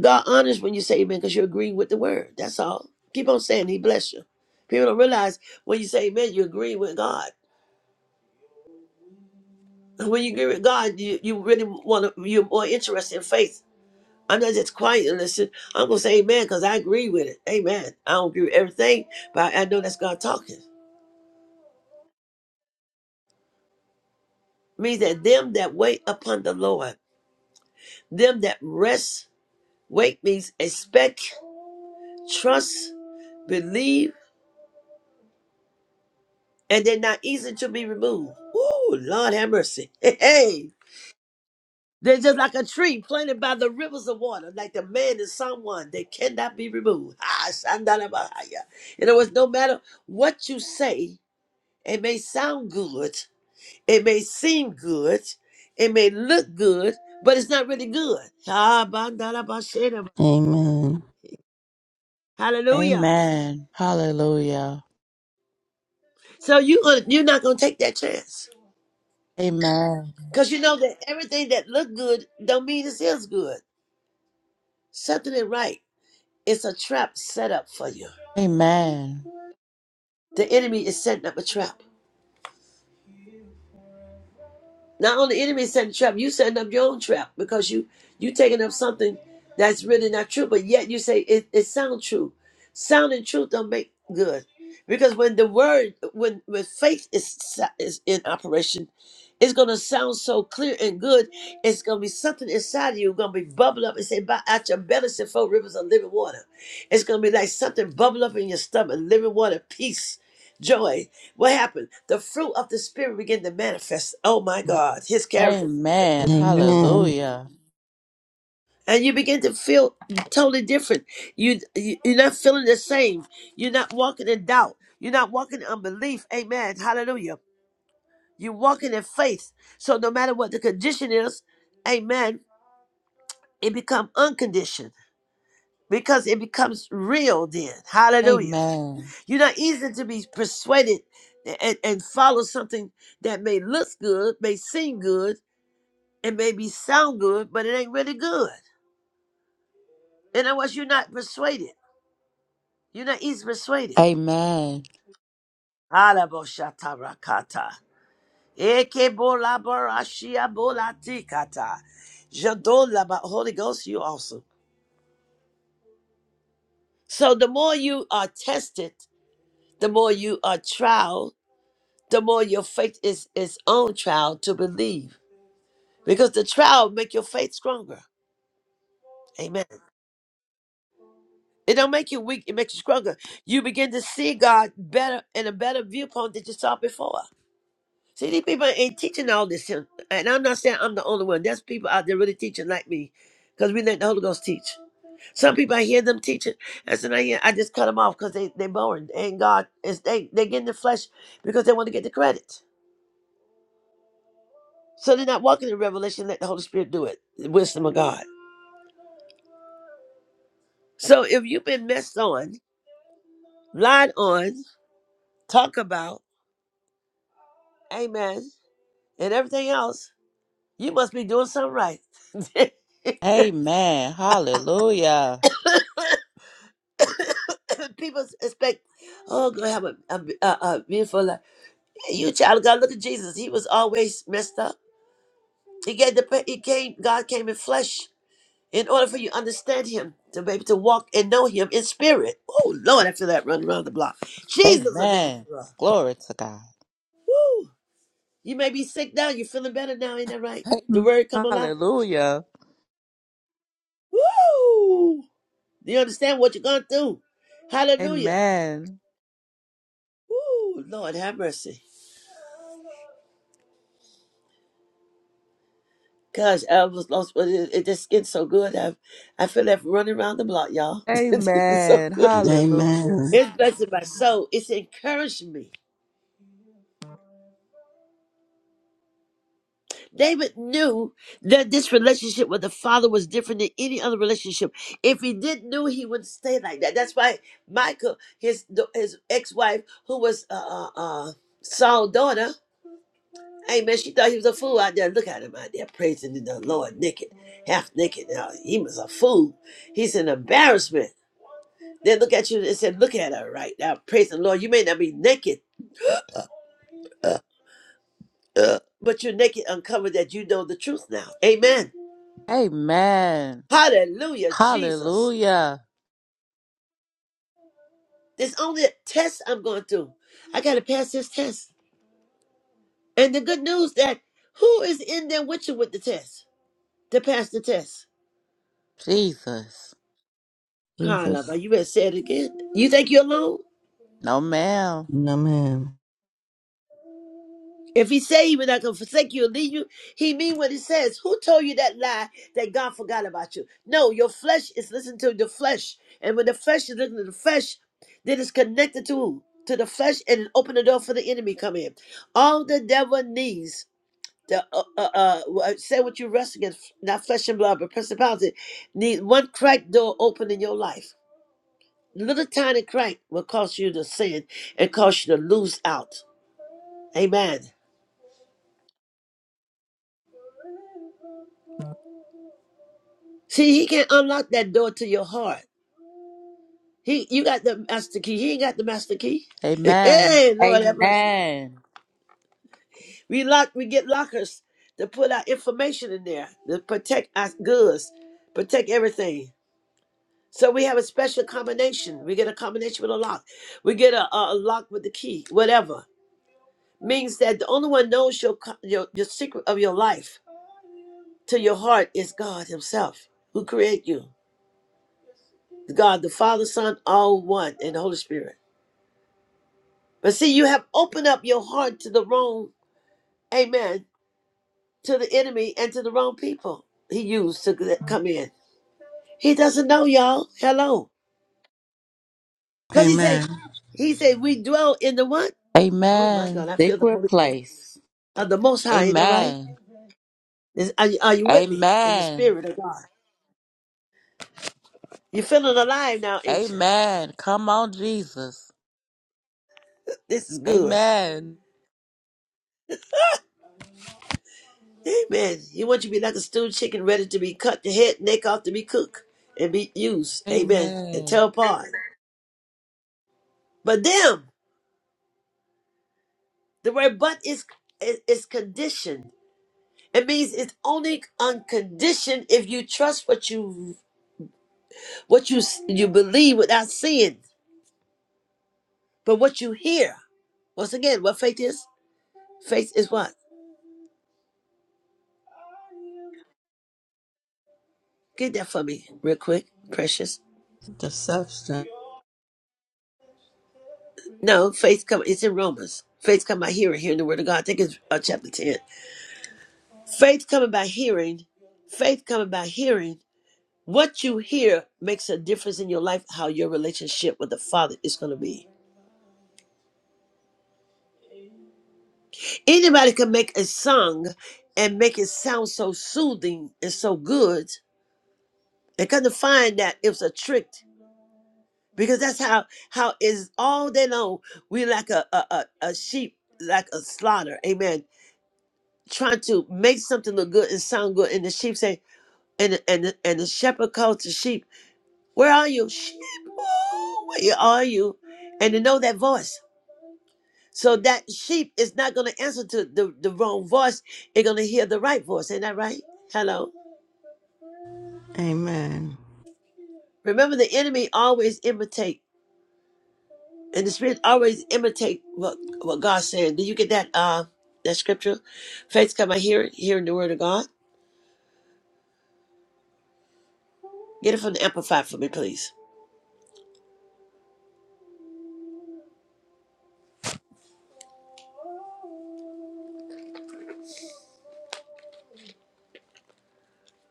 B: God honors when you say amen because you're agreeing with the word. That's all. Keep on saying, He bless you. People don't realize when you say amen, you agree with God. When you agree with God, you, you really want to, you're more interested in faith. I'm not just quiet and listen. I'm going to say amen because I agree with it. Amen. I don't agree with everything, but I know that's God talking. Means that them that wait upon the Lord. Them that rest, wait means expect, trust, believe, and they're not easy to be removed. Ooh, Lord have mercy. Hey, hey. They're just like a tree planted by the rivers of water, like the man in Psalm 1. They cannot be removed. Ah, shandarabahaya. In other words, no matter what you say, it may sound good, it may seem good, it may look good, but it's not really good. Ah, bandarabashedaba.
C: Amen.
B: Hallelujah.
D: Amen. Hallelujah.
B: So you gonna, you're not gonna take that chance
D: Amen.
B: because you know that everything that look good don't mean it is good. Something ain't right. It's a trap set up for you.
D: Amen.
B: The enemy is setting up a trap. Not only the enemy setting trap, you setting up your own trap because you you taking up something that's really not true, but yet you say it, it sounds true. Sound and truth don't make good. Because when the word, when when faith is is in operation, it's gonna sound so clear and good. It's gonna be something inside of you gonna be bubble up and say, "By out your belly, shall flow rivers of living water." It's gonna be like something bubble up in your stomach, living water, peace, joy. What happened? The fruit of the spirit began to manifest. Oh my God, his character,
C: Amen.
D: Amen.
C: Amen.
D: Hallelujah.
B: and you begin to feel totally different. You, you you're not feeling the same. You're not walking in doubt. You're not walking in unbelief. Amen. Hallelujah. You're walking in faith. So no matter what the condition is, Amen. It becomes unconditioned because it becomes real. Then Hallelujah.
D: Amen.
B: You're not easy to be persuaded and, and follow something that may look good, may seem good It may be sound good, but it ain't really good. In other words, you're not persuaded. You're not easily persuaded.
D: Amen.
B: Alabosatarakata. Ekebolabarashiabolatikata. Jadolaba- Holy Ghost, you also. So the more you are tested, the more you are trial, the more your faith is its own trial to believe. Because the trial make your faith stronger. Amen. It don't make you weak, it makes you stronger. You begin to see God better in a better viewpoint than you saw before. See, these people ain't teaching all this. And I'm not saying I'm the only one. There's people out there really teaching like me because we let the Holy Ghost teach. Some people, I hear them teaching, and so I, I just cut them off because they, they boring. And God, is they, they get in the flesh because they want to get the credit. So they're not walking in revelation. Let the Holy Spirit do it, the wisdom of God. So if you've been messed on, lied on, talked about, amen, and everything else, You must be doing something right.
D: Amen. Hallelujah.
B: People expect, oh, gonna have a, a, a, a beautiful life. Yeah, You child of God, look at Jesus. He was always messed up. He gave the pa- he came. God came in flesh in order for you to understand Him to be able to walk and know Him in spirit. Oh Lord, after that, run around the block. Jesus of Nazareth.
D: Amen. Glory to God.
B: Woo! You may be sick now. You're feeling better now, ain't that right? The
D: Amen.
B: word come alive.
D: Hallelujah.
B: Woo! Do you understand what you're going through? Hallelujah.
D: Amen.
B: Woo! Lord have mercy. Gosh, I was lost, but it, it just gets so good. I I feel like running around the block, y'all. this is so
D: Amen.
B: good.
D: Hallelujah.
C: Amen.
B: It's blessing my soul. It's encouraging me. David knew that this relationship with the father was different than any other relationship. If he didn't know, he wouldn't stay like that. That's why Michael, his his ex wife, who was uh uh uh, Saul's daughter, amen, she thought he was a fool out there. Look at him out there praising the Lord naked, half naked. Now he was a fool. He's an embarrassment. They look at you and said, Look at her right now. Praise the Lord. You may not be naked, uh, uh, but you're naked, uncovered that you know the truth now. Amen.
D: Amen.
B: Hallelujah, Jesus.
D: Hallelujah.
B: There's only a test I'm going through. I got to pass this test. And the good news that who is in there with you with the test to pass the test?
D: Jesus.
B: Carla,
C: Jesus.
B: you better say it again. You think you're alone?
D: No, ma'am.
C: Amen.
B: If he say he will not gonna forsake you or leave you, he mean what he says. Who told you that lie that God forgot about you? No, your flesh is listening to the flesh. And when the flesh is listening to the flesh, then it's connected to to the flesh and open the door for the enemy come in. All the devil needs the uh, uh, uh wha- say what you wrestle against, not flesh and blood, but principality, need one crack door open in your life. Little tiny crack will cause you to sin and cause you to lose out. Amen. See, he can't unlock that door to your heart. He, you got the master key. He ain't got the master key.
D: Amen.
B: hey, Lord have mercy.
D: Amen.
B: We lock, we get lockers to put our information in there to protect our goods, protect everything. So we have a special combination. We get a combination with a lock. We get a, a, a lock with the key. Whatever means that the only one knows your co- your your secret of your life to your heart is God Himself, who created you. God, the Father, Son, all one, and the Holy Spirit. But see, you have opened up your heart to the wrong, amen, to the enemy and to the wrong people he used to g- come in. He doesn't know, y'all. Hello. Because he say,
C: Amen.
B: he say, we dwell in the what? Oh my God,
D: Amen.
B: I feel the
D: Secret
B: Holy Ghost.
D: place.
B: Of the Most High, ain't that right?
D: Amen.
B: Is- are, you, are you with me in the
D: Amen.
B: Spirit of God? You're feeling alive now, ain't you?
D: Amen. Come on, Jesus.
B: This is good.
D: Amen.
B: Amen. He wants you to be like a stewed chicken ready to be cut the head, neck off to be cooked and be used. Amen. And tell
D: Amen.
B: apart. But them, The word but is is, is conditioned. It means it's only unconditioned if you trust what you what you you believe without seeing, but what you hear. Once again, what faith is? Faith is what? Get that for me real quick, precious.
C: the substance.
B: No, faith come. It's in Romans. Faith come by hearing, hearing the word of God. I think it's uh, chapter ten. Faith coming by hearing. Faith coming by hearing. What you hear makes a difference in your life. How your relationship with the Father is going to be. Anybody can make a song and make it sound so soothing and so good. They couldn't find that it was a trick because that's how how is all day long we like a a, a, a sheep like a slaughter. Amen. Trying to make something look good and sound good, and the sheep say, and the- and the- and the shepherd calls the sheep, "Where are you, sheep? Where are you?" And to know that voice. So that sheep is not going to answer to the, the wrong voice. It's going to hear the right voice. Ain't that right? Hello.
C: Amen.
B: Remember, the enemy always imitate, and the spirit always imitate what what God's saying. Do you get that? Uh, that scripture, faith come by hearing, hearing the word of God. Get it from the Amplified for me, please.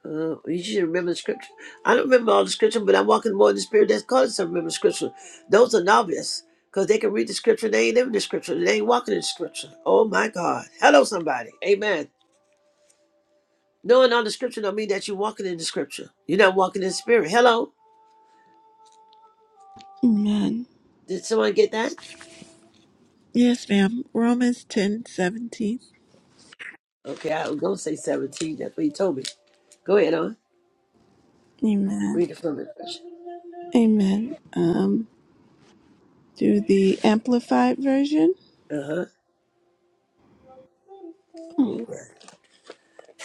B: Uh, you should remember the scripture. I don't remember all the scripture, but I'm walking more in the spirit that's causing us to remember scripture. Those are novice because they can read the scripture, they ain't living the scripture, they ain't walking in the scripture. Oh my God. Hello, somebody. Amen. Knowing all the scripture don't mean that you're walking in the scripture. You're not walking in the spirit. Hello?
A: Amen.
B: Did someone get that?
A: Yes, ma'am. Romans ten seventeen.
B: Okay, I was gonna say 17. That's what he told me. Go ahead, on.
A: Amen.
B: Read it from me, precious.
A: Amen. Um, do the amplified version.
B: Uh-huh.
A: Oh,
B: Ooh.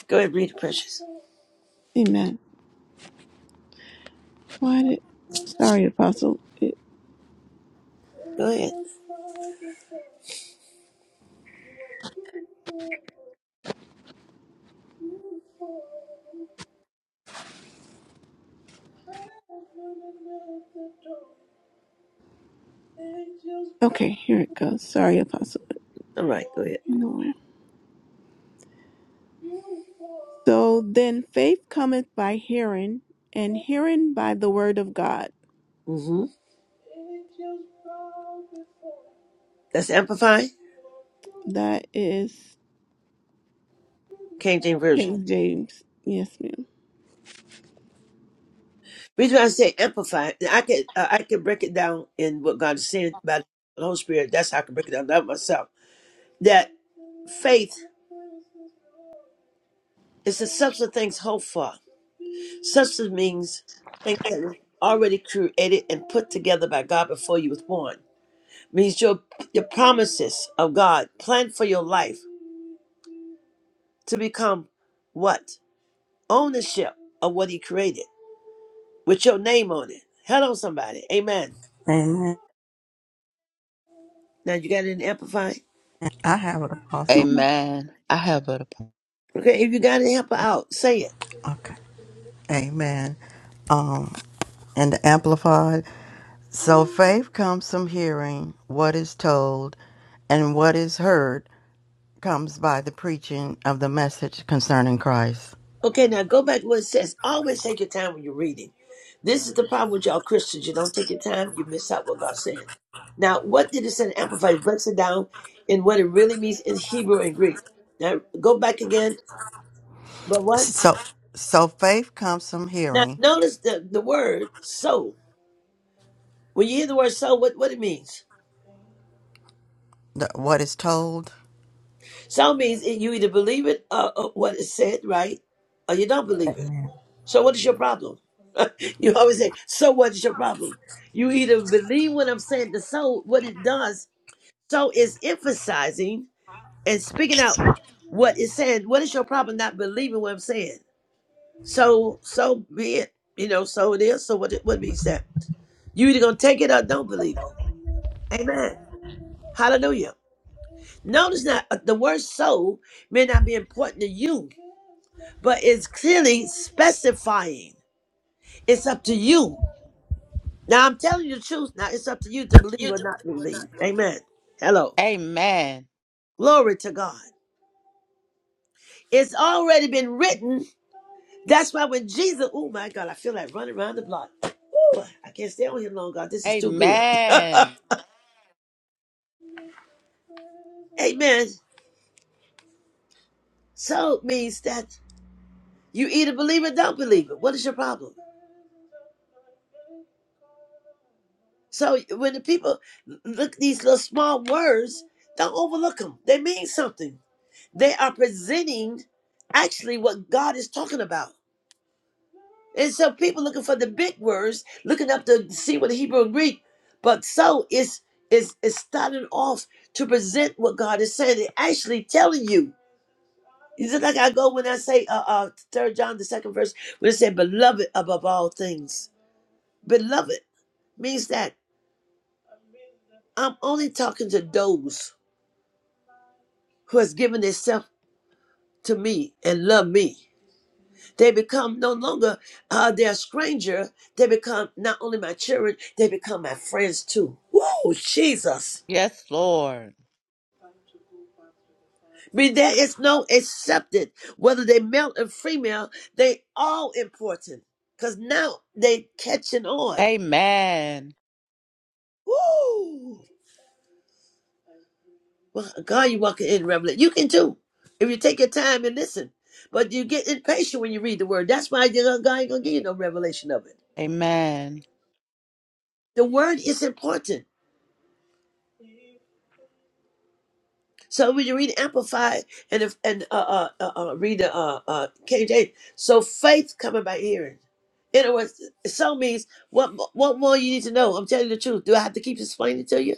B: Go ahead, read it, precious.
A: amen. Why did? Sorry, Apostle. It,
B: Go ahead.
A: okay, here it goes. Sorry, Apostle.
B: All right, go ahead.
A: Nowhere. So then, faith cometh by hearing, and hearing by the word of God.
B: Mm-hmm. That's amplify.
A: That is
B: King James Version.
A: King James. Yes, ma'am.
B: reason why I say amplify, I can uh, I can break it down in what God is saying by the Holy Spirit. That's how I can break it down, by myself. That faith is the substance of things hoped for. Substance means things that were already created and put together by God before you was born. Means your your promises of God planned for your life to become what? Ownership of what he created with your name on it. Hello somebody. Amen.
C: Amen.
B: Now you got it in amplify?
C: I have it also.
A: Amen.
D: Amen. I have a.
B: Okay, if you got it, help her out. Say it.
C: Okay. Amen. Um, and the amplified. So faith comes from hearing what is told, and what is heard comes by the preaching of the message concerning Christ.
B: Okay, now go back to what it says. Always take your time when you're reading. This is the problem with y'all Christians. You don't take your time, you miss out what God said. Now, what did it say in Amplified? It breaks it down in what it really means in Hebrew and Greek. Now, go back again. But what?
C: So, so faith comes from
B: Now,
C: hearing
B: notice the, the word soul. When you hear the word soul, what, what it means?
C: the, what is told.
B: Soul means it, you either believe it, uh, uh, what it said, right? Or you don't believe it. So what is your problem? you always say, so what is your problem? You either believe what I'm saying, the so what it does, so is emphasizing and speaking out what it's saying. What is your problem not believing what I'm saying? So so be it. You know, so it is, so what it would be said. You either gonna take it or don't believe it. Amen. Hallelujah. Notice that uh, the word so may not be important to you, but it's clearly specifying. It's up to you Now I'm telling you the truth. Now it's up to you to believe or not believe. Amen. Hello.
D: Amen.
B: Glory to God. It's already been written. That's why when Jesus, oh my God, I feel like running around the block. Ooh, I can't stay on here long, God. This is too good.
D: Amen.
B: Amen. So it means that you either believe it, or don't believe it. What is your problem? So when the people look at these little small words, don't overlook them. They mean something. They are presenting actually what God is talking about. And so people looking for the big words, looking up to see what the Hebrew and Greek, but so it's it's it's starting off to present what God is saying and actually telling you. Is it like I go when I say uh uh third John the second verse when it said beloved above all things. Beloved means that I'm only talking to those who has given themselves to me and love me. They become no longer uh, they stranger. They become not only my children, they become my friends too. Whoa, Jesus.
D: Yes, Lord.
B: I mean, there is no accepted, whether they male and female, they all important. Cause now they catching on.
D: Amen.
B: Woo! Well, God, you walking in revelation. You can too. If you take your time and listen. But you get impatient when you read the word. That's why you know, God ain't gonna give you no revelation of it.
D: Amen.
B: The word is important. So we read Amplified and if, and uh, uh, uh, uh, read the uh, uh, KJ. So faith coming by hearing. In other words, so means what mo- what more you need to know. I'm telling you the truth. Do I have to keep explaining to you?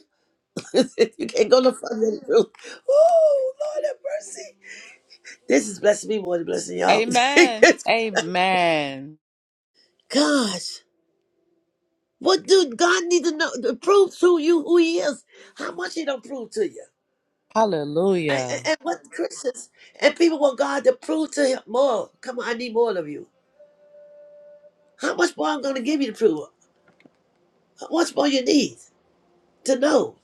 B: you can't go no further than the truth. Oh Lord have mercy. This is blessing me more than blessing y'all.
D: Amen. Amen.
B: Gosh. What do God need to know? To prove to you who he is. How much he don't prove to you? And, and,
D: Hallelujah.
B: and what Christians and people want God to prove to him more. Come on, I need more of you. How much more I'm going to give you to prove? What's more you need to know?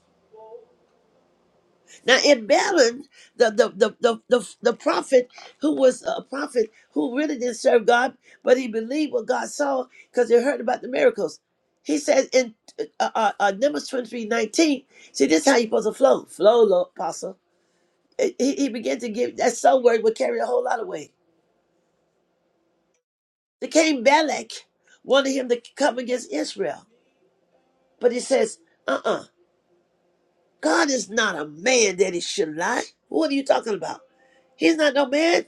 B: Now in Balaam, the the the the, the, the prophet who was a prophet who really didn't serve God, but he believed what God saw because he heard about the miracles. He said in uh, uh, uh, Numbers twenty three nineteen. See, this is how you're supposed to flow. Flow, Lord, apostle. He, he began to give that soul word would carry a whole lot of weight. The king Balak wanted him to come against Israel. But he says, uh uh God is not a man that he should lie. What are you talking about? He's not no man.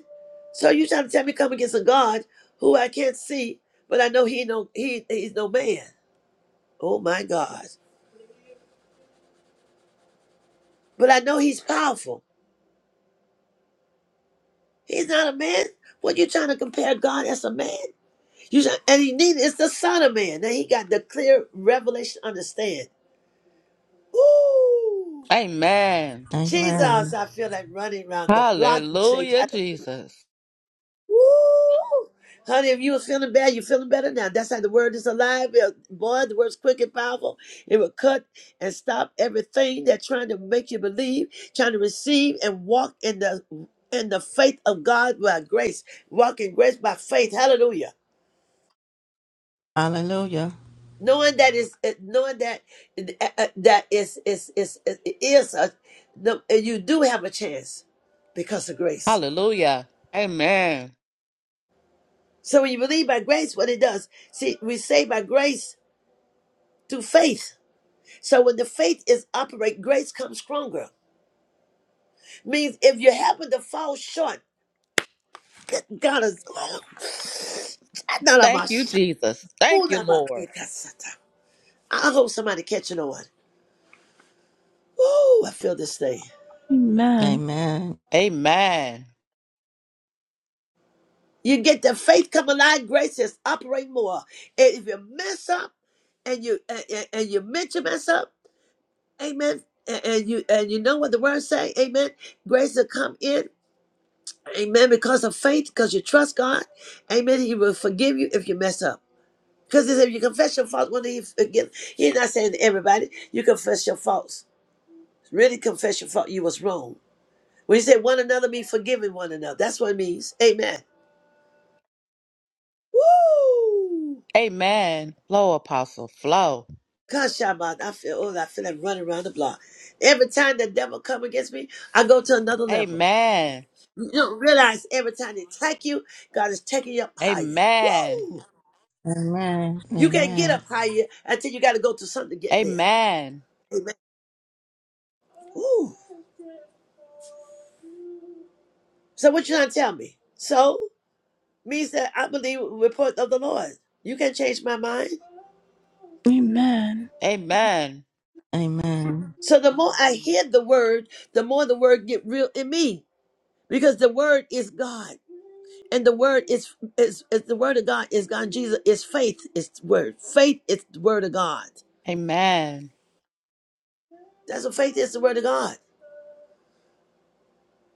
B: So you trying to tell me come against a God who I can't see, but I know he no he he's no man. Oh my God. But I know he's powerful. He's not a man. What you trying to compare God as a man? You try- and he needed it's the son of man. Now he got the clear revelation understand. Woo!
D: Amen.
B: Jesus,
C: Amen.
B: I feel like running around the block and shake.
D: Hallelujah,
B: Hallelujah.
D: Jesus.
B: Woo! Honey, if you was feeling bad, you're feeling better now. That's how the word is alive. It- Boy, the word's quick and powerful. It will cut and stop everything that's trying to make you believe, trying to receive and walk in the in the faith of God by grace. Walk in grace by faith. Hallelujah.
C: Hallelujah.
B: Knowing that is knowing that uh, uh, that is is is is, is a, no, you do have a chance because of grace.
D: Hallelujah. Amen.
B: So when you believe by grace, what it does, see, we say by grace through faith. So when the faith is operate, grace comes stronger. Means if you happen to fall short, God is.
D: Thank you, Jesus. Thank you, Lord.
B: I hope somebody catching on. Ooh, I feel this thing.
C: Amen.
D: Amen.
B: You get the faith come alive, grace is operate more. And if you mess up, and you and, and and you meant to mess up, amen. And, and you and you know what the word say, amen. Grace will come in Amen. Because of faith, because you trust God. Amen. He will forgive you if you mess up. Because if you confess your faults, when he forgive, he's not saying to everybody, you confess your faults. Really confess your fault. You was wrong. When he said one another, be forgiving one another. That's what it means. Amen. Woo!
D: Amen. Flow, Apostle. Flow.
B: God, Shabbat, I feel, oh, I feel like running around the block. Every time the devil come against me, I go to another level.
D: Amen.
B: You don't realize every time they attack you, God is taking you up higher.
D: Amen.
B: Woo!
C: Amen.
B: You can't get
C: Amen.
B: up higher until you got to go to something to get there.
D: Amen.
B: Amen. Woo. So what you trying to tell me? So means that I believe the report of the Lord. You can change my mind.
A: Amen.
D: Amen.
C: Amen.
B: So the more I hear the word, the more the word get real in me because the word is God and the word is is, is the word of God is God. Jesus is faith is the word. Faith is the word of God.
D: Amen.
B: That's what faith is the word of God.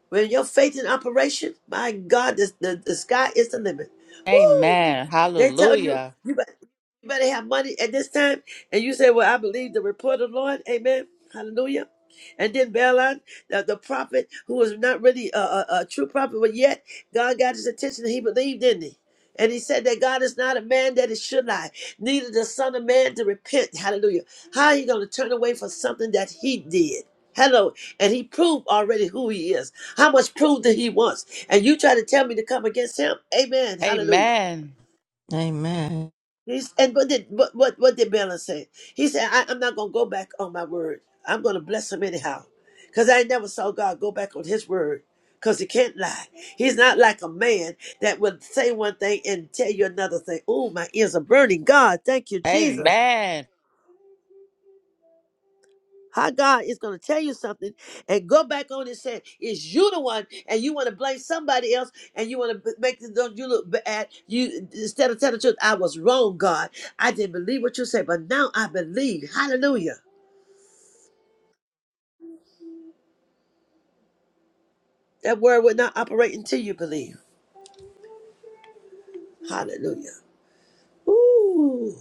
B: When your faith in operation, my God, the, the, the sky is the limit. Woo!
D: Amen.
B: They tell you
D: Hallelujah.
B: you better, you better have money at this time, and you say, "Well, I believe the report of the Lord." Amen. Hallelujah. And then Balaam, the, the prophet who was not really a, a, a true prophet, but yet God got his attention and he believed in him. And he said that God is not a man that it should lie, neither the son of man to repent. Hallelujah. How are you going to turn away from something that he did? Hello. And he proved already who he is. How much proof that he wants? And you try to tell me to come against him? Amen. Hallelujah.
D: Amen.
C: Amen.
B: He's, and what did what what, what did Balaam say? He said, I, "I'm not gonna go back on my word. I'm gonna bless him anyhow, because I never saw God go back on His word, because He can't lie. He's not like a man that would say one thing and tell you another thing. Oh, my ears are burning. God, thank you, Jesus.
D: Amen.
B: How God is going to tell you something and go back on and say, it's you the one, and you want to blame somebody else, and you want to make the don't you look bad. You instead of telling the truth, I was wrong, God. I didn't believe what you said, but now I believe. Hallelujah. That word would not operate until you believe. Hallelujah. Ooh.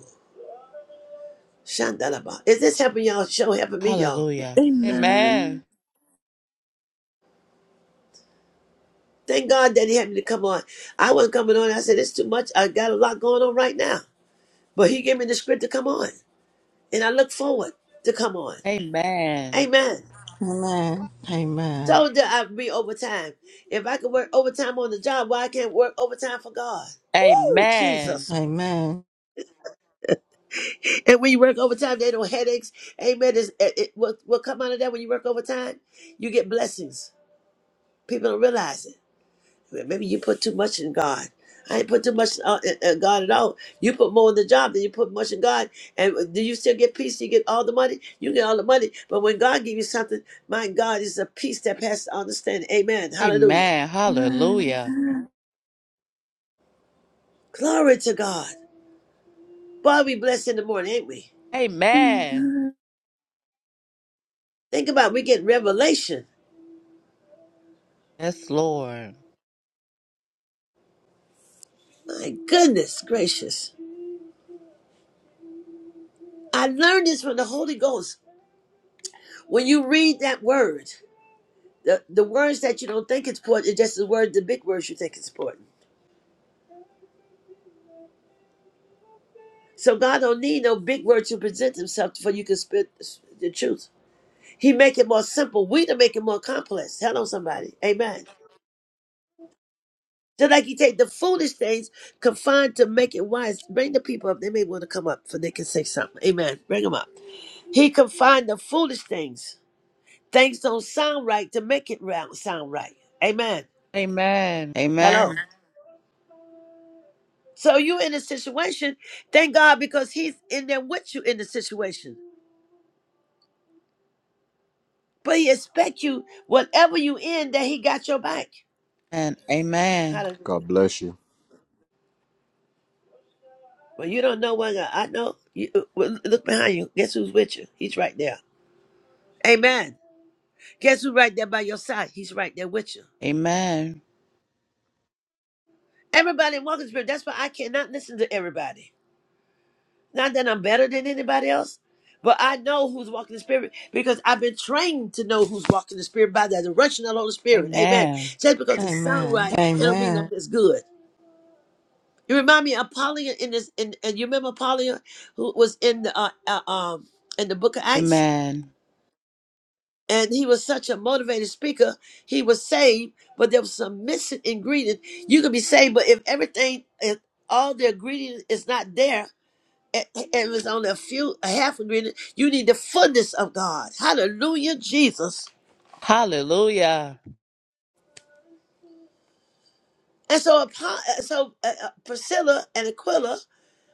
B: Shandalaba. Is this helping y'all? Show helping me, y'all.
D: Hallelujah.
A: Amen.
D: Amen.
B: Thank God that he had me to come on. I wasn't coming on. I said, it's too much. I got a lot going on right now. But he gave me the script to come on. and I look forward to come on.
D: Amen.
B: Amen.
C: Amen. Amen.
B: So that I be overtime. If I can work overtime on the job, why I can't work overtime for God? Woo,
D: Amen.
B: Jesus.
C: Amen.
B: And when you work overtime, there ain't no headaches. Amen. It's, it, it, what, what come out of that when you work overtime? You get blessings. People don't realize it. Maybe you put too much in God. I ain't put too much in uh, in- in God at all. You put more in the job than you put much in God. And do you still get peace? You get all the money. You get all the money. But when God give you something, my God is a peace that passes understanding. Amen. Hallelujah.
D: Amen. Hallelujah.
A: Amen.
B: Glory to God. Boy, we blessed in the morning, ain't we?
D: Amen.
A: Amen.
B: Think about it, we get revelation.
D: Yes, Lord.
B: My goodness gracious. I learned this from the Holy Ghost. When you read that word, the, the words that you don't think it's important, it's just the word, the big words you think it's important. So God don't need no big word to present himself for you can spit the truth. He make it more simple. We to make it more complex. Hello, somebody. Amen. Just like you take the foolish things, confined to make it wise. Bring the people up. They may want to come up for they can say something. Amen. Bring them up. He confined the foolish things. Things don't sound right to make it round sound right. Amen.
D: Amen.
B: Hello.
D: Amen.
B: So you in a situation, thank God because he's in there with you in the situation. But he expect you, whatever you in, that he got your back.
D: And amen.
E: God
B: Hallelujah.
E: bless you.
B: Well, you don't know one God. I know. You, uh, well, look behind you. Guess who's with you? He's right there. Amen. Guess who's right there by your side? He's right there with you.
D: Amen.
B: Everybody in walking spirit. That's why I cannot listen to everybody. Not that I'm better than anybody else, but I know who's walking the spirit because I've been trained to know who's walking the spirit by the direction of the Holy Spirit. Amen.
D: Amen.
B: Just because it sounds
C: Amen.
B: right, it don't mean like
C: Amen.
B: it's good. You remind me of Apollyon in this, in, and you remember Apollyon who was in the uh, uh, um in the Book of Acts,
D: Amen.
B: and he was such a motivated speaker. He was saved, but there was some missing ingredient. You could be saved, but if everything, if all the ingredient is not there, and it was only a few, a half ingredient, you need the fullness of God. Hallelujah, Jesus.
D: Hallelujah.
B: And so, upon, so uh, uh, Priscilla and Aquila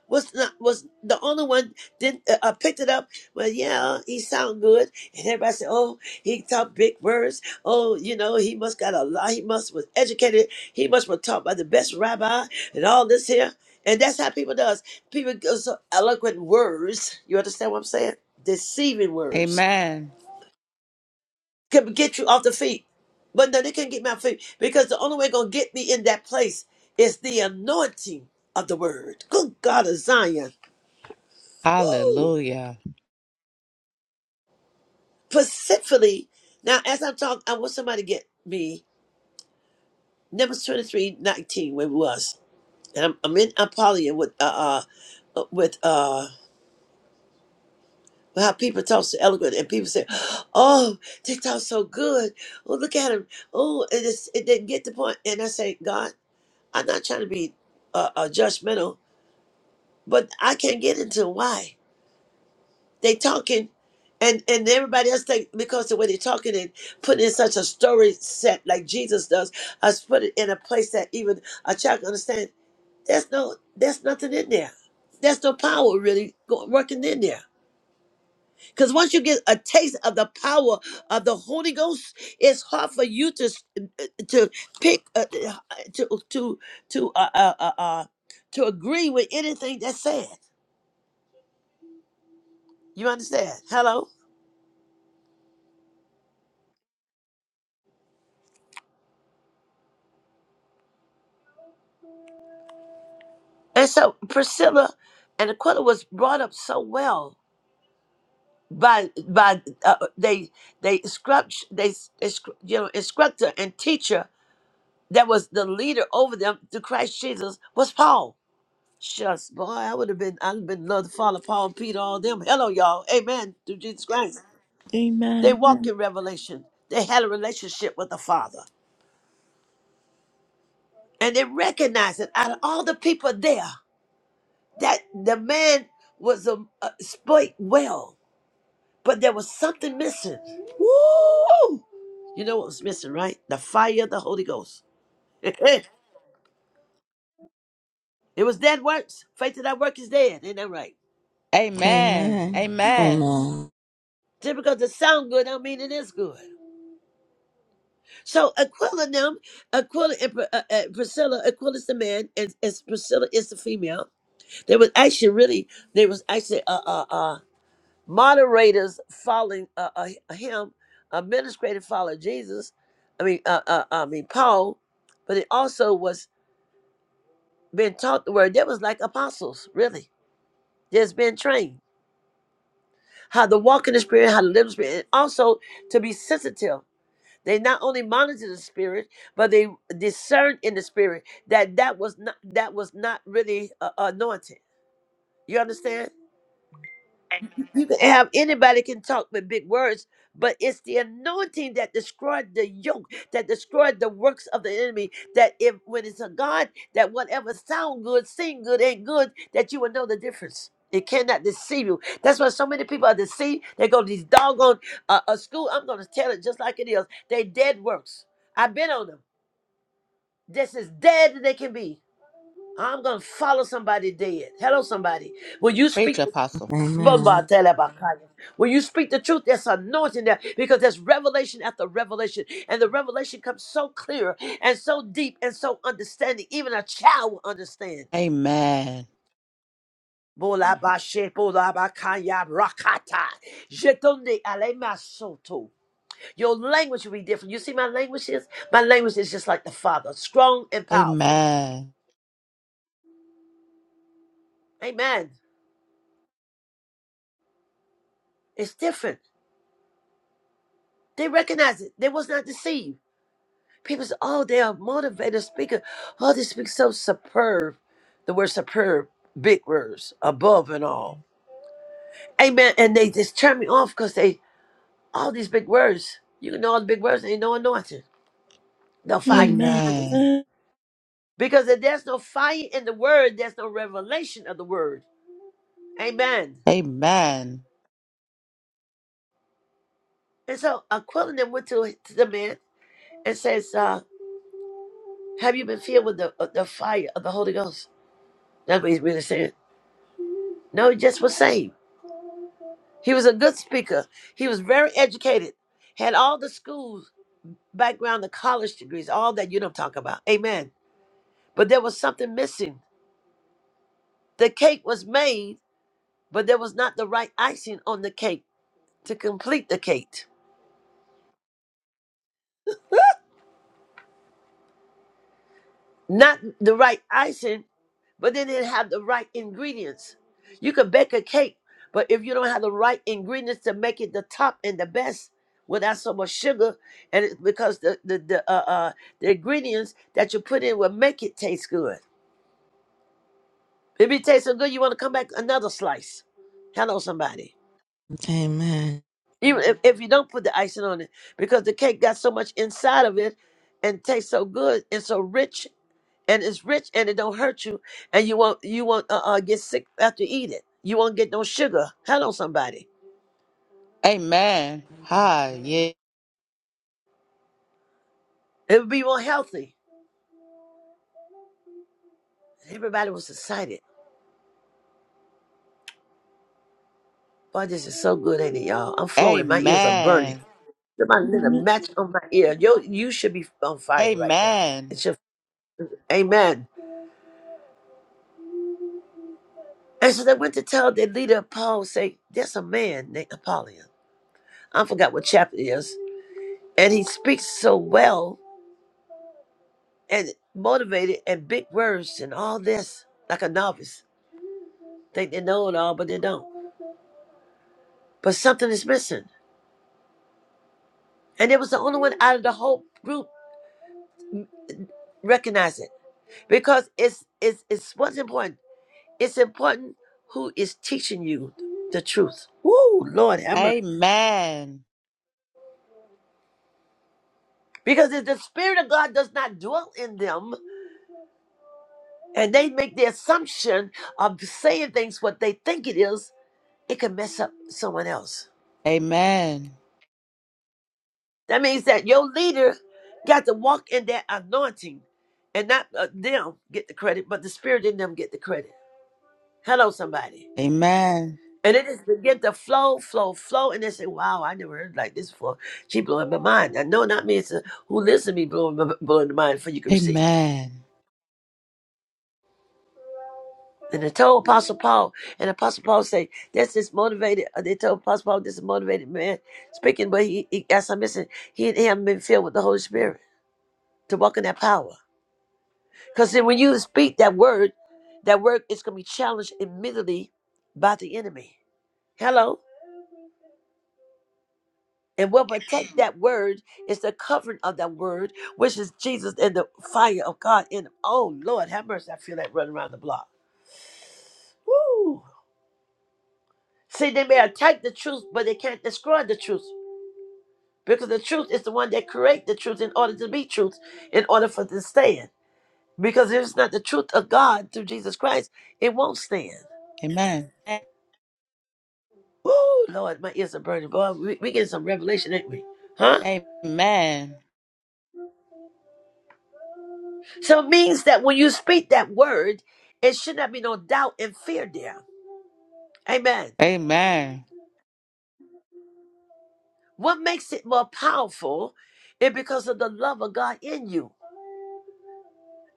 B: was not was the only one didn't uh, uh, picked it up. Well, yeah, he sound good, and everybody said, "Oh, he talk big words. Oh, you know, he must got a lot. He must was educated. He must was taught by the best rabbi, and all this here." And that's how people does. People go so eloquent words. You understand what I'm saying? Deceiving words
D: Amen.
B: can get you off the feet, but no, they can't get me off feet because the only way gonna get me in that place is the anointing of the word. Good God of Zion. Woo!
D: Hallelujah.
B: specifically now as I'm talking, I want somebody to get me Numbers twenty three nineteen where it was, and I'm, I'm in Apollyon with uh, uh with uh how people talk so eloquent, and people say, "Oh, they talk so good. Oh, look at them. Oh, and it's, it didn't get the point." And I say, "God, I'm not trying to be uh, uh judgmental, but I can't get into why." they talking and and everybody else think because the way they're talking and putting in such a story set like jesus does us put it in a place that even a child can understand there's no there's nothing in there there's no power really go, working in there because once you get a taste of the power of the holy ghost it's hard for you to s- uh, uh, to pick uh, uh, to to to uh, uh, uh, uh, to agree with anything that's said you understand hello And so Priscilla and Aquila was brought up so well by by uh, they they instruct they, they scr- you know instructor and teacher that was the leader over them to Christ Jesus was Paul. Shucks, boy, I would have been I'd have been love to follow Paul and Peter all them. Hello, y'all. Amen. Through Jesus Christ, they walked
A: Amen.
B: in revelation. They had a relationship with the Father, and they recognized that out of all the people there, that the man was a, a spoke well But there was something missing. Woo! You know what was missing, right? The fire of the Holy Ghost. it was dead works. Faith that work is dead. Ain't that right?
D: Amen.
C: Amen.
D: Amen.
C: Amen.
B: Just because it sound good, don't mean it is good. So Aquila and them, Aquila and Pr- uh, uh, Priscilla, Aquila's the man, and, and Priscilla is the female. They was actually really, they was actually uh uh uh moderators following uh, uh him, administrative following Jesus. I mean uh, uh I mean Paul, but it also was. been taught the word. They was like apostles, really. Just been trained how to walk in the spirit, how to live in the spirit, and also to be sensitive. They not only monitor the spirit, but they discern in the spirit that that was not that was not really uh, anointed. You understand? You can have anybody can talk with big words, but it's the anointing that destroyed the yoke, that destroyed the works of the enemy. That if when it's a God, that whatever sound good, sing good, ain't good, that you will know the difference. It cannot deceive you. That's why so many people are deceived. They go to these doggone uh, a school. I'm gonna tell it just like it is. They dead works. I've been on them. This is dead that they can be. I'm gonna follow somebody dead. Hello, somebody. When you
D: Preach,
B: speak.
C: Amen.
D: Apostle.
C: Amen.
B: Bamatelebakaya. When you speak the truth, there's anointing there because there's revelation after revelation, and the revelation comes so clear and so deep and so understanding, even a child will understand.
D: Amen.
B: Bolabashe, bolabakaya, rakata. Jetonde alemasoto. Your language will be different. You see, my language is my language is just like the Father, strong and powerful.
D: Amen.
B: Amen. It's different. They recognize it. They was not deceived. People say, oh, they are motivated speaker. Oh, they speak so superb. The word superb, big words, above and all. Amen. And they just turn me off because they, all these big words, you can know all the big words, ain't no anointing. No fire
A: Amen. Amen.
B: behind them.
D: Amen.
B: Because if there's no fire in the word, there's no revelation of the word. Amen.
D: Amen.
B: And so Aquila then went to, to the man and says, uh, have you been filled with the, uh, the fire of the Holy Ghost? That's what he's really saying. No, he just was saved. He was a good speaker. He was very educated, had all the school background, the college degrees, all that you don't talk about. Amen. But there was something missing. The cake was made, but there was not the right icing on the cake to complete the cake. Not the right icing but they didn't have the right ingredients. You can bake a cake, but if you don't have the right ingredients to make it the top and the best without so much sugar, and it's because the the the, uh, uh, the ingredients that you put in will make it taste good. If it tastes so good, you want to come back another slice. Hello, somebody. Even if, if you don't put the icing on it, because the cake got so much inside of it and tastes so good and so rich and it's rich and it don't hurt you and you won't you won't uh, uh, get sick after you eat it you won't get no sugar hello somebody
D: Amen. Hi. Yeah.
B: it would be more healthy everybody was excited boy this is so good ain't it y'all i'm flowing my ears are burning
D: Amen.
B: somebody lit a match on my ear Yo, you should be on fire right now
D: Amen.
B: it's your amen and so they went to tell the leader paul say there's a man named apollyon i forgot what chapter it is and he speaks so well and motivated and big words and all this like a novice think they know it all, but they don't. But something is missing. And it was the only one out of the whole group m- recognize it. Because it's it's it's what's important. It's important who is teaching you the truth. Woo, Lord have mercy.
D: Amen.
B: Because if the Spirit of God does not dwell in them and they make the assumption of saying things what they think it is, it can mess up someone else.
D: Amen.
B: That means that your leader got to walk in that anointing and not uh, them get the credit, but the spirit in them get the credit. Hello, somebody.
D: Amen.
B: And it just begin to flow, flow, flow. And they say, wow, I never heard like this before. She blowing my mind. I know not me. It's uh, who listen to me blowing, my, blowing the mind for you can receive.
D: Amen.
B: And they told Apostle Paul, and Apostle Paul say, that's this motivated, uh, they told Apostle Paul this is motivated man speaking, but he, he as I mentioned, he, he haven't been filled with the Holy Spirit to walk in that power. Because when you speak that word, that word is going to be challenged immediately by the enemy. Hello? And what protect that word is the covering of that word, which is Jesus and the fire of God. And oh Lord, have mercy! I feel that running around the block. Woo! See, they may attack the truth, but they can't destroy the truth because the truth is the one that create the truth in order to be truth, in order for it to stand. Because if it's not the truth of God through Jesus Christ, it won't stand.
D: Amen.
B: Woo, Lord, my ears are burning. Boy, we, we getting some revelation, ain't we? Huh?
D: Amen.
B: So it means that when you speak that word, it should not be no doubt and fear there. Amen.
D: Amen.
B: What makes it more powerful is because of the love of God in you.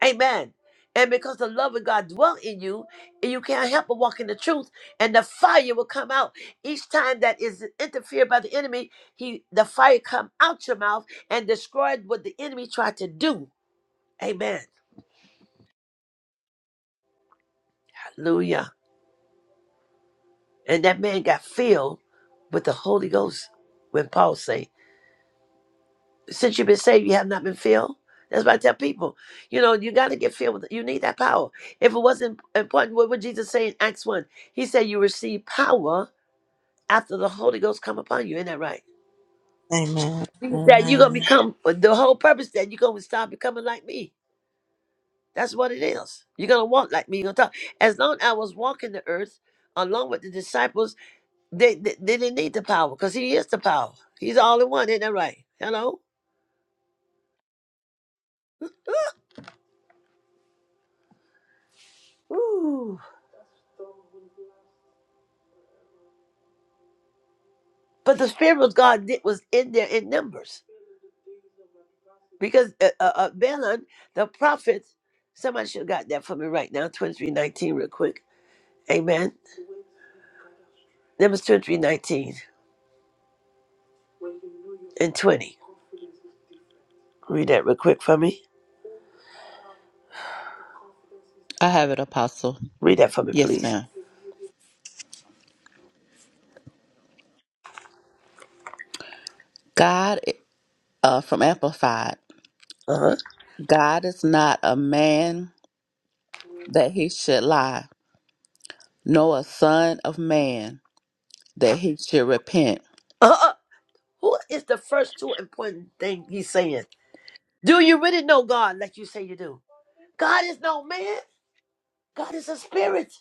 B: Amen. And because the love of God dwell in you, and you can't help but walk in the truth, and the fire will come out each time that is interfered by the enemy. He, the fire come out your mouth and destroyed what the enemy tried to do. Amen. Hallelujah. And that man got filled with the Holy Ghost when Paul say, since you've been saved, you have not been filled. That's why I tell people, you know, you got to get filled with, you need that power. If it wasn't important, what would Jesus say in Acts 1? He said, you receive power after the Holy Ghost come upon you. Isn't that right?
C: Amen.
B: He said, you're going to
C: Amen. Amen.
B: become, the whole purpose that you're going to start becoming like me. That's what it is. You're going to walk like me. You're going to talk. As long as I was walking the earth, along with the disciples, They, they, they didn't need the power because he is the power. He's all in one, isn't that right? Hello? Ooh. But the Spirit of God did, was in there in numbers because uh, uh, uh, Balaam, the prophet, somebody should have got that for me right now, 2319, real quick. Amen. Numbers 2319 and 20. Read that real quick for me.
D: I have it, Apostle.
B: Read that for me,
D: Yes,
B: please.
D: ma'am. God, uh, from Amplified,
B: Uh-huh.
D: God is not a man that he should lie, nor a son of man that he should repent.
B: Uh-uh. Who is the first two important thing he's saying? Do you really know God like you say you do? God is no man. God is a spirit.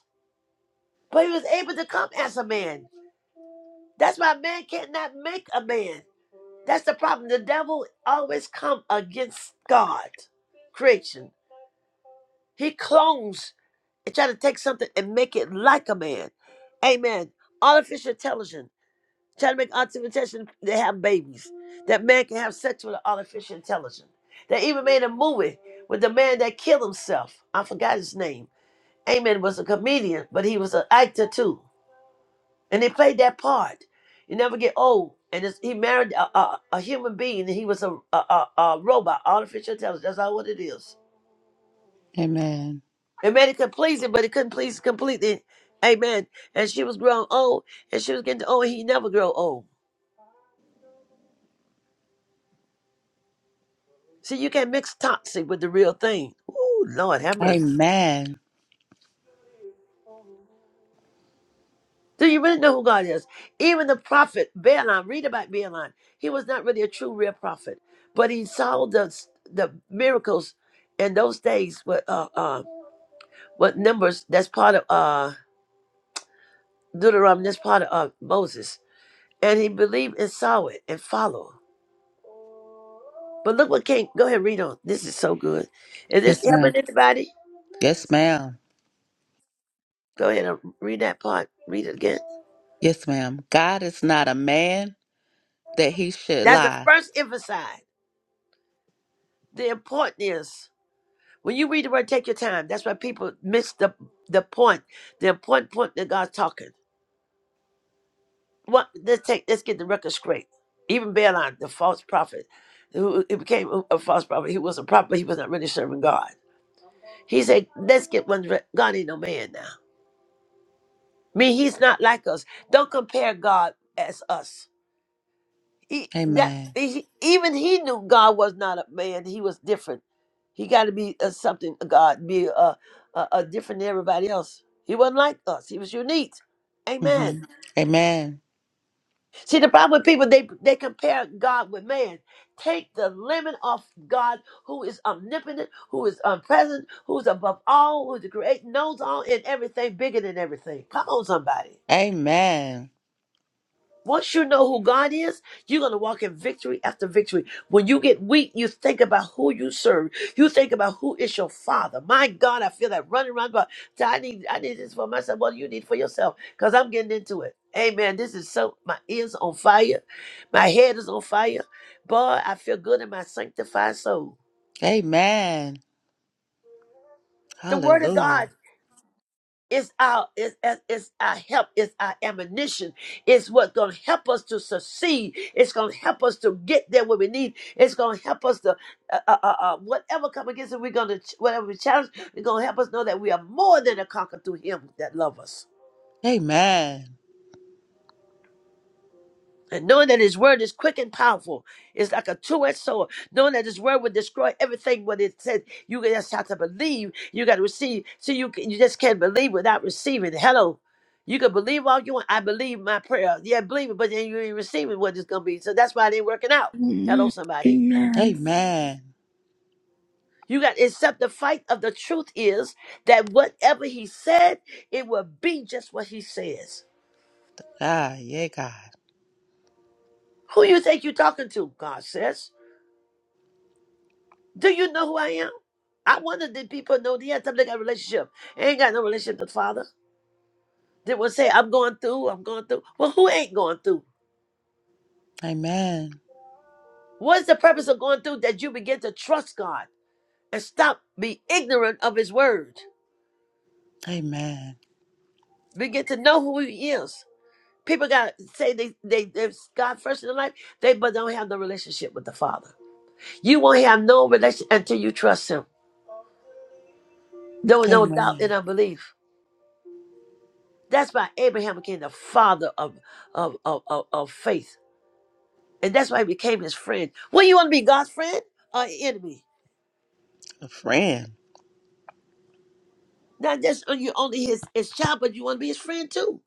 B: But he was able to come as a man. That's why man cannot make a man. That's the problem. The devil always come against God, creation. He clones and try to take something and make it like a man. Amen. Artificial intelligence. Try to make artificial intelligence they have babies. That man can have sex with an artificial intelligence. They even made a movie with the man that killed himself. I forgot his name. Amen was a comedian, but he was an actor too. and they played that part. You never get old. And it's, he married a, a, a human being, and he was a, a, a, a robot, artificial intelligence. That's all what it is.
D: Amen.
B: It made it could please him, but it couldn't please completely. Amen. And she was growing old, and she was getting old, and he never grow old. See, you can't mix toxic with the real thing. Ooh, Lord, have mercy.
D: Amen.
B: Do you really know who God is? Even the prophet Balaam, read about Balaam. He was not really a true, real prophet, but he saw the the miracles in those days. With uh, uh, What numbers? That's part of uh Deuteronomy. That's part of uh, Moses. And he believed and saw it and followed. But look what came. Go ahead, read on. This is so good. Is this
D: Yes,
B: helping
D: ma'am.
B: anybody?
D: Yes, ma'am.
B: Go ahead and read that part. Read it again.
D: Yes, ma'am. God is not a man that he should
B: That's the
D: lie.
B: first emphasize. The important is when you read the word, take your time. That's why people miss the the point. The important point that God's talking. What let's take let's get the record straight. Even Balaam, the false prophet, who it became a false prophet. He was a prophet, but he was not really serving God. He said, let's get one. re- God ain't no man now. I mean, he's not like us. Don't compare God as us. He, that,
D: Amen.
B: he, even he knew God was not a man. He was different. He got to be uh, something, uh, God, be uh, uh, uh, different than everybody else. He wasn't like us. He was unique. Amen.
D: hmm Amen.
B: See, the problem with people, they, they compare God with man. Take the limit off God, who is omnipotent, who is omnipresent, who's above all, who's the creator, knows all and everything, bigger than everything. Come on, somebody.
D: Amen.
B: Once you know who God is, you're going to walk in victory after victory. When you get weak, you think about who you serve. You think about who is your father. My God, I feel that running around. But I need, I need this for myself. What do you need for yourself? Because I'm getting into it. Amen. This is so, my ears on fire. My head is on fire. Boy, I feel good in my sanctified soul.
D: Amen.
B: The word of God.
D: Hallelujah.
B: It's our it's, it's it's our help. It's our ammunition. It's what's gonna help us to succeed. It's gonna help us to get there where we need. It's gonna help us to uh, uh, uh, uh, whatever come against it. We're gonna ch- whatever we challenge. We're gonna help us know that we are more than a conqueror through Him that love us.
D: Amen.
B: And knowing that his word is quick and powerful, it's like a two-edged sword. Knowing that his word will destroy everything what it says. You just have to believe. You got to receive. So you can- you just can't believe without receiving. Hello. You can believe all you want. I believe my prayer. Yeah, believe it, but then you ain't receiving what it's gonna be. So that's why it ain't working out. Hello,
A: Amen.
B: somebody.
A: Amen.
D: Amen.
B: You got except the fight of the truth is that whatever he said, it will be just what he says.
D: Ah, yeah, God.
B: Who you think you're talking to? God says. Do you know who I am? I wonder did people know they had something like a relationship. I ain't got no relationship with the Father. They will say, I'm going through, I'm going through. Well, who ain't going through?
D: Amen.
B: What's the purpose of going through that you begin to trust God and stop be ignorant of his word?
D: Amen.
B: Begin to know who he is. People got to say they they they God first in their life, they but don't have no relationship with the Father. You won't have no relation until you trust him. There was no doubt and
D: Amen.
B: unbelief. That's why Abraham became the father of of of, of, of faith And that's why I became his friend. Well, you want to be God's friend or enemy?
D: A friend.
B: Not just when you only his, his child, but you want to be his friend too.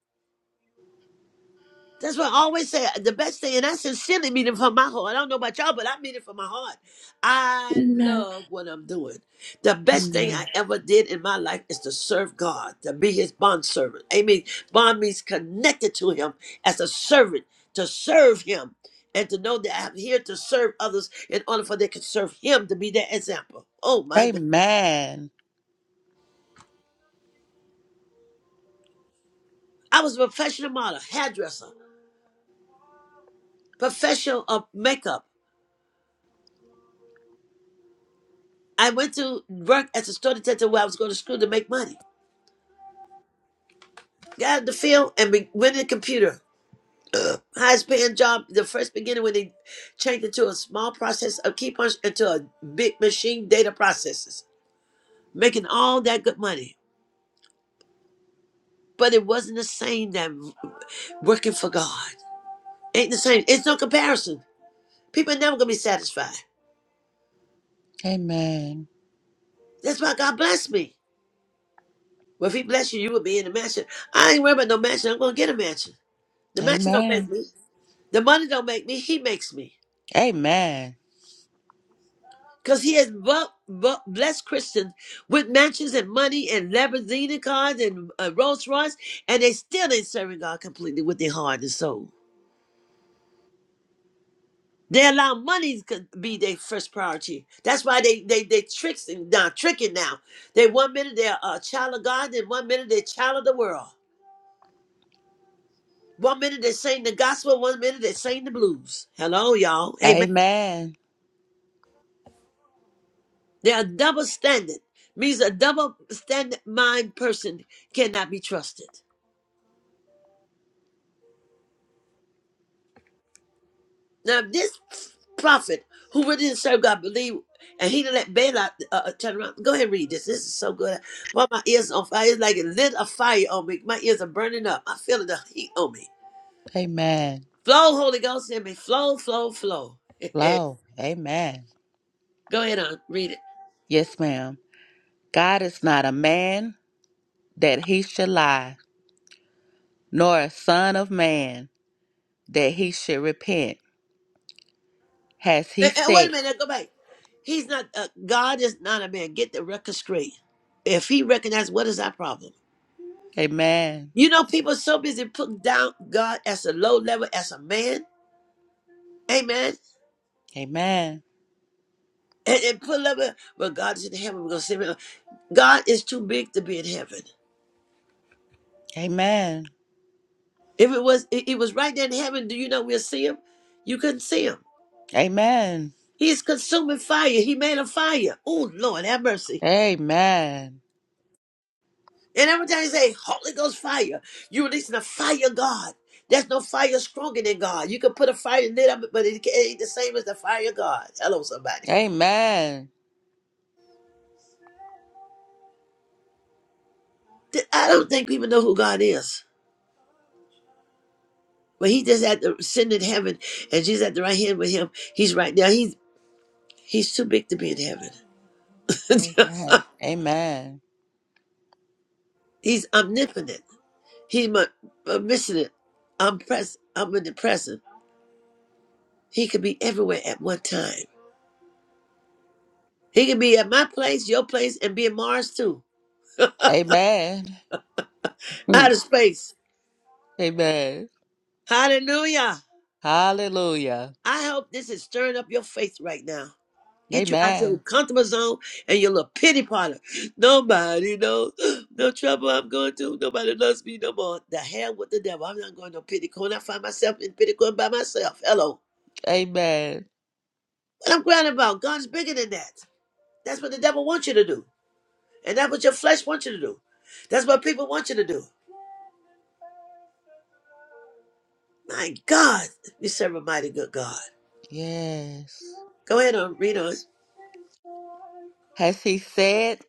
B: That's why I always say uh, the best thing, and I sincerely mean it from my heart. I don't know about y'all, but I mean it from my heart. I
A: Amen.
B: love what I'm doing. The best thing I
D: Amen.
B: ever did in my life is to serve God, to be his bond servant. Amen. Bond means connected to him as a servant, to serve him, and to know that I'm here to serve others in order for they can serve him to be their example. Oh my God.
D: Amen.
B: I was a professional model, hairdresser, professional of makeup. I went to work as a store detective where I was going to school to make money. Got out of the field and be- went in the computer. Ugh. Highest paying job, the first beginning when they changed into a small process of key punch into a big machine data processes, making all that good money. But it wasn't the same that working for God. Ain't the same. It's no comparison. People are never going to be satisfied.
D: Amen.
B: That's why God blessed me. Well, if he bless you, you will be in the mansion. I ain't worried about no mansion. I'm going to get a mansion. The mansion don't make
D: Amen.
B: me. The money don't make me. He makes me.
D: Amen.
B: Because he has bu- bu- blessed Christians with mansions and money and Lamborghini cars and uh, Rolls Royce, and they still ain't serving God completely with their heart and soul. They allow money to be their first priority. That's why they they they tricks and now tricking now. They one minute they're a child of God, then one minute they're child of the world. One minute they sing the gospel, one minute they sing the blues. Hello, y'all. Amen.
D: Amen.
B: They are double standard. Means a double standard mind person cannot be trusted. Now, if this prophet who really didn't serve God believe, and he didn't let Balaam uh, uh, turn around. Go ahead and read this. This is so good. Boy, my ears on fire. It's like it lit a fire on me. My ears are burning up. I feel the heat on me.
D: Amen.
B: Flow, Holy Ghost in me. Flow, flow, flow.
D: Flow. Amen.
B: Go ahead on. Read it.
D: Yes, ma'am. God is not a man that he should lie, nor a son of man that he should repent. Has he
B: Eh, eh, wait a
D: said?
B: minute, go back. He's not, uh, God is not a man. Get the record straight. If he recognizes what is our problem.
D: Amen.
B: You know, people are so busy putting down God as a low level, as a man. Amen.
D: Amen.
B: And, and put level, but God is in heaven. We're going to see him. God is too big to be in heaven.
D: Amen.
B: If it was, it, it was right there in heaven, do you know we'll see him? You couldn't see him.
D: Amen.
B: He's consuming fire. He made a fire. Oh, Lord, have mercy.
D: Amen.
B: And every time you say Holy Ghost fire, you are releasing the fire of God. There's no fire stronger than God. You can put a fire in up, but it ain't the same as the fire of God. Hello, somebody.
D: Amen.
B: Th- I don't think people know who God is. But he just at the sitting in heaven and Jesus at the right hand with him. He's right now. He's he's too big to be in heaven.
D: Amen.
B: he's omnipotent. He's my omniscient. I'm present. I'm omnipresent. He could be everywhere at one time. He could be at my place, your place, and be in Mars too.
D: Amen. Amen.
B: Out of space.
D: Amen.
B: Hallelujah.
D: Hallelujah.
B: I hope this is stirring up your faith right now. Get you out your
D: Amen.
B: comfortable zone and your little pity parlor. Nobody knows no trouble I'm going through. Nobody loves me no more. The hell with the devil. I'm not going to no pity corner. I find myself in pity corner by myself. Hello.
D: Amen.
B: What I'm crying about, God's bigger than that. That's what the devil wants you to do. And that's what your flesh wants you to do. That's what people want you to do. My God, we serve a mighty good God.
D: Yes.
B: Go ahead on, read
D: Has he said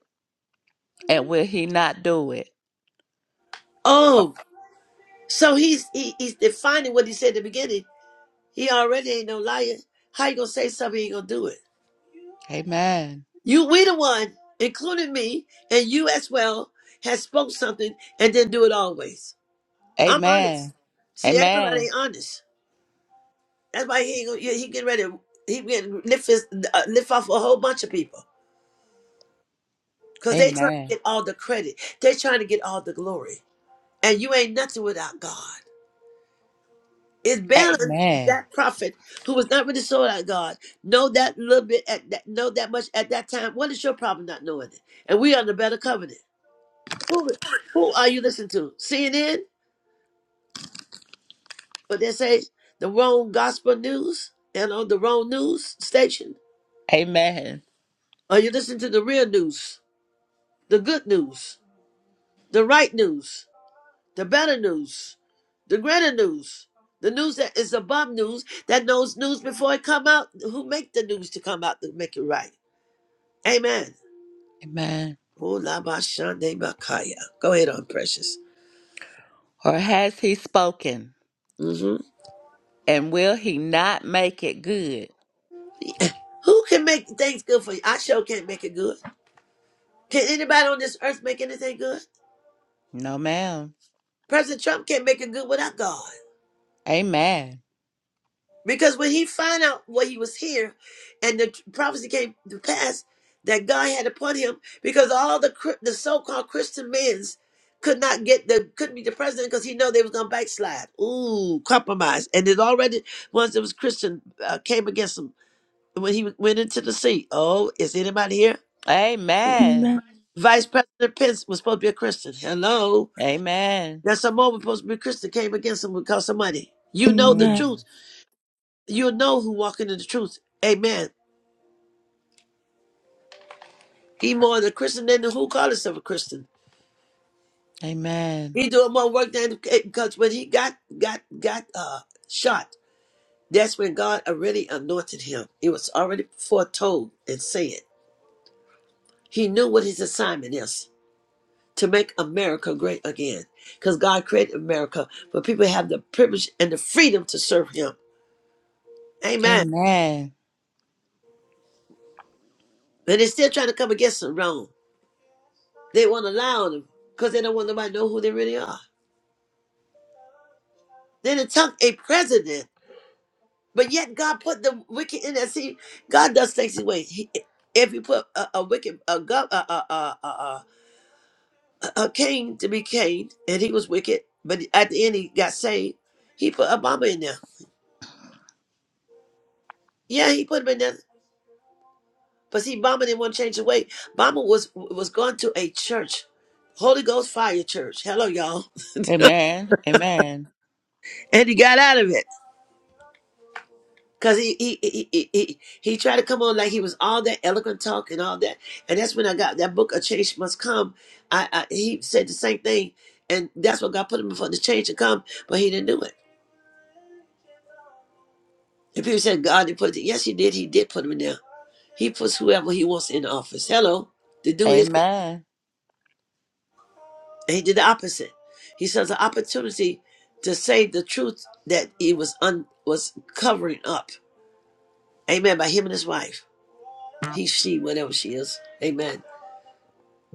D: and will he not do it?
B: on. So he's he, he's defining what he said at the beginning. He already ain't no liar. How you gonna say something he ain't gonna do it?
D: Amen.
B: You we the one, including me and you as well, has spoke something and didn't do it always. I'm
D: Amen.
B: honest. See, everybody
D: Amen.
B: ain't honest. That's why he ain't gonna, he he getting ready. to- He getting lift his, uh, lift off a whole bunch of people because they trying to
D: Amen.
B: get all the credit. They trying to get all the glory, and you ain't nothing without God. It's Balaam,
D: Amen.
B: that prophet who was not really sold out God, know that little bit at that, know that much at that time. What is your problem not knowing it? And we are the better covenant. Who, who are you listening to? CNN? But they say the wrong gospel news and on the wrong news station.
D: Amen.
B: Are you listening to the real news, the good news, the right news, the better news, the greater news? The news that is above news, that knows news before it come out, who make the news to come out to make it right. Amen.
D: Amen.
B: Ooh, la ba shande Ulabashandebakaya. Go ahead on, precious.
D: Or has he spoken
B: hmm
D: and will he not make it good?
B: Who can make things good for you? I sure can't make it good. Can anybody on this earth make anything good?
D: No, ma'am.
B: President Trump can't make it good without God.
D: Amen.
B: Because when he found out what he was here and the prophecy came to pass that God had upon him, because all the Chri- the so-called Christian men's could not get the couldn't be the president because he know they was gonna backslide. Ooh, compromise. And it already ones that was Christian uh, came against him when he went into the sea. Oh, is anybody here?
D: Amen.
B: Vice President Pence was supposed to be a Christian. Hello.
D: Amen.
B: There's some moment supposed to be a Christian came against him because of money.
A: Amen.
B: You know the
A: Amen.
D: Mm.
B: truth. You know who walking in the truth. Amen. He more the Christian than the who called himself a Christian.
D: Amen.
B: He doing more work than because when he got got got uh shot, that's when God already anointed him. It was already foretold and said. He knew what his assignment is. to make America great again. Because God created America for people to have the privilege and the freedom to serve Him. Amen.
D: Amen.
B: And they're still trying to come against them wrong. They won't allow them because they don't want nobody to know who they really are. They done took a president, but yet God put the wicked in there. See, God does things his way. He, if you put a, a wicked, a, gov- a, a, a, a, a, a king to be king, and he was wicked, but at the end he got saved, he put Obama in there. Yeah, he put him in there But see, Mama didn't want to change the way. Mama was was going to a church, Holy Ghost fire church. Hello, y'all.
D: Amen. Amen.
B: And he got out of it because he he, he he he he tried to come on like he was all that eloquent talk and all that. And that's when I got that book. A change must come. I, I he said the same thing, and that's what God put him in for the change to come. But he didn't do it. And people said God didn't put it. Yes, he did. He did put him in there. He puts whoever he wants in office. Hello, to do his.
D: Amen.
B: He did the opposite. He says the opportunity to say the truth that he was un, was covering up. Amen. By him and his wife, he, she, whatever she is. Amen.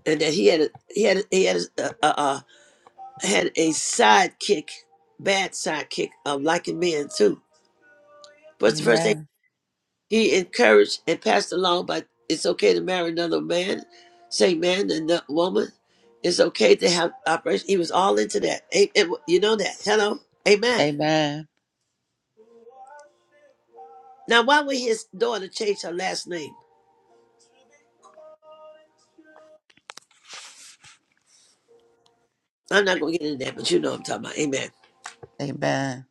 B: And that he had a, he had a, he had a, uh, uh, uh, had a sidekick, bad sidekick of liking men too. What's the first thing
D: Amen.
B: he encouraged and passed along? But it's okay to marry another man, same man and the woman. It's okay to have operation. He was all into that. A- it- you know that. Hello. Amen.
D: Amen.
B: Now, why would his daughter change her last name? I'm not going to get into that, but you know what I'm talking about. Amen.
D: Amen.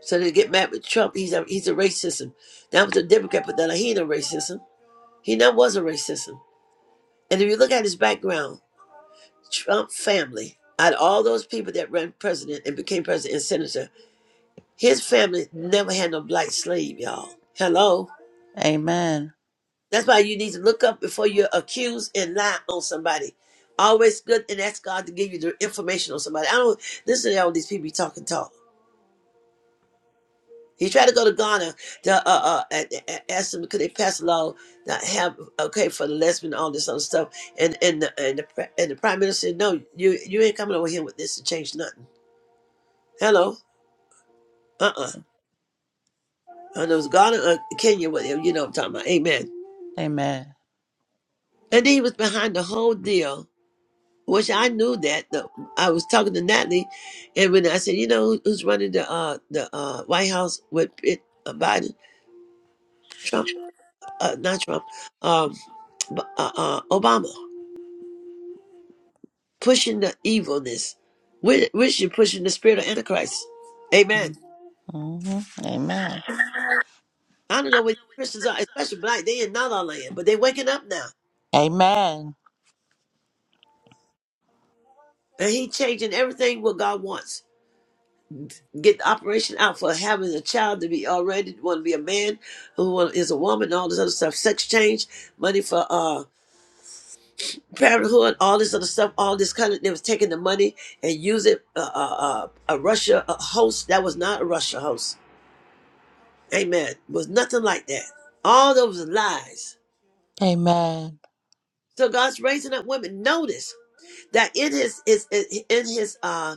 B: So they get mad with Trump. He's a he's a racism. That was a Democrat, but that he ain't a racism. He never was a racism. And if you look at his background, Trump family, out of all those people that ran president and became president and senator, his family never had no black slave, y'all. Hello.
D: Amen.
B: That's why you need to look up before you accuse and lie on somebody. Always good and ask God to give you the information on somebody. I don't listen to all these people be talking talk. He tried to go to Ghana to uh uh and, and ask them could they pass a law not have okay for the lesbian all this other stuff and and the, and the pre- and the prime minister said no you you ain't coming over here with this to change nothing. Hello, uh uh and it was Ghana or Kenya whatever you know what I'm talking about. Amen.
D: Amen.
B: And he was behind the whole deal, which I knew that. The, I was talking to Natalie, and when I said you know who- who's running the uh the uh White House with it uh, Biden Trump uh, not Trump um bu- uh, uh Obama. pushing the evilness. We're, we should pushing the spirit of Antichrist.
D: hmm
B: Amen.
D: Amen.
B: I don't know what Christians are, especially black. They in not our land, but they waking up now,
D: Amen.
B: and He changing everything what God wants. Get the operation out for having a child to be already want to be a man who want, is a woman, all this other stuff. Sex change, money for uh parenthood, all this other stuff, all this kind of. They was taking the money and use it. Uh, uh, uh, a Russia a host that was not a Russia host. Amen. Was nothing like that. All those lies.
D: Amen.
B: So God's raising up women. Notice that in his is in his uh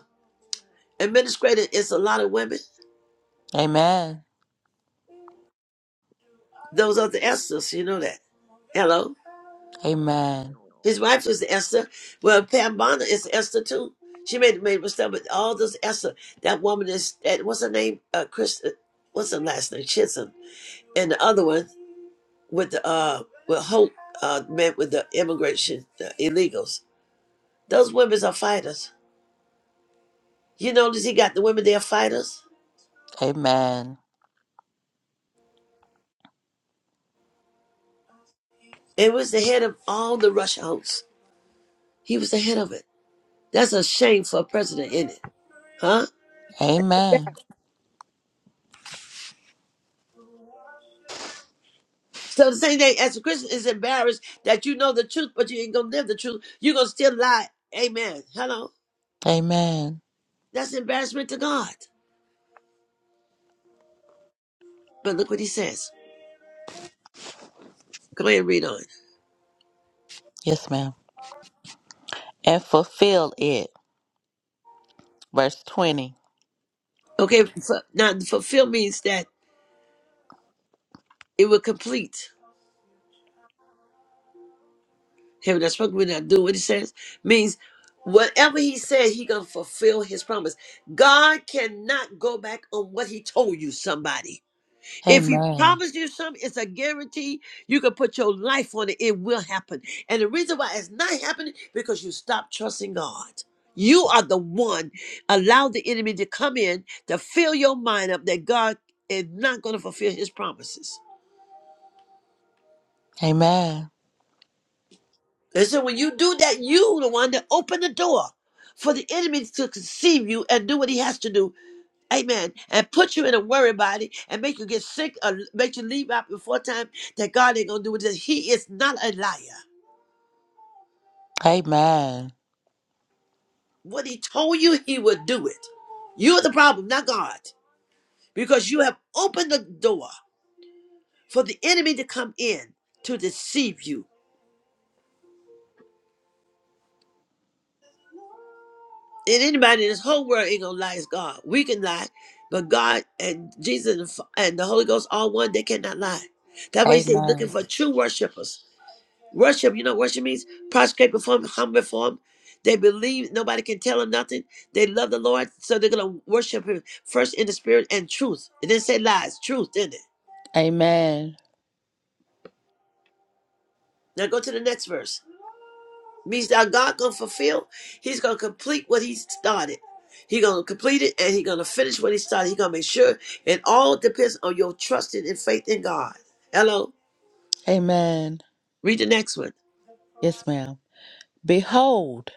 B: administrator is a lot of women.
D: Amen.
B: Those are the Esther's, you know that. Hello.
D: Amen.
B: His wife is Esther. Well, Pam Bonner is Esther too. She made the made a mistake, but all those Esther. That woman is that what's her name? Uh Chris uh, what's her last name? Chisholm. And the other one with the uh with Holt uh met with the immigration the illegals. Those women are fighters. You notice he got the women there fighters?
D: Amen.
B: It was the head of all the Russia hosts. He was the head of it. That's a shame for a president, isn't it? Huh?
D: Amen.
B: So the same thing as a Christian is embarrassed that you know the truth, but you ain't gonna live the truth. You're gonna still lie. Amen. Hello.
D: Amen.
B: That's embarrassment to God. But look what he says. Go ahead and read on.
D: Yes, ma'am. And fulfill it. Verse 20.
B: Okay, fu- now fulfill means that it will complete. Him that's spoke. We not do what he says means whatever he said, he gonna fulfill his promise. God cannot go back on what he told you, somebody. If he
D: Amen.
B: promised you something, it's a guarantee. You can put your life on it, it will happen. And the reason why it's not happening, because you stopped trusting God. You are the one allow the enemy to come in to fill your mind up that God is not going to fulfill his promises.
D: Amen.
B: And so when you do that, you the one that opened the door for the enemy to conceive you and do what he has to do. Amen. And put you in a worry body and make you get sick or make you leave out before time that God ain't gonna do it. He is not a liar.
D: Amen.
B: What he told you, he will do it. You're the problem, not God. Because you have opened the door for the enemy to come in to deceive you And anybody in this whole world ain't gonna lie is God. We can lie, but God and Jesus and the Fa- and the Holy Ghost all one. They cannot lie. That's why He said, looking
D: Amen.
B: for true worshipers. Worship, you know, what worship means prostrate before Him, humble before Him. They believe nobody can tell them nothing. They love the Lord, so they're gonna worship Him first in the spirit and truth. It didn't say lies, truth, didn't it?
D: Amen.
B: Now go to the next verse. means that God gonna fulfill. He's gonna complete what He started. He gonna complete it, and He gonna finish what He started. He gonna make sure. It all depends on your trusting and faith in God. Hello.
D: Amen.
B: Read the next one.
D: Yes, ma'am. Behold,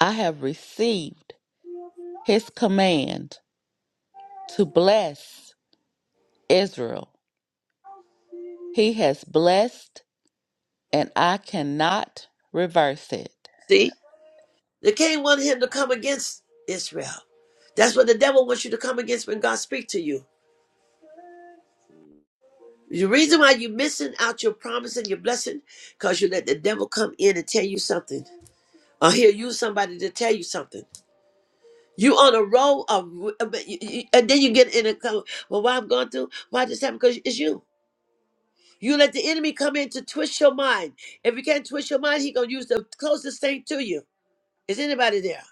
D: I have received his command to bless Israel. He has blessed and I cannot reverse it.
B: See, the king wanted him to come against Israel. That's what the devil wants you to come against when God speaks to you. The reason why you're missing out your promise and your blessing, because you let the devil come in and tell you something, or he'll use somebody to tell you something. You on a roll of, uh, but you- you- and then you get in a, co- well, why I'm going through, why this happened? Because it's you. You let the enemy come in to twist your mind. If you can't twist your mind, he gonna use the closest thing to you. Is anybody there?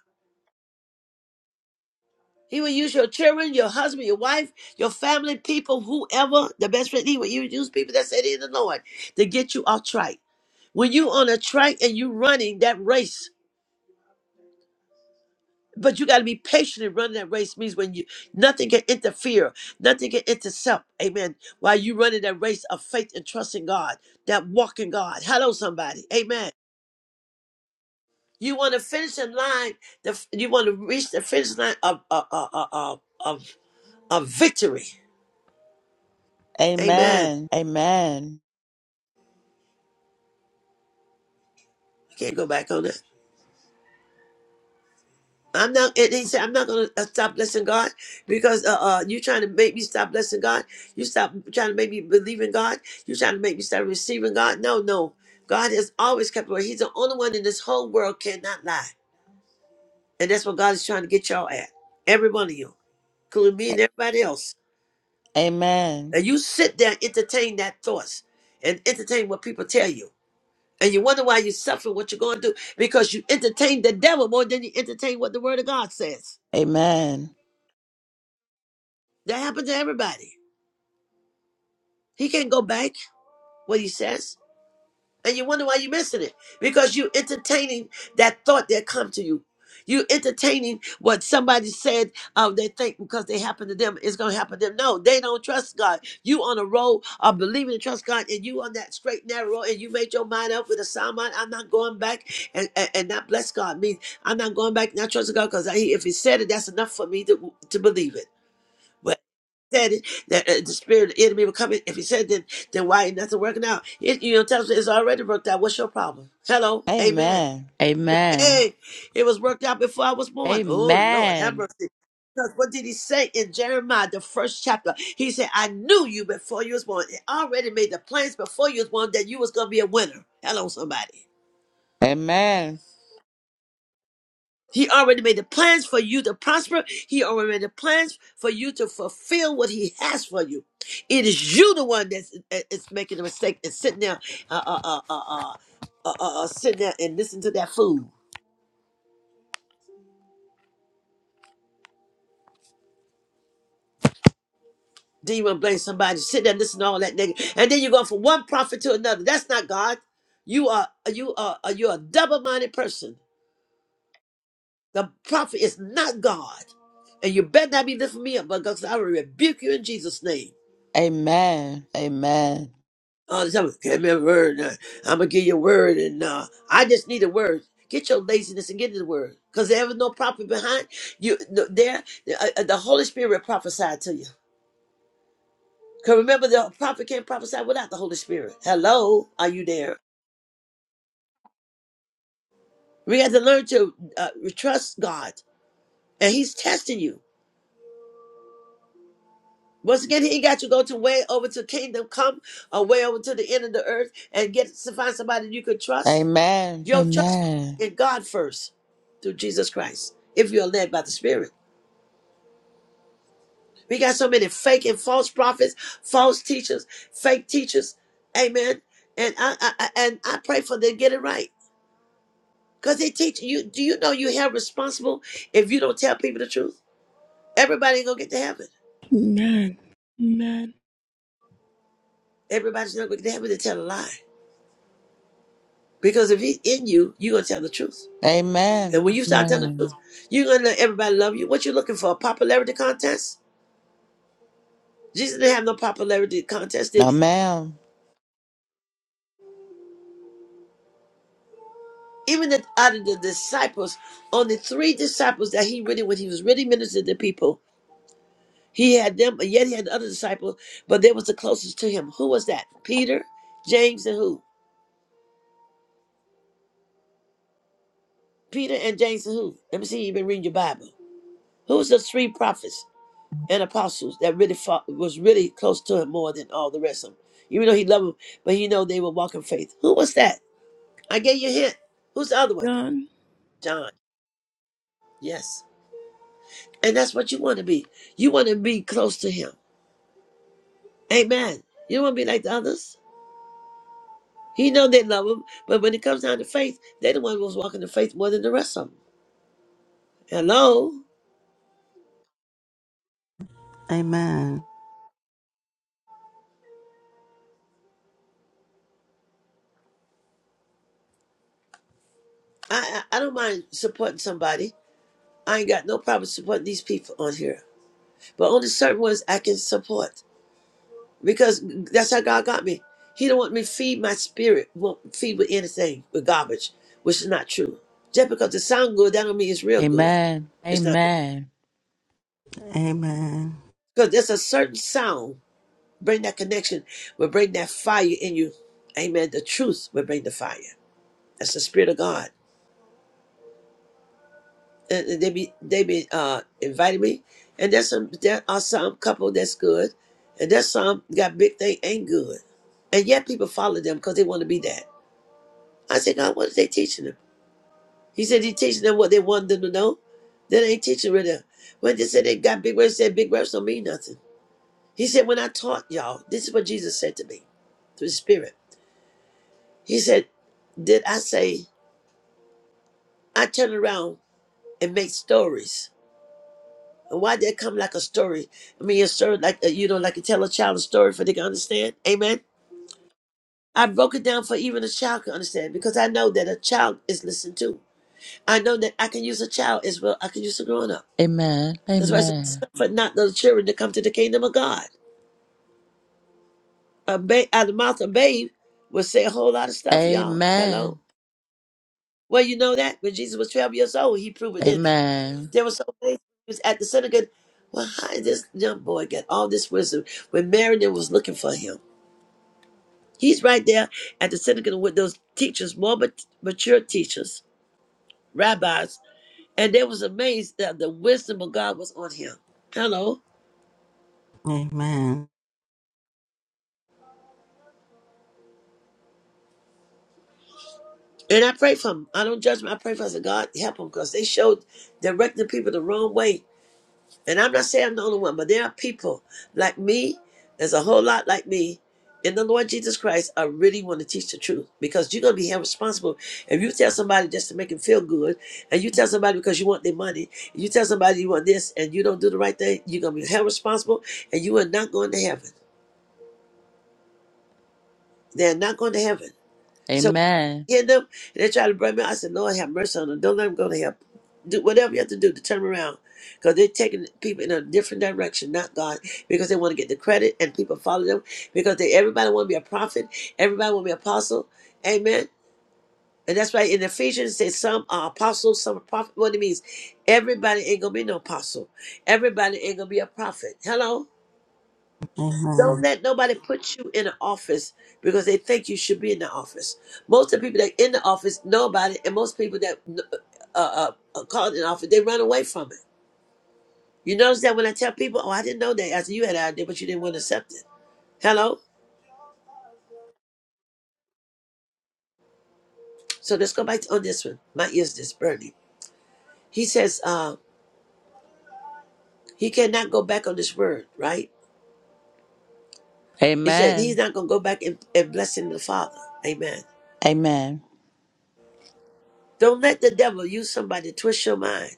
B: He will use your children, your husband, your wife, your family, people, whoever, the best friend. He will use people that that's in the Lord to get you off track. When you on a track and you running that race, But you got to be patient in running that race. Means when you nothing can interfere, nothing can intercept. Amen. While you running that race of faith and trust in God, that walk in God. Hello, somebody. Amen. You want to finish in line. The, you want to reach the finish line of of of of, of, of victory. Amen.
D: Amen. Amen.
B: Can't go back on that. I'm not, and he said, I'm not going to stop blessing God because uh, uh, you're trying to make me stop blessing God. You stop trying to make me believe in God. You're trying to make me stop receiving God. No, no. God has always kept away. He's the only one in this whole world cannot lie. And that's what God is trying to get y'all at. Every one of you, including me and everybody else.
D: Amen.
B: And you sit there and entertain that thoughts and entertain what people tell you. And you wonder why you're suffering what you're going to do because you entertain the devil more than you entertain what the word of God says.
D: Amen.
B: That happened to everybody. He can't go back what he says. And you wonder why you're missing it. Because you entertaining that thought that come to you. You entertaining what somebody said uh, they think because they happen to them is going to happen to them. No, they don't trust God. You on a road of believing and trust God and you on that straight narrow road and you made your mind up with a sound mind. I'm not going back and, and, and not bless God. means I'm not going back and not trust God because if he said it, that's enough for me to, to believe it said it, that uh, the spirit of the enemy will come in. If he said that, then why ain't nothing working out? It, you know, tells me it's already worked out. What's your problem? Hello, amen.
D: Amen. Amen.
B: Hey, it was worked out before I was born. Oh Lord, have
D: Amen.
B: mercy. Because what did he say in Jeremiah, the first chapter? He said, I knew you before you was born. It already made the plans before you was born that you was gonna be a winner. Hello, somebody.
D: Amen. Amen.
B: He already made the plans for you to prosper. He already made the plans for you to fulfill what He has for you. It is you the one that's that is making a mistake and sitting there, uh, uh, uh, uh, uh, uh, uh, uh, sitting there and listening to that fool. Then you want to blame somebody? Sit there and listen to all that nigga, and then you go from one prophet to another. That's not God. You are you are uh, you are a double-minded person. The prophet is not God, and you better not be lifting me up, but God, I will rebuke you in Jesus' name.
D: Amen.
B: all the time. Give me a word. I'm gonna give you a word, and uh, I just need a word. Get your laziness and get the word, cause there was no prophet behind you. no- There, the, uh, the Holy Spirit prophesied to you. Cause remember, the prophet can't prophesy without the Holy Spirit. Hello, are you there? We got to learn to uh, trust God, and He's testing you. Once again, He ain't got you go to way over to kingdom come, or way over to the end of the earth, and get to find somebody you could trust.
D: Amen.
B: Yo, trust
D: Amen.
B: in God first through Jesus Christ if you're led by the Spirit. We got so many fake and false prophets, false teachers, fake teachers. Amen. And I, I I- and I pray for them to get it right because they teach you. Do you know you have responsible if you don't tell people the truth? Everybody ain't gonna get to heaven.
A: Amen. Amen.
B: Everybody's not gonna get to heaven to tell a lie because if he's in you, you're gonna tell the truth. And
D: Amen.
B: when you start telling the truth,
D: Amen.
B: you're gonna let everybody love you. What you looking for? A popularity contest? Jesus didn't have no popularity contest, did
D: No,
B: he?
D: ma'am.
B: even the, out of the disciples, only three disciples that he really, when he was really ministering to people, he had them, But yet he had other disciples, but they was the closest to him. Who was that? Peter, James, and who? Peter and James and who? Let me see. You've been reading your Bible. Who was the three prophets and apostles that really fought, was really close to him more than all the rest of them? Even though he loved them, but you know they were walking faith. Who was that? I gave you a hint. Who's the other one?
A: John.
B: John. Yes. And that's what you want to be. You want to be close to him. Amen. You don't want to be like the others. He know they love him, but when it comes down to faith, they the one who's walking the faith more than the rest of them. Hello,
C: Amen.
B: I I I don't mind supporting somebody. I ain't got no problem supporting these people on here, but only certain ones I can support because that's how God got me. He don't want me to feed my spirit, won't feed with anything with garbage, which is not true. Just because it sound good, that don't mean it's real good.
D: Amen.
B: It's not
D: Amen.
B: because there's a certain sound Bring that connection will bring that fire in you. Amen. The truth will bring the fire. That's the spirit of God. And and they be they be uh inviting me. And there's some there are some couple that's good. And there's some got big thing ain't good. And yet people follow them because they want to be that. I said, God, what is they teaching them? He said he teaching them what they want them to know. They ain't teaching with them. When they said they got big words, said big words don't mean nothing. He said, When I taught y'all, this is what Jesus said to me through the Spirit. He said, Did I say I turn around and make stories? And why did it come like a story? I mean, a story like uh, you know, like you tell a child a story for they can understand. Amen. I broke it down for even a child can understand because I know that a child is listened to. I know that I can use a child as well. I can use a grown up.
D: Amen.
B: That's why I said,
D: Amen.
B: "Suffer not the children to come to the kingdom of God." A ba- out of the mouth of babe will say a whole lot of stuff, y'all. Hello.
D: Amen.
B: Well, you know that when Jesus was twelve years old, he proved it, didn't he?
D: Amen.
B: There were so many things at the synagogue. Well, how did this young boy get all this wisdom when Marion was looking for him? He's right there at the synagogue with those teachers, more mat- mature teachers, rabbis, and they was amazed that the wisdom of God was on him. Hello.
C: Amen.
B: And I pray for him. I don't judge him. I pray for him. I said, God, help him because they showed directing people the wrong way And I'm not saying I'm the only one, but there are people like me, there's a whole lot like me in the Lord Jesus Christ. I really want to teach the truth because you're going to be held responsible. If you tell somebody just to make them feel good, and you tell somebody because you want their money, and you tell somebody you want this, and you don't do the right thing, you're going to be held responsible and you are not going to heaven. They're not going to heaven. So
D: Amen.
B: hit them. They tried to bring me. I said, Lord, have mercy on them. Don't let them go to hell. Do whatever you have to do to turn them around. Because they're taking people in a different direction, not God, because they want to get the credit and people follow them. Because they, everybody want to be a prophet, everybody want to be an apostle. Amen. And that's why in Ephesians it says some are apostles, some are prophets. What it means, everybody ain't gonna be no apostle. Everybody ain't gonna be a prophet. Hello. Don't
C: Amen.
B: let nobody put you in an office because they think you should be in the office. Most of the people that in the office know about it, and most people that uh, uh, are called in the office, they run away from it. You notice that when I tell people, "Oh, I didn't know that," I said, "You had an idea, but you didn't want to accept it." Hello. So let's go back to, on this one. My ears just burning. He says uh, he cannot go back on this word, right? He said he's
D: Amen.
B: not going to go back and, and blessing the Father. Amen.
D: Amen.
B: Don't let the devil use somebody to twist your mind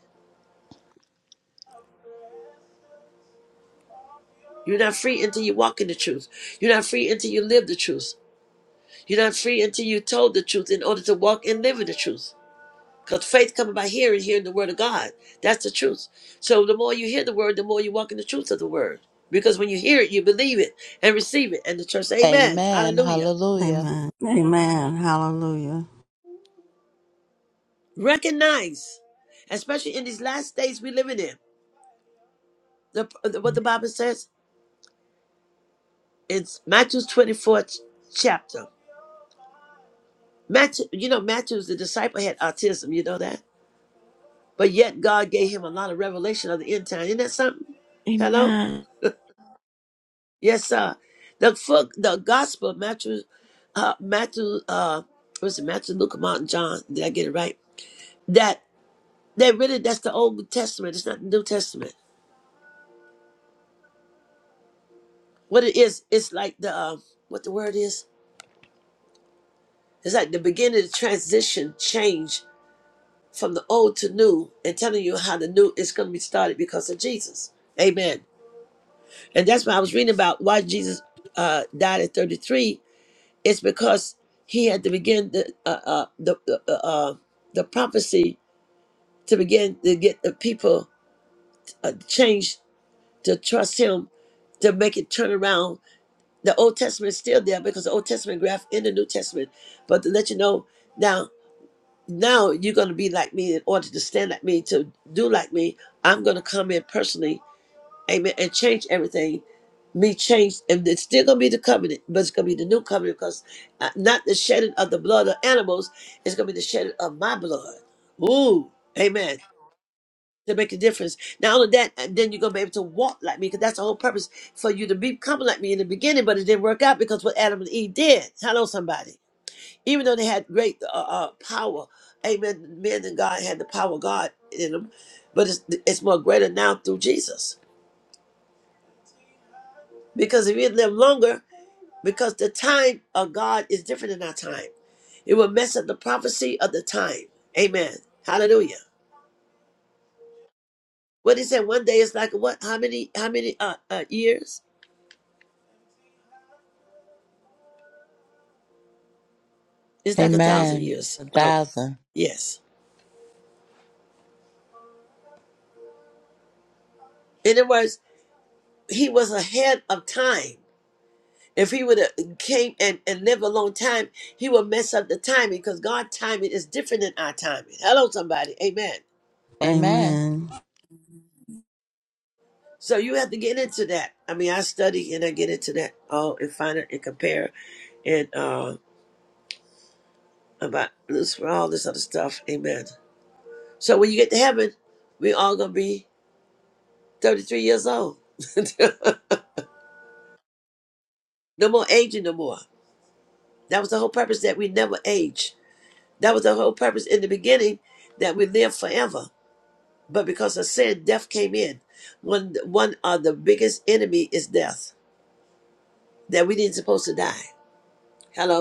B: You're not free until you walk in the truth. You're not free until you live the truth. You're not free until you told the truth in order to walk and live in the truth. Because faith comes by hearing, hearing the word of God. That's the truth. So the more you hear the word, the more you walk in the truth of the word. Because when you hear it, you believe it and receive it. And the church, amen.
D: Amen.
B: Hallelujah.
D: Hallelujah.
C: Amen. Amen. Hallelujah.
B: Recognize, especially in these last days we living in, the, the- what the Bible says in Matthew 24th chapter. Matthew, you know, Matthew's the disciple had autism. You know that? But yet God gave him a lot of revelation of the end time. Isn't that something? Hello?
A: Amen.
B: Yes, sir. The fuck the gospel Matthew uh Matthew uh was it Matthew, Luke, Mark, and John? Did I get it right? That that really that's the old testament, it's not the New Testament. What it is, it's like the uh, what the word is? It's like the beginning of the transition change from the old to new and telling you how the new is gonna be started because of Jesus. Amen. And that's why I was reading about why Jesus uh died at 33 It's because he had to begin the uh, uh, the the, uh, uh, the prophecy to begin to get the people uh, changed to trust him to make it turn around. The Old Testament is still there because the Old Testament graph in the New Testament. But to let you know now, now you're going to be like me in order to stand like me to do like me. I'm going to come in personally Amen. And change everything. Me change, And it's still going to be the covenant, but it's going to be the new covenant because uh, not the shedding of the blood of animals, it's going to be the shedding of my blood. Ooh. Amen. To make a difference. Not only that, and then you're going to be able to walk like me because that's the whole purpose for you to become like me in the beginning, but it didn't work out because what Adam and Eve did. Hello, somebody. Even though they had great uh, uh, power, amen, men and God had the power of God in them, but it's, it's more greater now through Jesus. Because if you live longer, because the time of God is different than our time, it will mess up the prophecy of the time. Amen. Hallelujah. What he said, one day is like what? How many? How many uh, uh, years? It's like a thousand
D: Amen.
B: years.
D: A
B: All right.
D: thousand.
B: Yes. In other words, he was ahead of time. If he would have came and, and lived a long time, he would mess up the timing because God timing is different than our timing. Hello, somebody. Amen.
D: Amen.
C: Amen.
B: So you have to get into that. I mean, I study and I get into that all and find it and compare and uh about Lucifer, all this other stuff. Amen. So when you get to heaven, we all gonna be 33 years old. no more aging no more. That was the whole purpose that we never age. That was the whole purpose in the beginning that we live forever. But because of sin, death came in. One one of the biggest enemy is death. That we didn't supposed to die. Hello?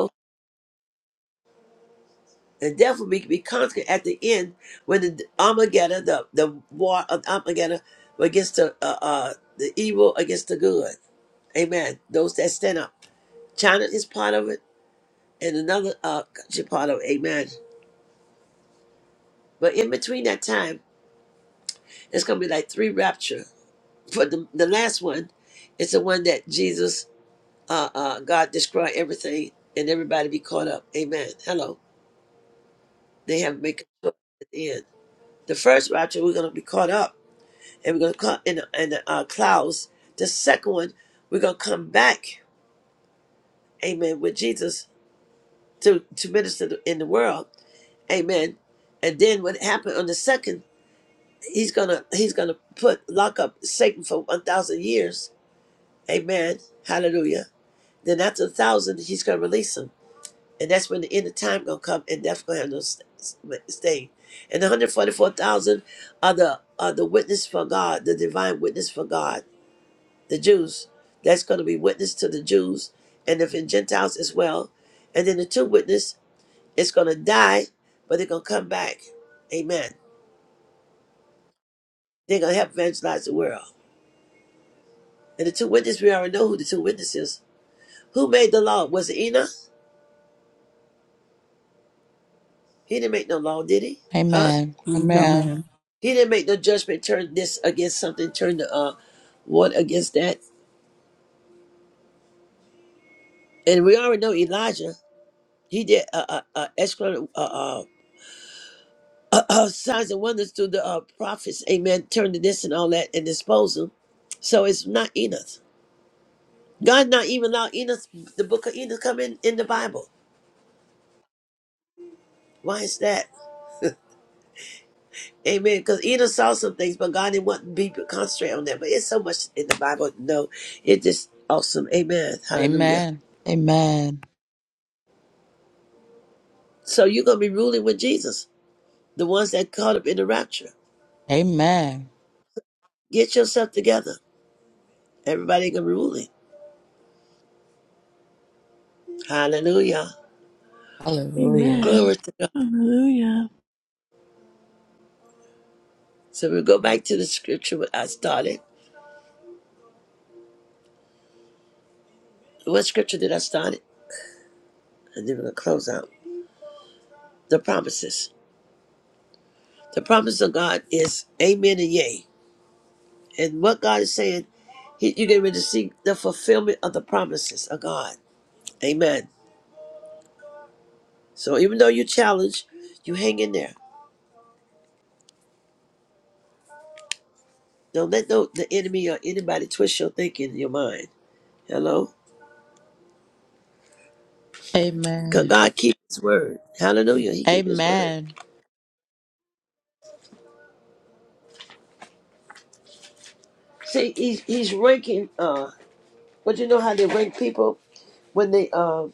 B: and death will be, be conquered at the end when the Armageddon, the, the war of Armageddon against the uh, uh, the evil against the good. Amen. Those that stand up. China is part of it, and another uh, country part of it. Amen. But in between that time, it's going to be like three rapture. For the, the last one, it's the one that Jesus, uh, uh, God destroy everything and everybody be caught up. Amen. Hello. They have to make a choice at the end. The first rapture, we're going to be caught up and we're gonna come in the, in the uh, clouds. The second one, we're gonna come back, amen, with Jesus to to minister to- in the world, amen. And then what happened on the second, he's gonna he's gonna put lock up Satan for one thousand years, amen, hallelujah. Then after a thousand, he's gonna release him, and that's when the end of time gonna come, and death gonna have no st- st- stay. And the one hundred forty four thousand are the are the witness for God, the divine witness for God the Jews. That's going to be witness to the Jews and the Gentiles as well. And then the two witness is going to die, but they're going to come back. Amen. They're going to help evangelize the world. And the two witnesses, we already know who the two witnesses. Who made the law? Was it Enoch? He didn't make no law, did he? Huh?
D: Amen. Amen.
C: Amen.
B: He didn't make no judgment, turn this against something, turn the uh, one against that. And we already know Elijah. He did uh, uh, uh, excla- uh, uh, uh, uh, signs and wonders through the uh, prophets, amen, turn to this and all that and dispose them. So it's not Enoch. God not even allowed Enoch, the book of Enoch, come in in the Bible. Why is that? Amen. Because Enoch saw some things, but God didn't want people to concentrate on that. But it's so much in the Bible. No, it's just awesome. Amen. Hallelujah.
D: Amen. Amen.
B: So you're going to be ruling with Jesus, the ones that caught up in the rapture.
D: Amen.
B: Get yourself together. Everybody going to be ruling. Hallelujah.
D: Hallelujah.
A: Amen.
B: Glory to God.
A: Hallelujah.
B: So we go back to the scripture what I started. What scripture did I start? it? And then we're gonna close out. The promises. The promise of God is amen and yay. And what God is saying, he, you're getting ready to see the fulfillment of the promises of God. Amen. So even though you're challenged, you hang in there. Don't let no, the enemy or anybody twist your thinking in your mind. Hello? Because
D: Amen.
B: God keeps his word. Hallelujah. He keeps his word.
D: Amen.
B: See, he's, he's ranking, uh, but you know how they rank people? when they um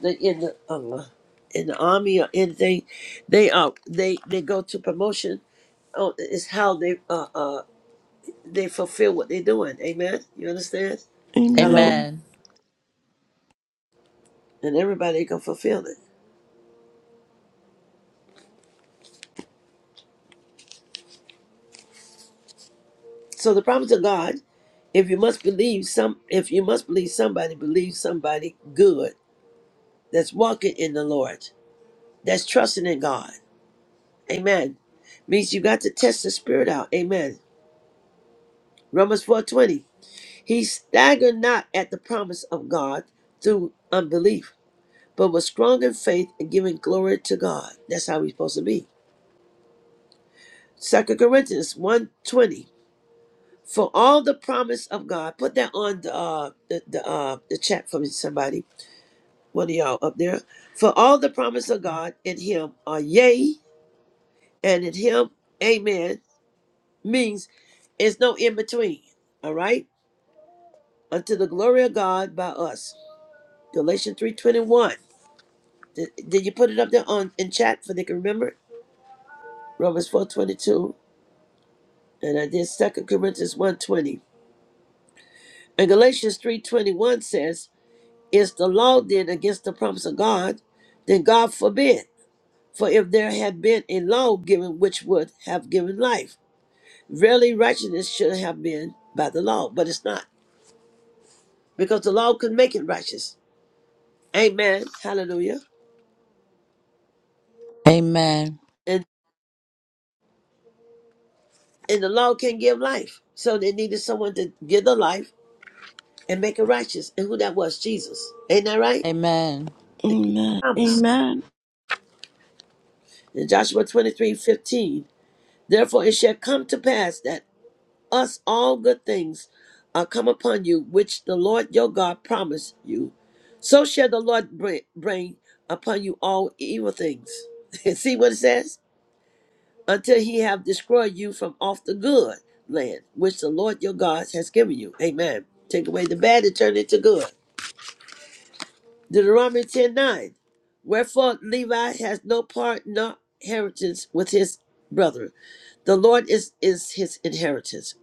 B: the in the uh, in the army or anything, they uh they they go to promotion. Oh, it's how they uh uh they fulfill what they're doing. Amen. You understand? Hello,
A: Amen.
D: Amen.
B: and everybody can fulfill it. So the promise of God, if you must believe some, if you must believe somebody, believe somebody good that's walking in the Lord, that's trusting in God. Amen. Means you got to test the spirit out. Amen. Romans four twenty. He staggered not at the promise of God through unbelief, but was strong in faith and giving glory to God. That's how we're supposed to be. Second Corinthians one twenty. For all the promise of God, put that on the uh, the, the, uh, the chat for me, somebody, one of y'all up there. For all the promise of God in him are yea, and in him, amen, means it's no in between. All right? Unto the glory of God by us. Galatians 3.21 Did, did you put it up there on in chat so they can remember it? Romans four twenty two, and I did Second Corinthians one twenty, and Galatians three twenty one says, "Is the law then against the promise of God? Then God forbid. For if there had been a law given which would have given life, really righteousness should have been by the law, but it's not, because the law could make it righteous. Amen. Hallelujah.
D: Amen.
B: And and the law can give life, so they needed someone to give the life." and make it righteous. And who that was? Jesus. Ain't that right?
D: Amen.
A: Amen.
B: Promise.
A: Amen.
B: In Joshua 23 15. therefore it shall come to pass that us all good things are come upon you, which the Lord your God promised you. So shall the Lord bring, bring upon you all evil things. And see what it says? Until he have destroyed you from off the good land, which the Lord your God has given you. Amen. Take away the bad and turn it to good. Deuteronomy 10 9, Wherefore Levi has no part nor inheritance with his brother. The Lord is, is his inheritance,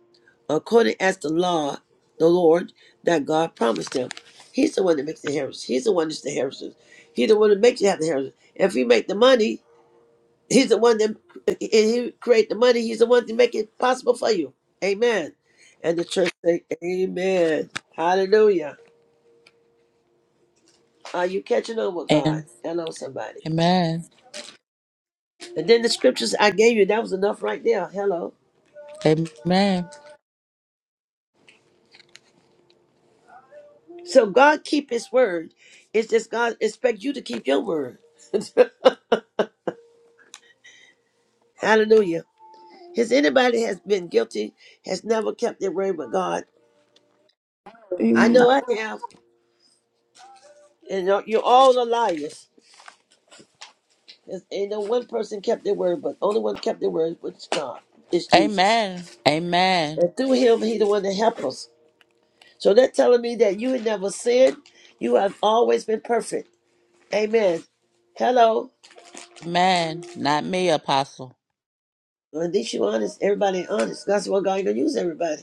B: according as the law, the Lord that God promised him. He's the one that makes the inheritance. He's the one that's the inheritance. He's the one that makes you have the inheritance. If you make the money, he's the one that and he create the money. He's the one to make it possible for you. Amen. And the church say, Amen. Hallelujah. Are you catching on with God?
D: And
B: Hello, somebody.
D: Amen.
B: And then the scriptures I gave you, that was enough right there. Hello.
D: amen.
B: So God keep his word. It's just God expect you to keep your word. Hallelujah. Has anybody has been guilty, has never kept their word with God? I know
A: Amen.
B: I have. And you're you're all are liars. There's- Ain't no one person kept their word, but only one kept their word was God. It's Jesus.
D: Amen. Amen.
B: And through him, he the one that helped us. So that telling me that you have never sinned. You have always been perfect. Amen. Hello.
D: Amen. Not me, apostle.
B: Well, at least you honest. Everybody ain't honest. That's why God ain't gonna use everybody.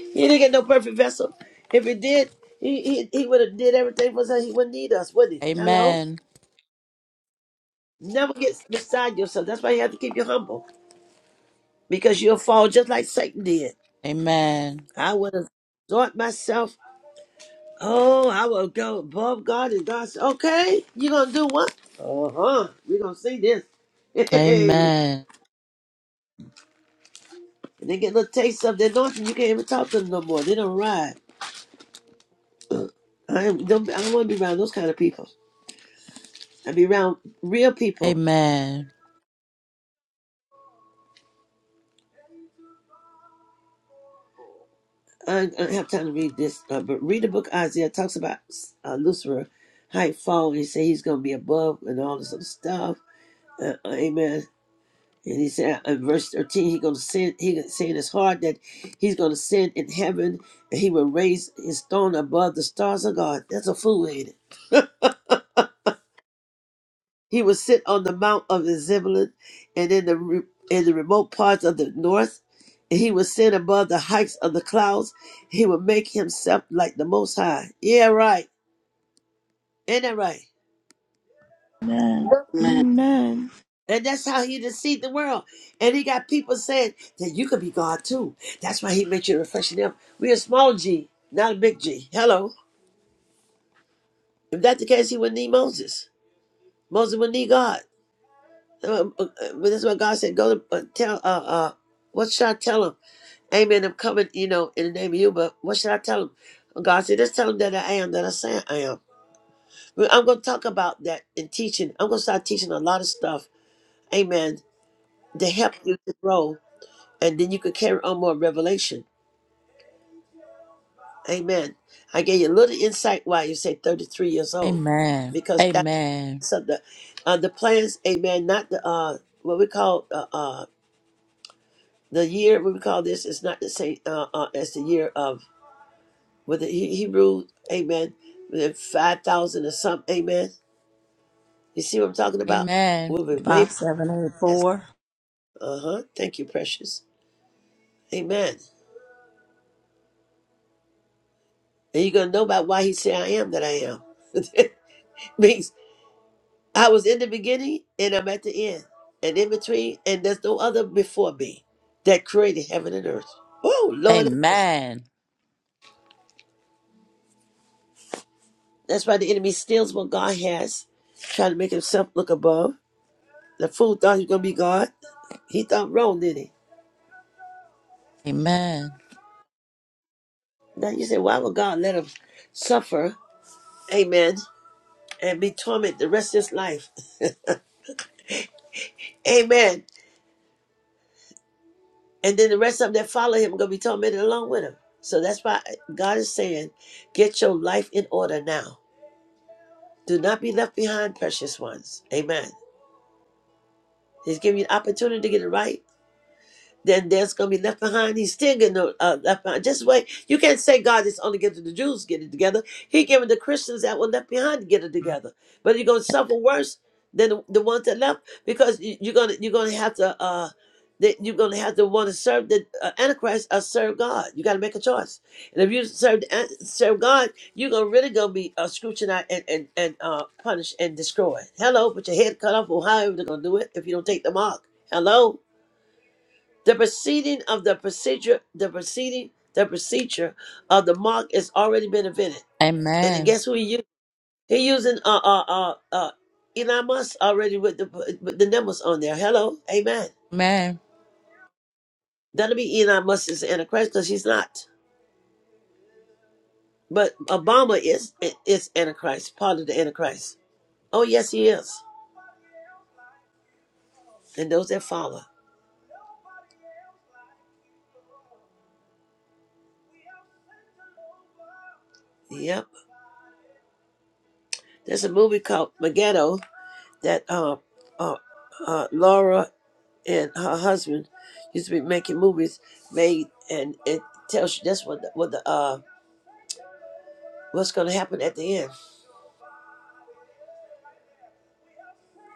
B: He didn't get no perfect vessel. If he did, he he, he would have did everything for us. He wouldn't need us, would he? Hello.
D: Amen.
B: Never get beside yourself. That's why you have to keep you humble because you'll fall just like Satan did.
D: Amen.
B: I would have thought myself, oh, I will go above God, and God said, okay, you gonna do what? Uh huh. We gonna see this. Hey.
D: Amen.
B: And they get a little taste of the anointing. You can't even talk to them no more. They don't ride. I don't. I don't want to be around those kind of people. I be around real people.
D: Amen.
B: I, I don't have time to read this, uh, but read the book Isaiah It talks about uh, Lucifer, how he fall. And He say he's gonna be above and all this other stuff. Uh, uh, amen. And he said uh, in verse thirteen, he gonna send. He gonna say in his heart that he's gonna send in heaven, and he will raise his throne above the stars of God. That's a fool, ain't it? He would sit on the mount of the Zebulun and in the re- in the remote parts of the north, and he would sit above the heights of the clouds. He would make himself like the Most High. Yeah, right. Ain't that right?
A: Amen. Amen.
B: And that's how he deceived the world. And he got people saying that you could be God too. That's why he made you a reflection of. him. We're a small G, not a big G. Hello. If that's the case, he wouldn't need Moses. Moses would need God. Uh, uh, uh, but that's what God said. Go to uh, tell. Uh, uh, what should I tell him? Amen. I'm coming, you know, in the name of you, but what should I tell him? God said, just tell him that I am, that I say I am. But I'm going to talk about that in teaching. I'm going to start teaching a lot of stuff, amen, to help you to grow, and then you can carry on more revelation. Amen. I gave you a little insight why you say 33 years old,
D: Amen.
B: because that's
D: Amen.
B: of the, uh, the plans, amen, not the, uh, what we call, uh, uh, the year, what we call this, is not the same uh, uh, as the year of with the He- Hebrew, amen, with the 5,000 or something, amen. You see what I'm talking about?
D: Amen.
B: We'll be way
C: Five, seven, eight,
B: past.
C: four.
B: Uh huh. Thank you, precious. Amen. And you're going to know about why he said, I am that I am. means I was in the beginning and I'm at the end and in between, and there's no other before me that created heaven and earth. Oh, Lord.
D: Amen.
B: That's why the enemy steals what God has, trying to make himself look above. The fool thought he was going to be God. He thought wrong, didn't he?
D: Amen.
B: Now you say, why would God let him suffer? Amen. And be tormented the rest of his life. Amen. And then the rest of them that follow him are going to be tormented along with him. So that's why God is saying, get your life in order now. Do not be left behind, precious ones. Amen. He's giving you an opportunity to get it right then there's going to be left behind. He's still getting uh, uh, left behind. Just wait. You can't say God is only giving the Jews get it together. He giving the Christians that were left behind to get it together. But you're going to suffer worse than the, the ones that left because you, you're going to you're going to have to uh, that you're going to have to want to serve the uh, Antichrist or serve God. You got to make a choice. And if you serve the, An- serve God, you're going to really going to be uh, scrutinized and and and uh, punished and destroyed. Hello, with your head cut off. Or however they're going to do it if you don't take the mark. Hello. The proceeding of the procedure, the proceeding, the procedure of the mark has already been invented. And then
D: Amen.
B: guess who he used? He using uh uh uh uh Elon Musk already with the with the numbers on there. Hello, amen.
D: Amen.
B: That'll be Elon Musk is Antichrist because he's not. But Obama is is Antichrist, part of the Antichrist. Oh yes, he is. And those that follow. Yep. There's a movie called Megiddo that uh uh, uh Laura and her husband used to be making movies made and it tells you that's what the, what the uh what's going to happen at the end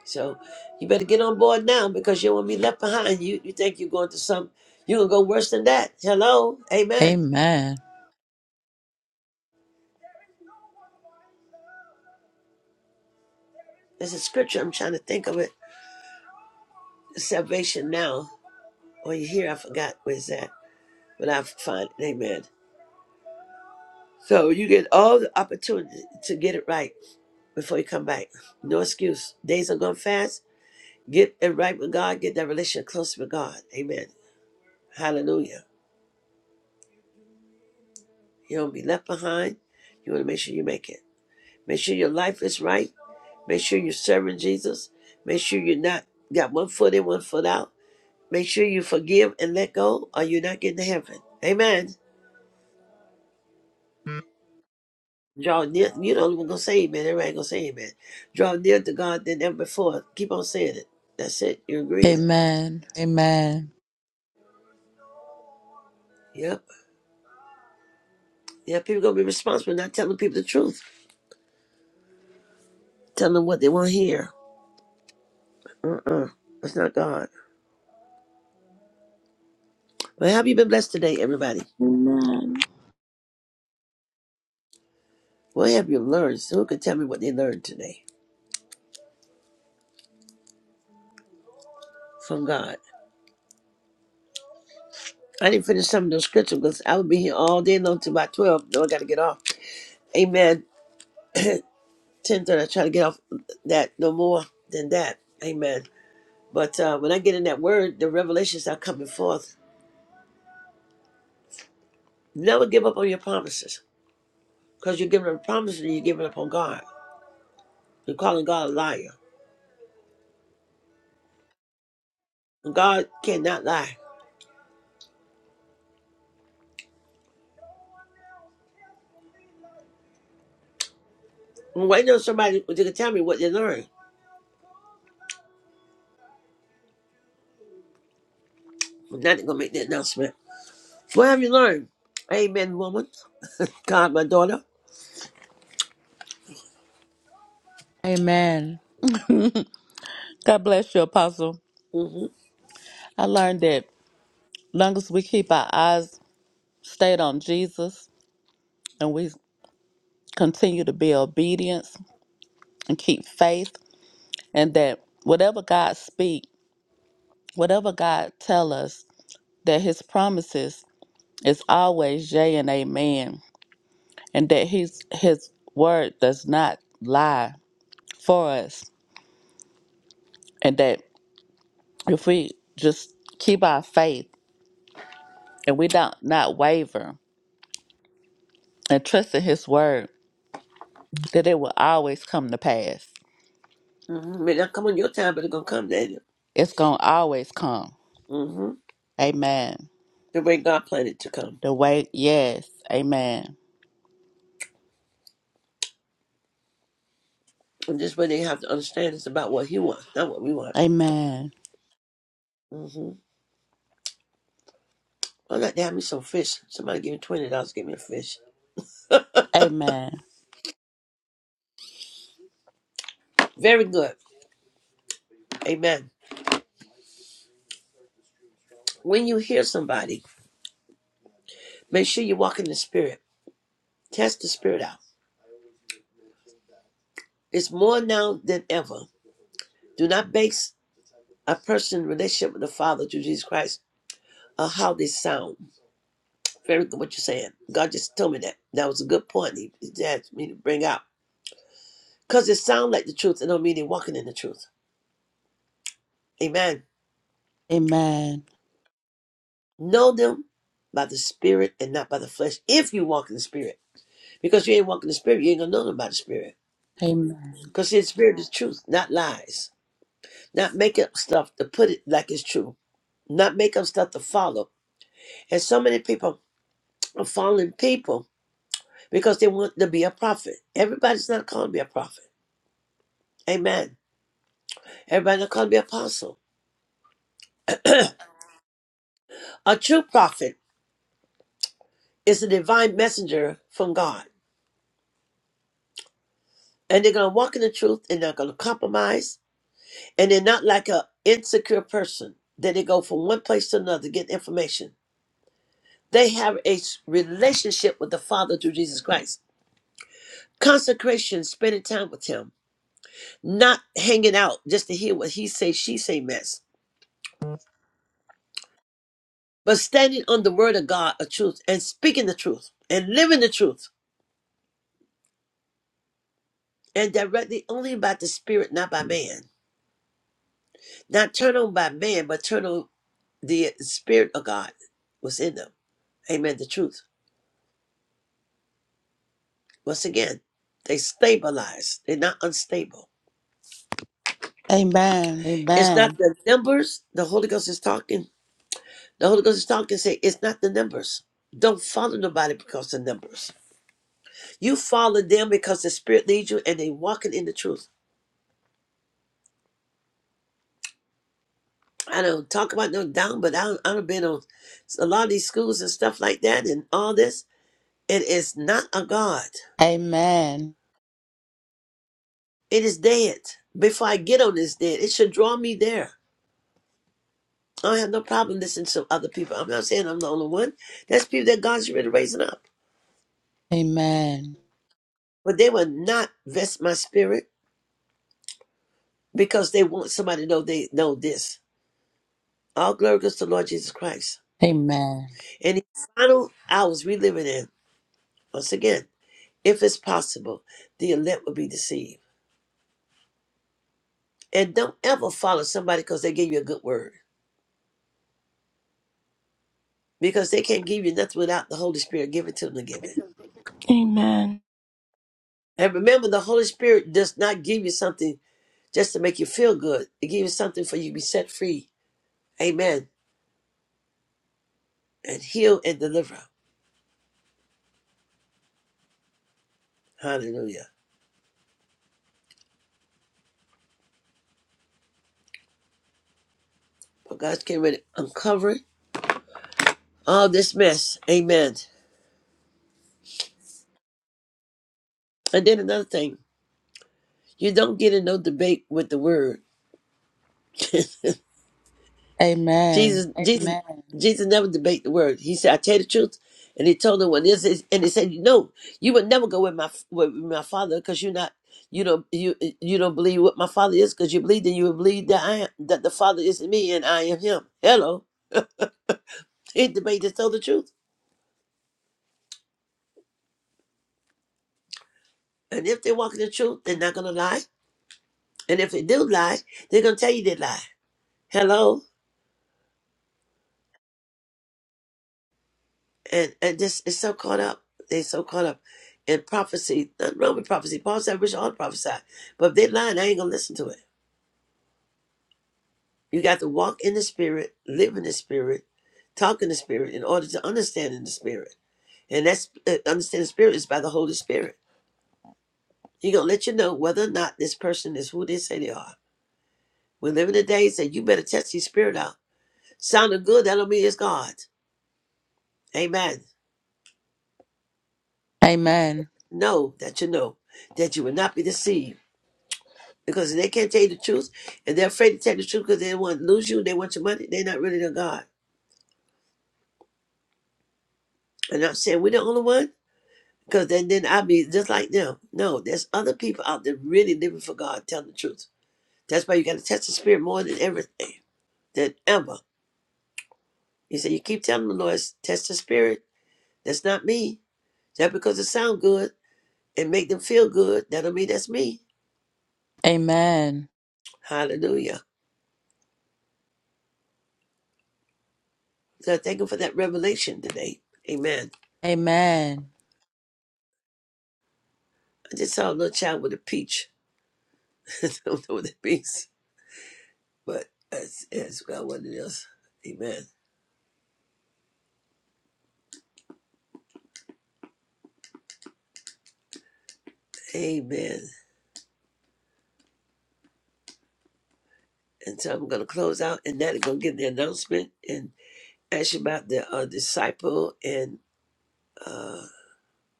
B: so you better get on board now because you won't be left behind you you think you're going to some you're going to go worse than that hello amen
D: Amen.
B: there's a scripture i'm trying to think of it salvation now or you hear i forgot where's that but i find it amen so you get all the opportunity to get it right before you come back no excuse days are gone fast Get it right with God. Get that relationship close with God. Amen. Hallelujah. You don't be left behind. You want to make sure you make it. Make sure your life is right. Make sure you're serving Jesus. Make sure you're not got one foot in, one foot out. Make sure you forgive and let go, or you're not getting to heaven. Amen. Draw near. You know, we're gonna say amen. Everybody gonna say amen. Draw near to God than ever before. Keep on saying it. That's it. You're agreeing.
D: Amen. Amen.
B: Yep. Yeah, people gonna be responsible, not telling people the truth, telling them what they want to hear. Uh-uh. That's not God. Well, have you been blessed today, everybody?
A: Amen.
B: What have you learned? So who can tell me what they learned today from God? I didn't finish some of those scriptures because I would be here all day long till about 12. No, I got to get off. Amen. 10.30, I try to get off that no more than that. Amen. But uh, when I get in that word, the revelations are coming forth. Never give up on your promises because you're giving up promises and you're giving up on God. You're calling God a liar. And God cannot lie. Why not somebody who can tell me what they learned? I'm not gonna make the announcement. What have you learned? Amen, woman. God, my daughter.
D: Amen. God bless you, Apostle.
B: Mm-hmm.
D: I learned that long as we keep our eyes stayed on Jesus and we continue to be obedient and keep faith, and that whatever God speak, whatever God tell us, that His promises is always yea and amen, and that His His word does not lie for us, and that if we just keep our faith and we don't not waver and trust in His word, that it will always come to pass.
B: Mm-hmm. May not come on your time, but it's gonna come, Daniel.
D: It's gonna always come.
B: Mm-hmm.
D: Amen.
B: The way God planned it to come.
D: The way, yes. Amen.
B: And this way they have to understand it's about what he wants, not what we want.
D: Amen.
B: Mm-hmm. I'd like to have me some fish. Somebody give me twenty dollars, give me a fish.
D: Amen.
B: Very good. Amen. When you hear somebody, make sure you walk in the spirit. Test the spirit out. It's more now than ever. Do not base a person's relationship with the Father through Jesus Christ on how they sound. Very good what you're saying. God just told me that. That was a good point. He, he asked me to bring out. Because it sounds like the truth and don't mean they are walking in the truth. Amen.
D: Amen.
B: Know them by the spirit and not by the flesh if you walk in the spirit. Because you ain't walking in the spirit, you ain't gonna know them by the spirit.
D: Amen.
B: Because the spirit is truth, not lies. Not make up stuff to put it like it's true. Not make up stuff to follow. And so many people are following people because they want to be a prophet. Everybody's not called to be a prophet. Amen. Everybody's not called to be an apostle. A true prophet is a divine messenger from God. And they're going to walk in the truth and they're going to compromise. And they're not like an insecure person that they go from one place to another to get information. They have a s- relationship with the Father through Jesus Christ. Consecration, spending time with Him, not hanging out just to hear what He say, she say mess, but standing on the Word of God of truth and speaking the truth and living the truth and directly only by the Spirit, not by man not turn on by man, but turn on the Spirit of God was in them. Amen. The truth. Once again, they stabilized. They're not unstable.
D: Amen.
B: It's not
D: Amen.
B: the numbers. The Holy Ghost is talking. The Holy Ghost is talking. Say, it's not the numbers. Don't follow nobody because of numbers. You follow them because the Spirit leads you, and they walking in the truth. I don't talk about no down, but I don't, I don't been on a lot of these schools and stuff like that, and all this. It is not a God.
D: Amen.
B: It is dead. Before I get on this dead, it should draw me there. I have no problem listening to other people. I'm not saying I'm the only one. That's people that God's really raising up.
D: Amen.
B: But they will not vest my spirit because they want somebody to know they know this. All glory goes to the Lord Jesus Christ.
D: Amen.
B: And the final hours we living in, once again, if it's possible, the elect will be deceived. And don't ever follow somebody because they gave you a good word. Because they can't give you nothing without the Holy Spirit giving to them to give it.
A: Amen.
B: And remember, the Holy Spirit does not give you something just to make you feel good. It gives you something for you to be set free. Amen. And heal and deliver. Hallelujah. But God's getting ready to uncover all this mess. Amen. And then another thing, you don't get in no debate with the word.
D: Amen.
B: Jesus, Jesus,
D: Amen.
B: Jesus never debate the word. He said, I tell the truth. And he told them what this is, and he said, No, you would never go with my with my father because you're not you don't you you don't believe what my father is because you believe that you would believe that I am that the father is in me and I am him. Hello. It the way to tell the truth. And if they walk in the truth, they're not gonna lie. And if they do lie, they're gonna tell you they lie. Hello? And and this is so caught up. They're so caught up in prophecy. Nothing wrong with prophecy. Paul said, I wish all prophesy. But if they're lying, I ain't gonna listen to it. You got to walk in the spirit, live in the spirit, talk in the spirit in order to understand in the spirit. And that's uh, understand the spirit is by the Holy Spirit. He gonna let you know whether or not this person is who they say they are. We live in the days that you better test your spirit out Sounded good, that don't mean it's God. Amen.
D: Amen.
B: Know that you know that you will not be deceived. Because if they can't tell you the truth, and they're afraid to tell the truth because they want to lose you, they want your money, they're not really the God. And I'm saying we're the only one, because then then I'll be just like them. No, there's other people out there really living for God, telling the truth. That's why you gotta test the spirit more than everything than ever. He said, You keep telling the Lord, test the spirit. That's not me. That because it sounds good and make them feel good, that don't mean that's me.
D: Amen.
B: Hallelujah. So I thank him for that revelation today. Amen.
D: Amen.
B: I just saw a little child with a peach. I don't know what it means, but that's, that's about what it is. Amen. Amen. And so I'm going to close out and that is going to give the announcement and ask you about the uh, disciple and uh,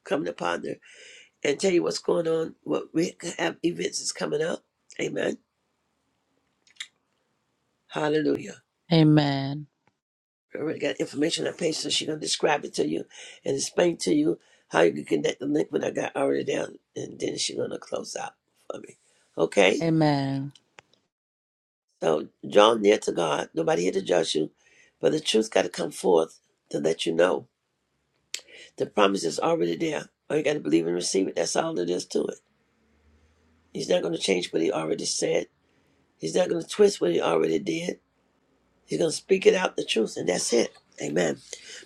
B: coming upon her and tell you what's going on, what we have events is coming up. Amen. Hallelujah.
D: Amen.
B: We already got information on the page, so she gonna describe it to you and explain to you how you can connect the link when I got already down, and then she gonna close out for me. Okay?
D: Amen.
B: So draw near to God. Nobody here to judge you, but the truth got to come forth to let you know the promise is already there. All you got to believe and receive it. That's all it is to it. He's not gonna change what he already said. He's not gonna twist what he already did. You're gonna speak it out the truth, and that's it. Amen.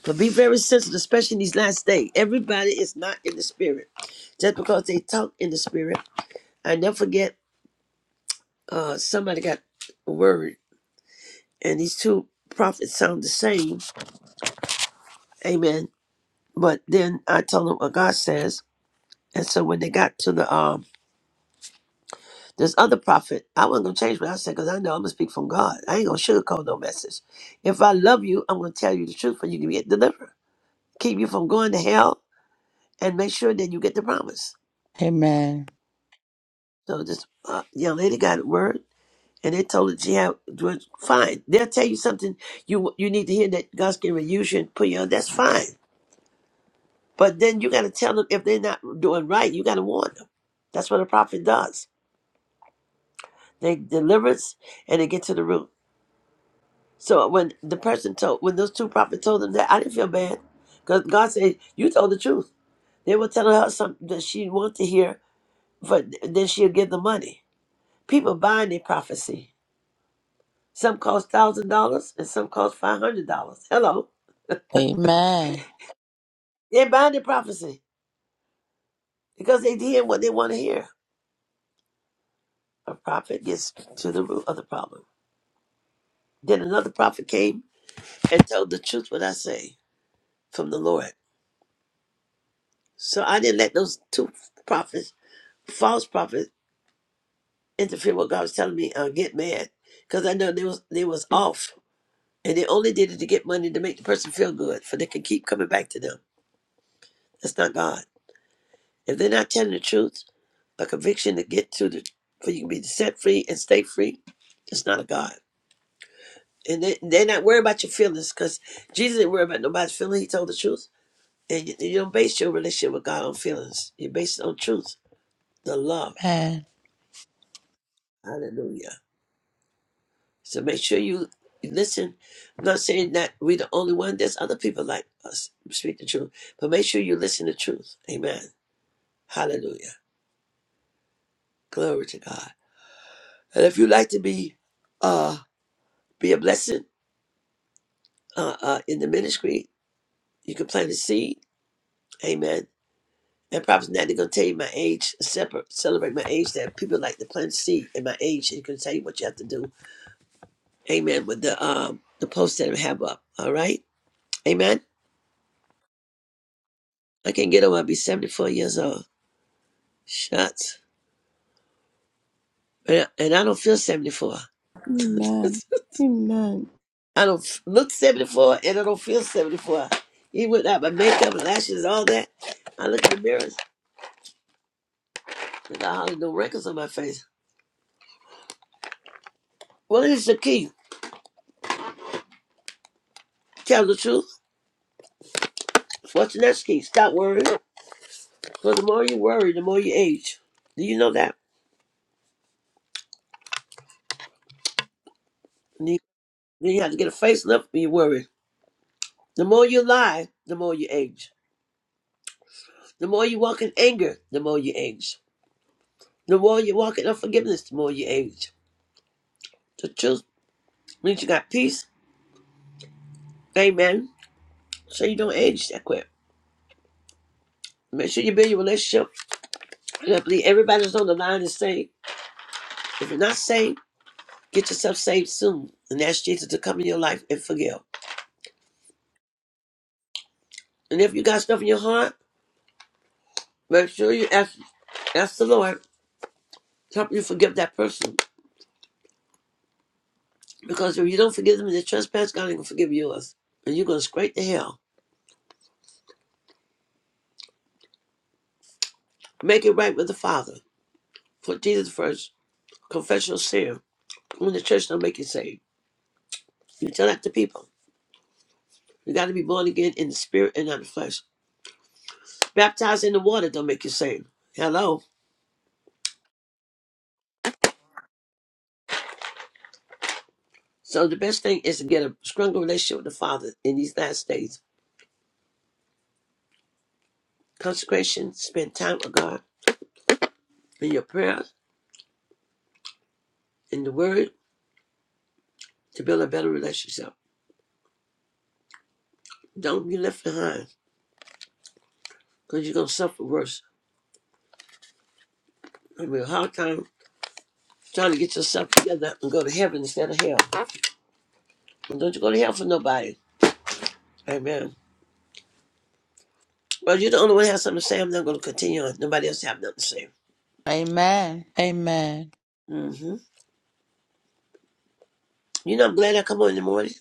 B: But be very sensitive, especially in these last days. Everybody is not in the spirit. Just because they talk in the spirit, I never forget uh somebody got a word, and these two prophets sound the same. Amen. But then I told them what God says. And so when they got to the um this other prophet, I wasn't gonna change what I said because I know I'm gonna speak from God. I ain't gonna sugarcoat no message. If I love you, I'm gonna tell you the truth for you to get delivered. Keep you from going to hell and make sure that you get the promise.
D: Amen.
B: So this uh, young lady got a word, and they told her she had was fine. They'll tell you something you you need to hear that God's going to use you and put you on. That's fine. But then you got to tell them if they're not doing right, you got to warn them. That's what a prophet does. They delivers and they get to the root. So when the person told, when those two prophets told them that, I didn't feel bad because God said you told the truth. They were telling her something that she wanted to hear, but then she'll give the money. People buying their prophecy Some cost thousand dollars and some cost five hundred dollars. Hello.
D: Amen.
B: They're buying the prophecy because they did what they want to hear. A prophet gets to the root of the problem. Then another prophet came and told the truth what I say from the Lord. So I didn't let those two prophets, false prophets, interfere with what God was telling me uh, get mad. Because I know they was they was off. And they only did it to get money to make the person feel good, for they can keep coming back to them. That's not God. If they're not telling the truth, a conviction to get to the for you can be set free and stay free it's not a god and they, they're not worried about your feelings because jesus didn't worry about nobody's feelings he told the truth and you, you don't base your relationship with god on feelings you base it on truth the love
D: Amen.
B: hallelujah so make sure you you listen i'm not saying that we're the only one there's other people like us who speak the truth but make sure you listen to truth amen hallelujah glory to god and if you'd like to be uh be a blessing uh, uh, in the ministry You can plant a seed. Amen. And Prophet Natty gonna tell you my age, separate, celebrate my age. That people like to plant seed in my age, and can tell you what you have to do. Amen. With the um the post that I have up. All right. Amen. I can get over. I'll be seventy four years old. Shucks. And I, and I don't feel seventy four.
A: Amen. Amen.
B: I don't look 74 and I don't feel 74. Even without my makeup and lashes all that, I look in the mirrors and I hardly no wrinkles on my face. What is the key? Tell the truth. What's the next key? Stop worrying. So the more you worry, the more you age. Do you know that? And you- Then you have to get a facelift when you worry. The more you lie, the more you age. The more you walk in anger, the more you age. The more you walk in unforgiveness, the more you age. The truth means you got peace. Amen. So you don't age that quick. Make sure you build your relationship. And I believe everybody's on the line is saved. If you're not saved, get yourself saved soon and ask Jesus to come in your life and forgive. And if you got stuff in your heart, make sure you ask, ask the Lord Help you forgive that person. Because if you don't forgive them in their trespass, God ain't going to forgive yours. And you're going straight to hell. Make it right with the Father. Put Jesus first. Confess your sin. When the church don't make you saved. You tell that to people. You got to be born again in the spirit and not the flesh. Baptized in the water don't make you saved. Hello. So the best thing is to get a stronger relationship with the Father in these last days. Consecration, spend time with God in your prayer, in the Word, to build a better relationship. Don't be left behind because you're going to suffer worse. You have a hard time trying to get yourself together and go to heaven instead of hell. And don't you go to hell for nobody. Amen. Well, you're the only one that has something to say. I'm not going to continue on. Nobody else have nothing to say.
D: Amen.
B: hmm You know, I'm glad I come on in the morning.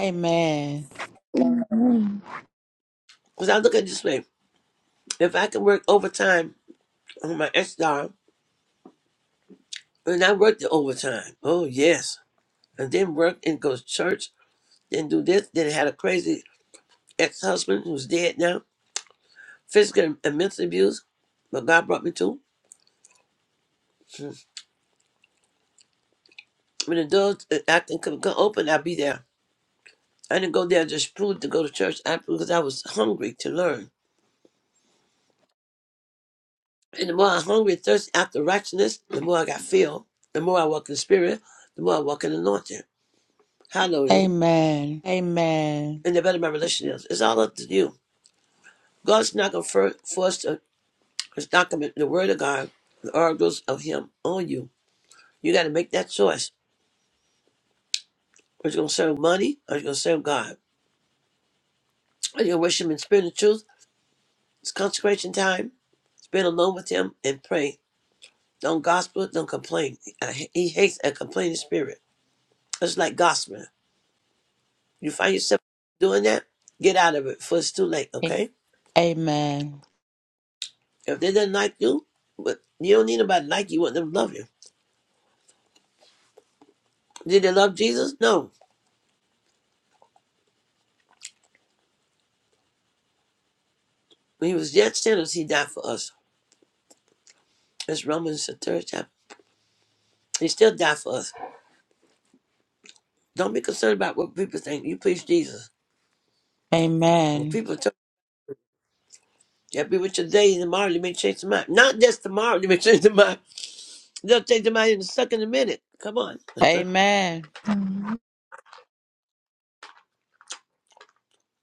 D: Amen.
A: Amen.
B: Because I look at it this way. If I can work overtime on my ex job, and I worked the overtime. Oh, yes. And then work and go to church, then do this. Then I had a crazy ex-husband who's dead now. Physical and mental abuse. But God brought me to. Hmm. When the doors, uh, I can come come open, I'll be there. I didn't go there just food to go to church I, because I was hungry to learn. And the more I'm hungry and thirsty after righteousness, the more I got filled. The more I walk in the spirit, the more I walk in the anointing.
D: Amen.
B: Hallelujah.
D: Amen. Amen.
B: And the better my relationship is. It's all up to you. God's not going to force the document, the word of God, the oracles of him on you. You got to make that choice. Are you going to serve money or are you going to serve God? Are you going to worship in spirit and truth? It's consecration time. Spend alone with him and pray Don't gospel, don't complain. I- He hates a complaining spirit. It's like gossiping. You find yourself doing that, get out of it, for it's too late,
D: A-
B: okay?
D: Amen.
B: If they didn't like you, but you don't need nobody to like you, you want them to love you. Did they love Jesus? No. When he was yet sinners, he died for us. It's Romans the third chapter. He still died for us. Don't be concerned about what people think. You please Jesus. When
D: Amen.
B: people tell you, be with you today and tomorrow, you may change their mind. Not just tomorrow, you may change their mind. They'll change their mind in a second, a minute. Come on.
D: Amen.
A: Amen.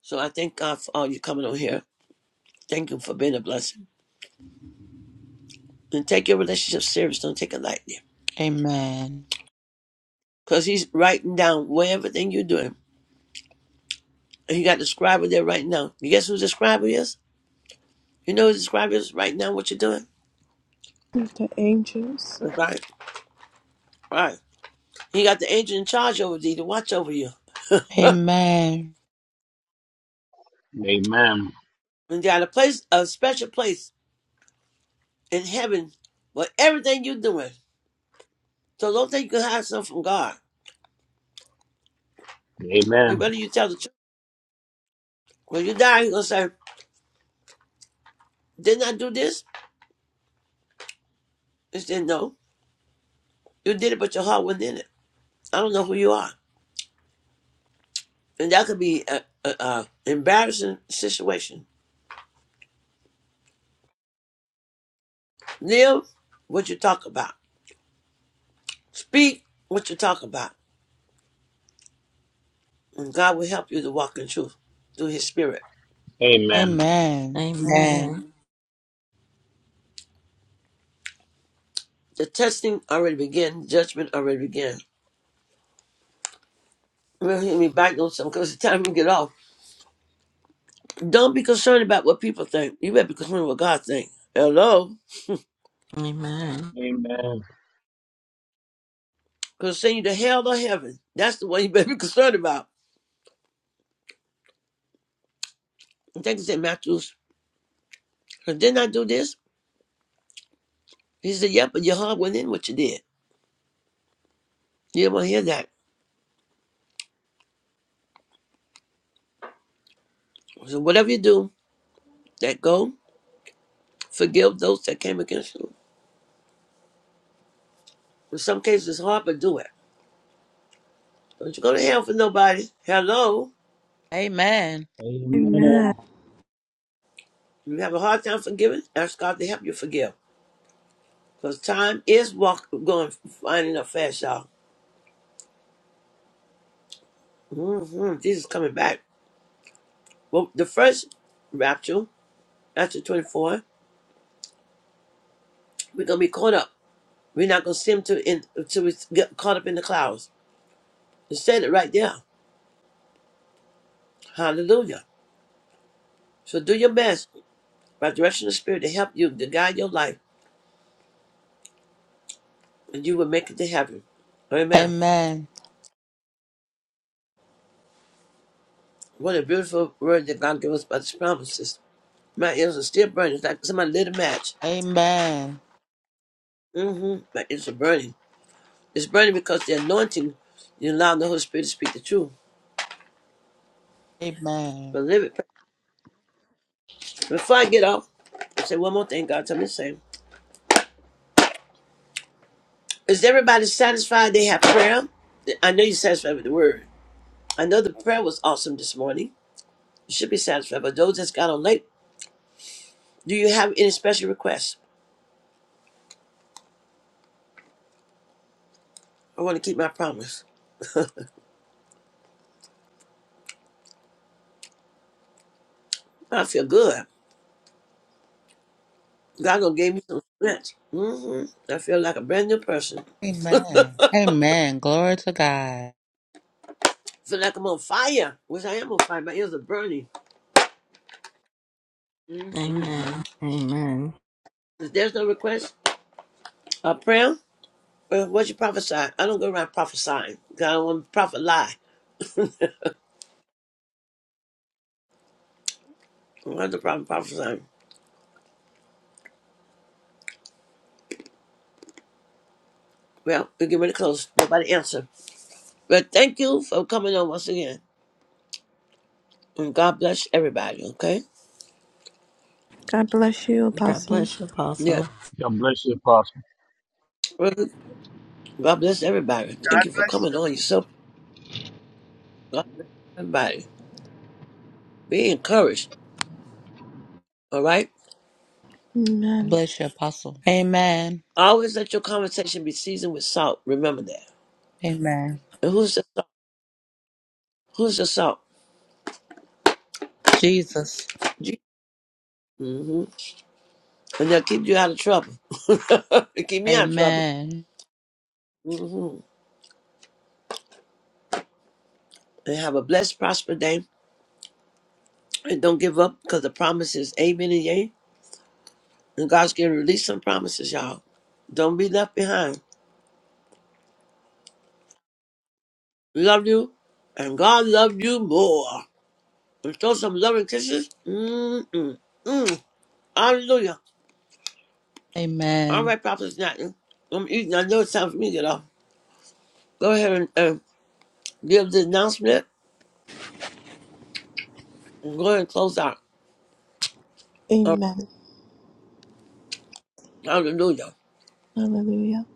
B: So I thank God for all you coming on here. Thank you for being a blessing. And take your relationship serious. Don't take it lightly.
D: Amen.
B: Because he's writing down where everything you're doing. And he got the scriber there right now. You guess who the scriber is? You know who the scriber is right now, what you're doing?
A: With The angels.
B: Right. Right. He got the angel in charge over thee to watch over you.
F: Amen.
B: And got a place, a special place in heaven for everything you're doing. So don't think you can hide something from God. He
F: Amen.
B: better you tell the truth. When you die, he's going to say, didn't I do this? He said, no. You did it, but your heart wasn't in it. I don't know who you are. And that could be a, a, a embarrassing situation. Live what you talk about. Speak what you talk about. And God will help you to walk in truth through his spirit.
F: Amen.
D: Amen. Amen. Amen. Amen.
C: Amen.
B: The testing already began. Judgment already began. We'll hear me back on something because it's time we get off. Don't be concerned about what people think. You better be concerned with what God thinks. Hello?
C: Amen.
F: Amen.
B: Because send you to hell or heaven. That's the one you better be concerned about. I think it's in Matthew. Didn't I do this? He said, Yep, but your heart went in what you did. You don't want to hear that. So whatever you do, that go, forgive those that came against you. In some cases, it's hard, but do it. Don't you go to hell for nobody. Hello.
D: Amen.
F: Amen.
A: Amen.
B: You have a hard time forgiving? Ask God to help you forgive. Because time is walk going, finding up fast, y'all. hmm Jesus coming back. Well, the first rapture, after 24, we're going to be caught up. We're not going to see him to in, until we get caught up in the clouds. It said it right there. Hallelujah. So do your best by direction of the Spirit to help you, to guide your life and you will make it to heaven. Amen.
D: Amen.
B: What a beautiful word that God gave us about His promises. My ears are still burning. It's like somebody lit a match.
D: Amen.
B: hmm My ears are burning. It's burning because the anointing, you allow the Holy Spirit to speak the truth. But live it. Before I get off, I say one more thing God told me to say. Is everybody satisfied they have prayer? I know you're satisfied with the word. I know the prayer was awesome this morning. You should be satisfied. But those that's got on late, do you have any special requests? I want to keep my promise. I feel good. God gonna gave me some strength. hmm I feel like a brand new person. I
D: Amen. Amen. Glory to God.
B: feel like I'm on fire, which I am on fire. My ears are burning.
C: Amen. Amen.
B: If there's no request or prayer, well, what you prophesy? I don't go around prophesying. God don't want to prophet lie. I don't have the problem prophesying. Well, we're getting ready to close. Nobody answer. But thank you for coming on once again. And God bless everybody, okay?
A: God bless you,
C: God
A: Apostle.
C: bless you, Apostle.
B: Yeah.
F: God bless you, Pastor.
B: Mhm. God bless everybody. Thank you for
G: bless
B: coming on. You're so God bless everybody. Be encouraged, all right?
A: Amen.
D: Bless you, Apostle. Amen.
B: Always let your conversation be seasoned with salt. Remember that.
D: Amen.
B: And who's the salt? Who's the salt?
D: Jesus.
B: Mm-hmm. And they'll keep you out of trouble. They keep me out of trouble.
D: Amen.
B: hmm And have a blessed, prosper day. And don't give up because the promise is amen and yay. And God's going to release some promises, y'all. Don't be left behind. We love you. And God loves you more. And throw some loving kisses. Mm-mm. Mm. Hallelujah. All
D: Amen.
B: right, Prophet Nathan. I'm eating. I know it's time for me to get off. Go ahead and, give the announcement and go ahead and close out. All right.
A: Amen.
B: Hallelujah.
A: Hallelujah.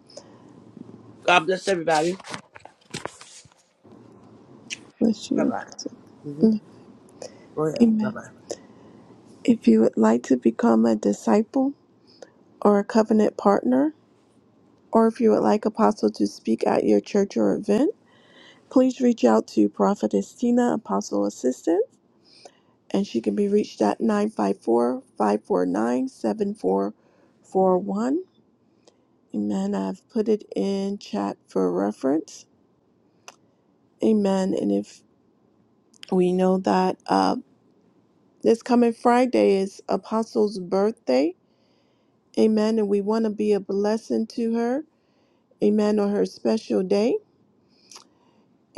B: God bless everybody.
A: Bless
B: Bye
A: you.
B: bye. hmm
A: Mm.
B: Go ahead. Bye
A: Amen.
B: bye.
A: If you would like to become a disciple or a covenant partner, or if you would like Apostle to speak at your church or event, please reach out to Prophetess Tina, Apostle Assistant. and she can be reached at nine five four five four nine seven four four one. Amen. I've put it in chat for reference. Amen. And if we know that uh, this coming Friday is Apostle's birthday, amen. And we want to be a blessing to her, amen, on her special day.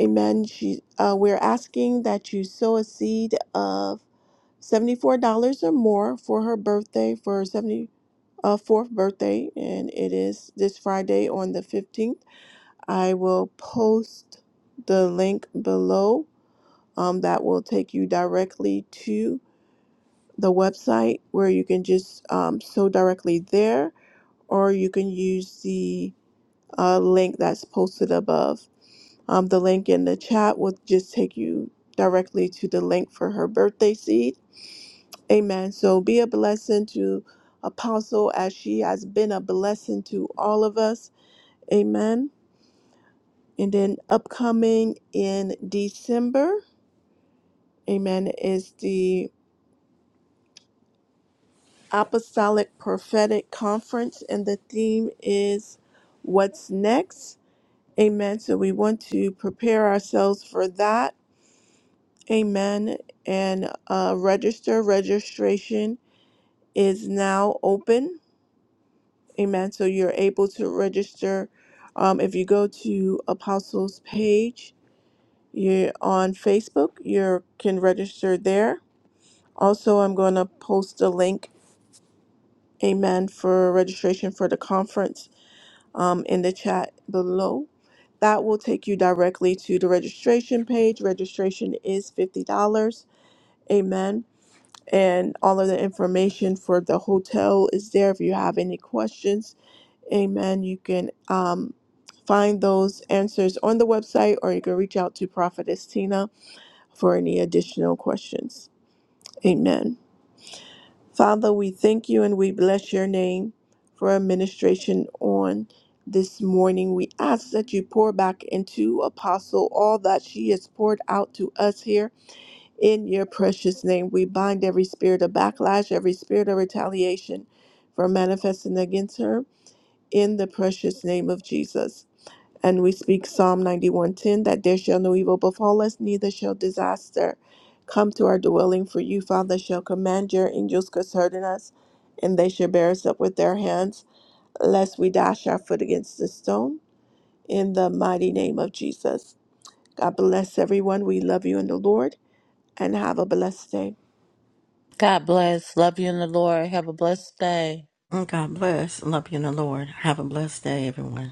A: Amen. She, uh, we're asking that you sow a seed of $74 or more for her birthday for her 70. uh, fourth birthday, and it is this Friday on the 15th. I will post the link below um, that will take you directly to the website where you can just um, sew directly there, or you can use the uh, link that's posted above. Um, the link in the chat will just take you directly to the link for her birthday seed. Amen. So be a blessing to Apostle as she has been a blessing to all of us Amen. And then upcoming in December, amen, is the Apostolic Prophetic Conference, and the theme is What's Next? Amen. So we want to prepare ourselves for that. Amen. And uh, register, registration is now open. Amen. So you're able to register. Um, if you go to Apostles page, you're on Facebook, you can register there Also, I'm going to post a link, amen, for registration for the conference um, in the chat below. That will take you directly to the registration page. Registration is $50, amen. And all of the information for the hotel is there. If you have any questions, amen, you can um, find those answers on the website or you can reach out to Prophetess Tina for any additional questions. Amen. Father, we thank you and we bless your name for administration on this morning. We ask that you pour back into Apostle all that she has poured out to us here in your precious name. We bind every spirit of backlash, every spirit of retaliation for manifesting against her in the precious name of Jesus. And we speak Psalm 91:10 that there shall no evil befall us, neither shall disaster come to our dwelling. For you, Father, shall command your angels concerning us, and they shall bear us up with their hands, lest we dash our foot against the stone. In the mighty name of Jesus. God bless everyone. We love you in the Lord, and have a blessed day.
D: God bless. Love you in the Lord. Have a blessed day.
C: God bless. Love you in the Lord. Have a blessed day, everyone.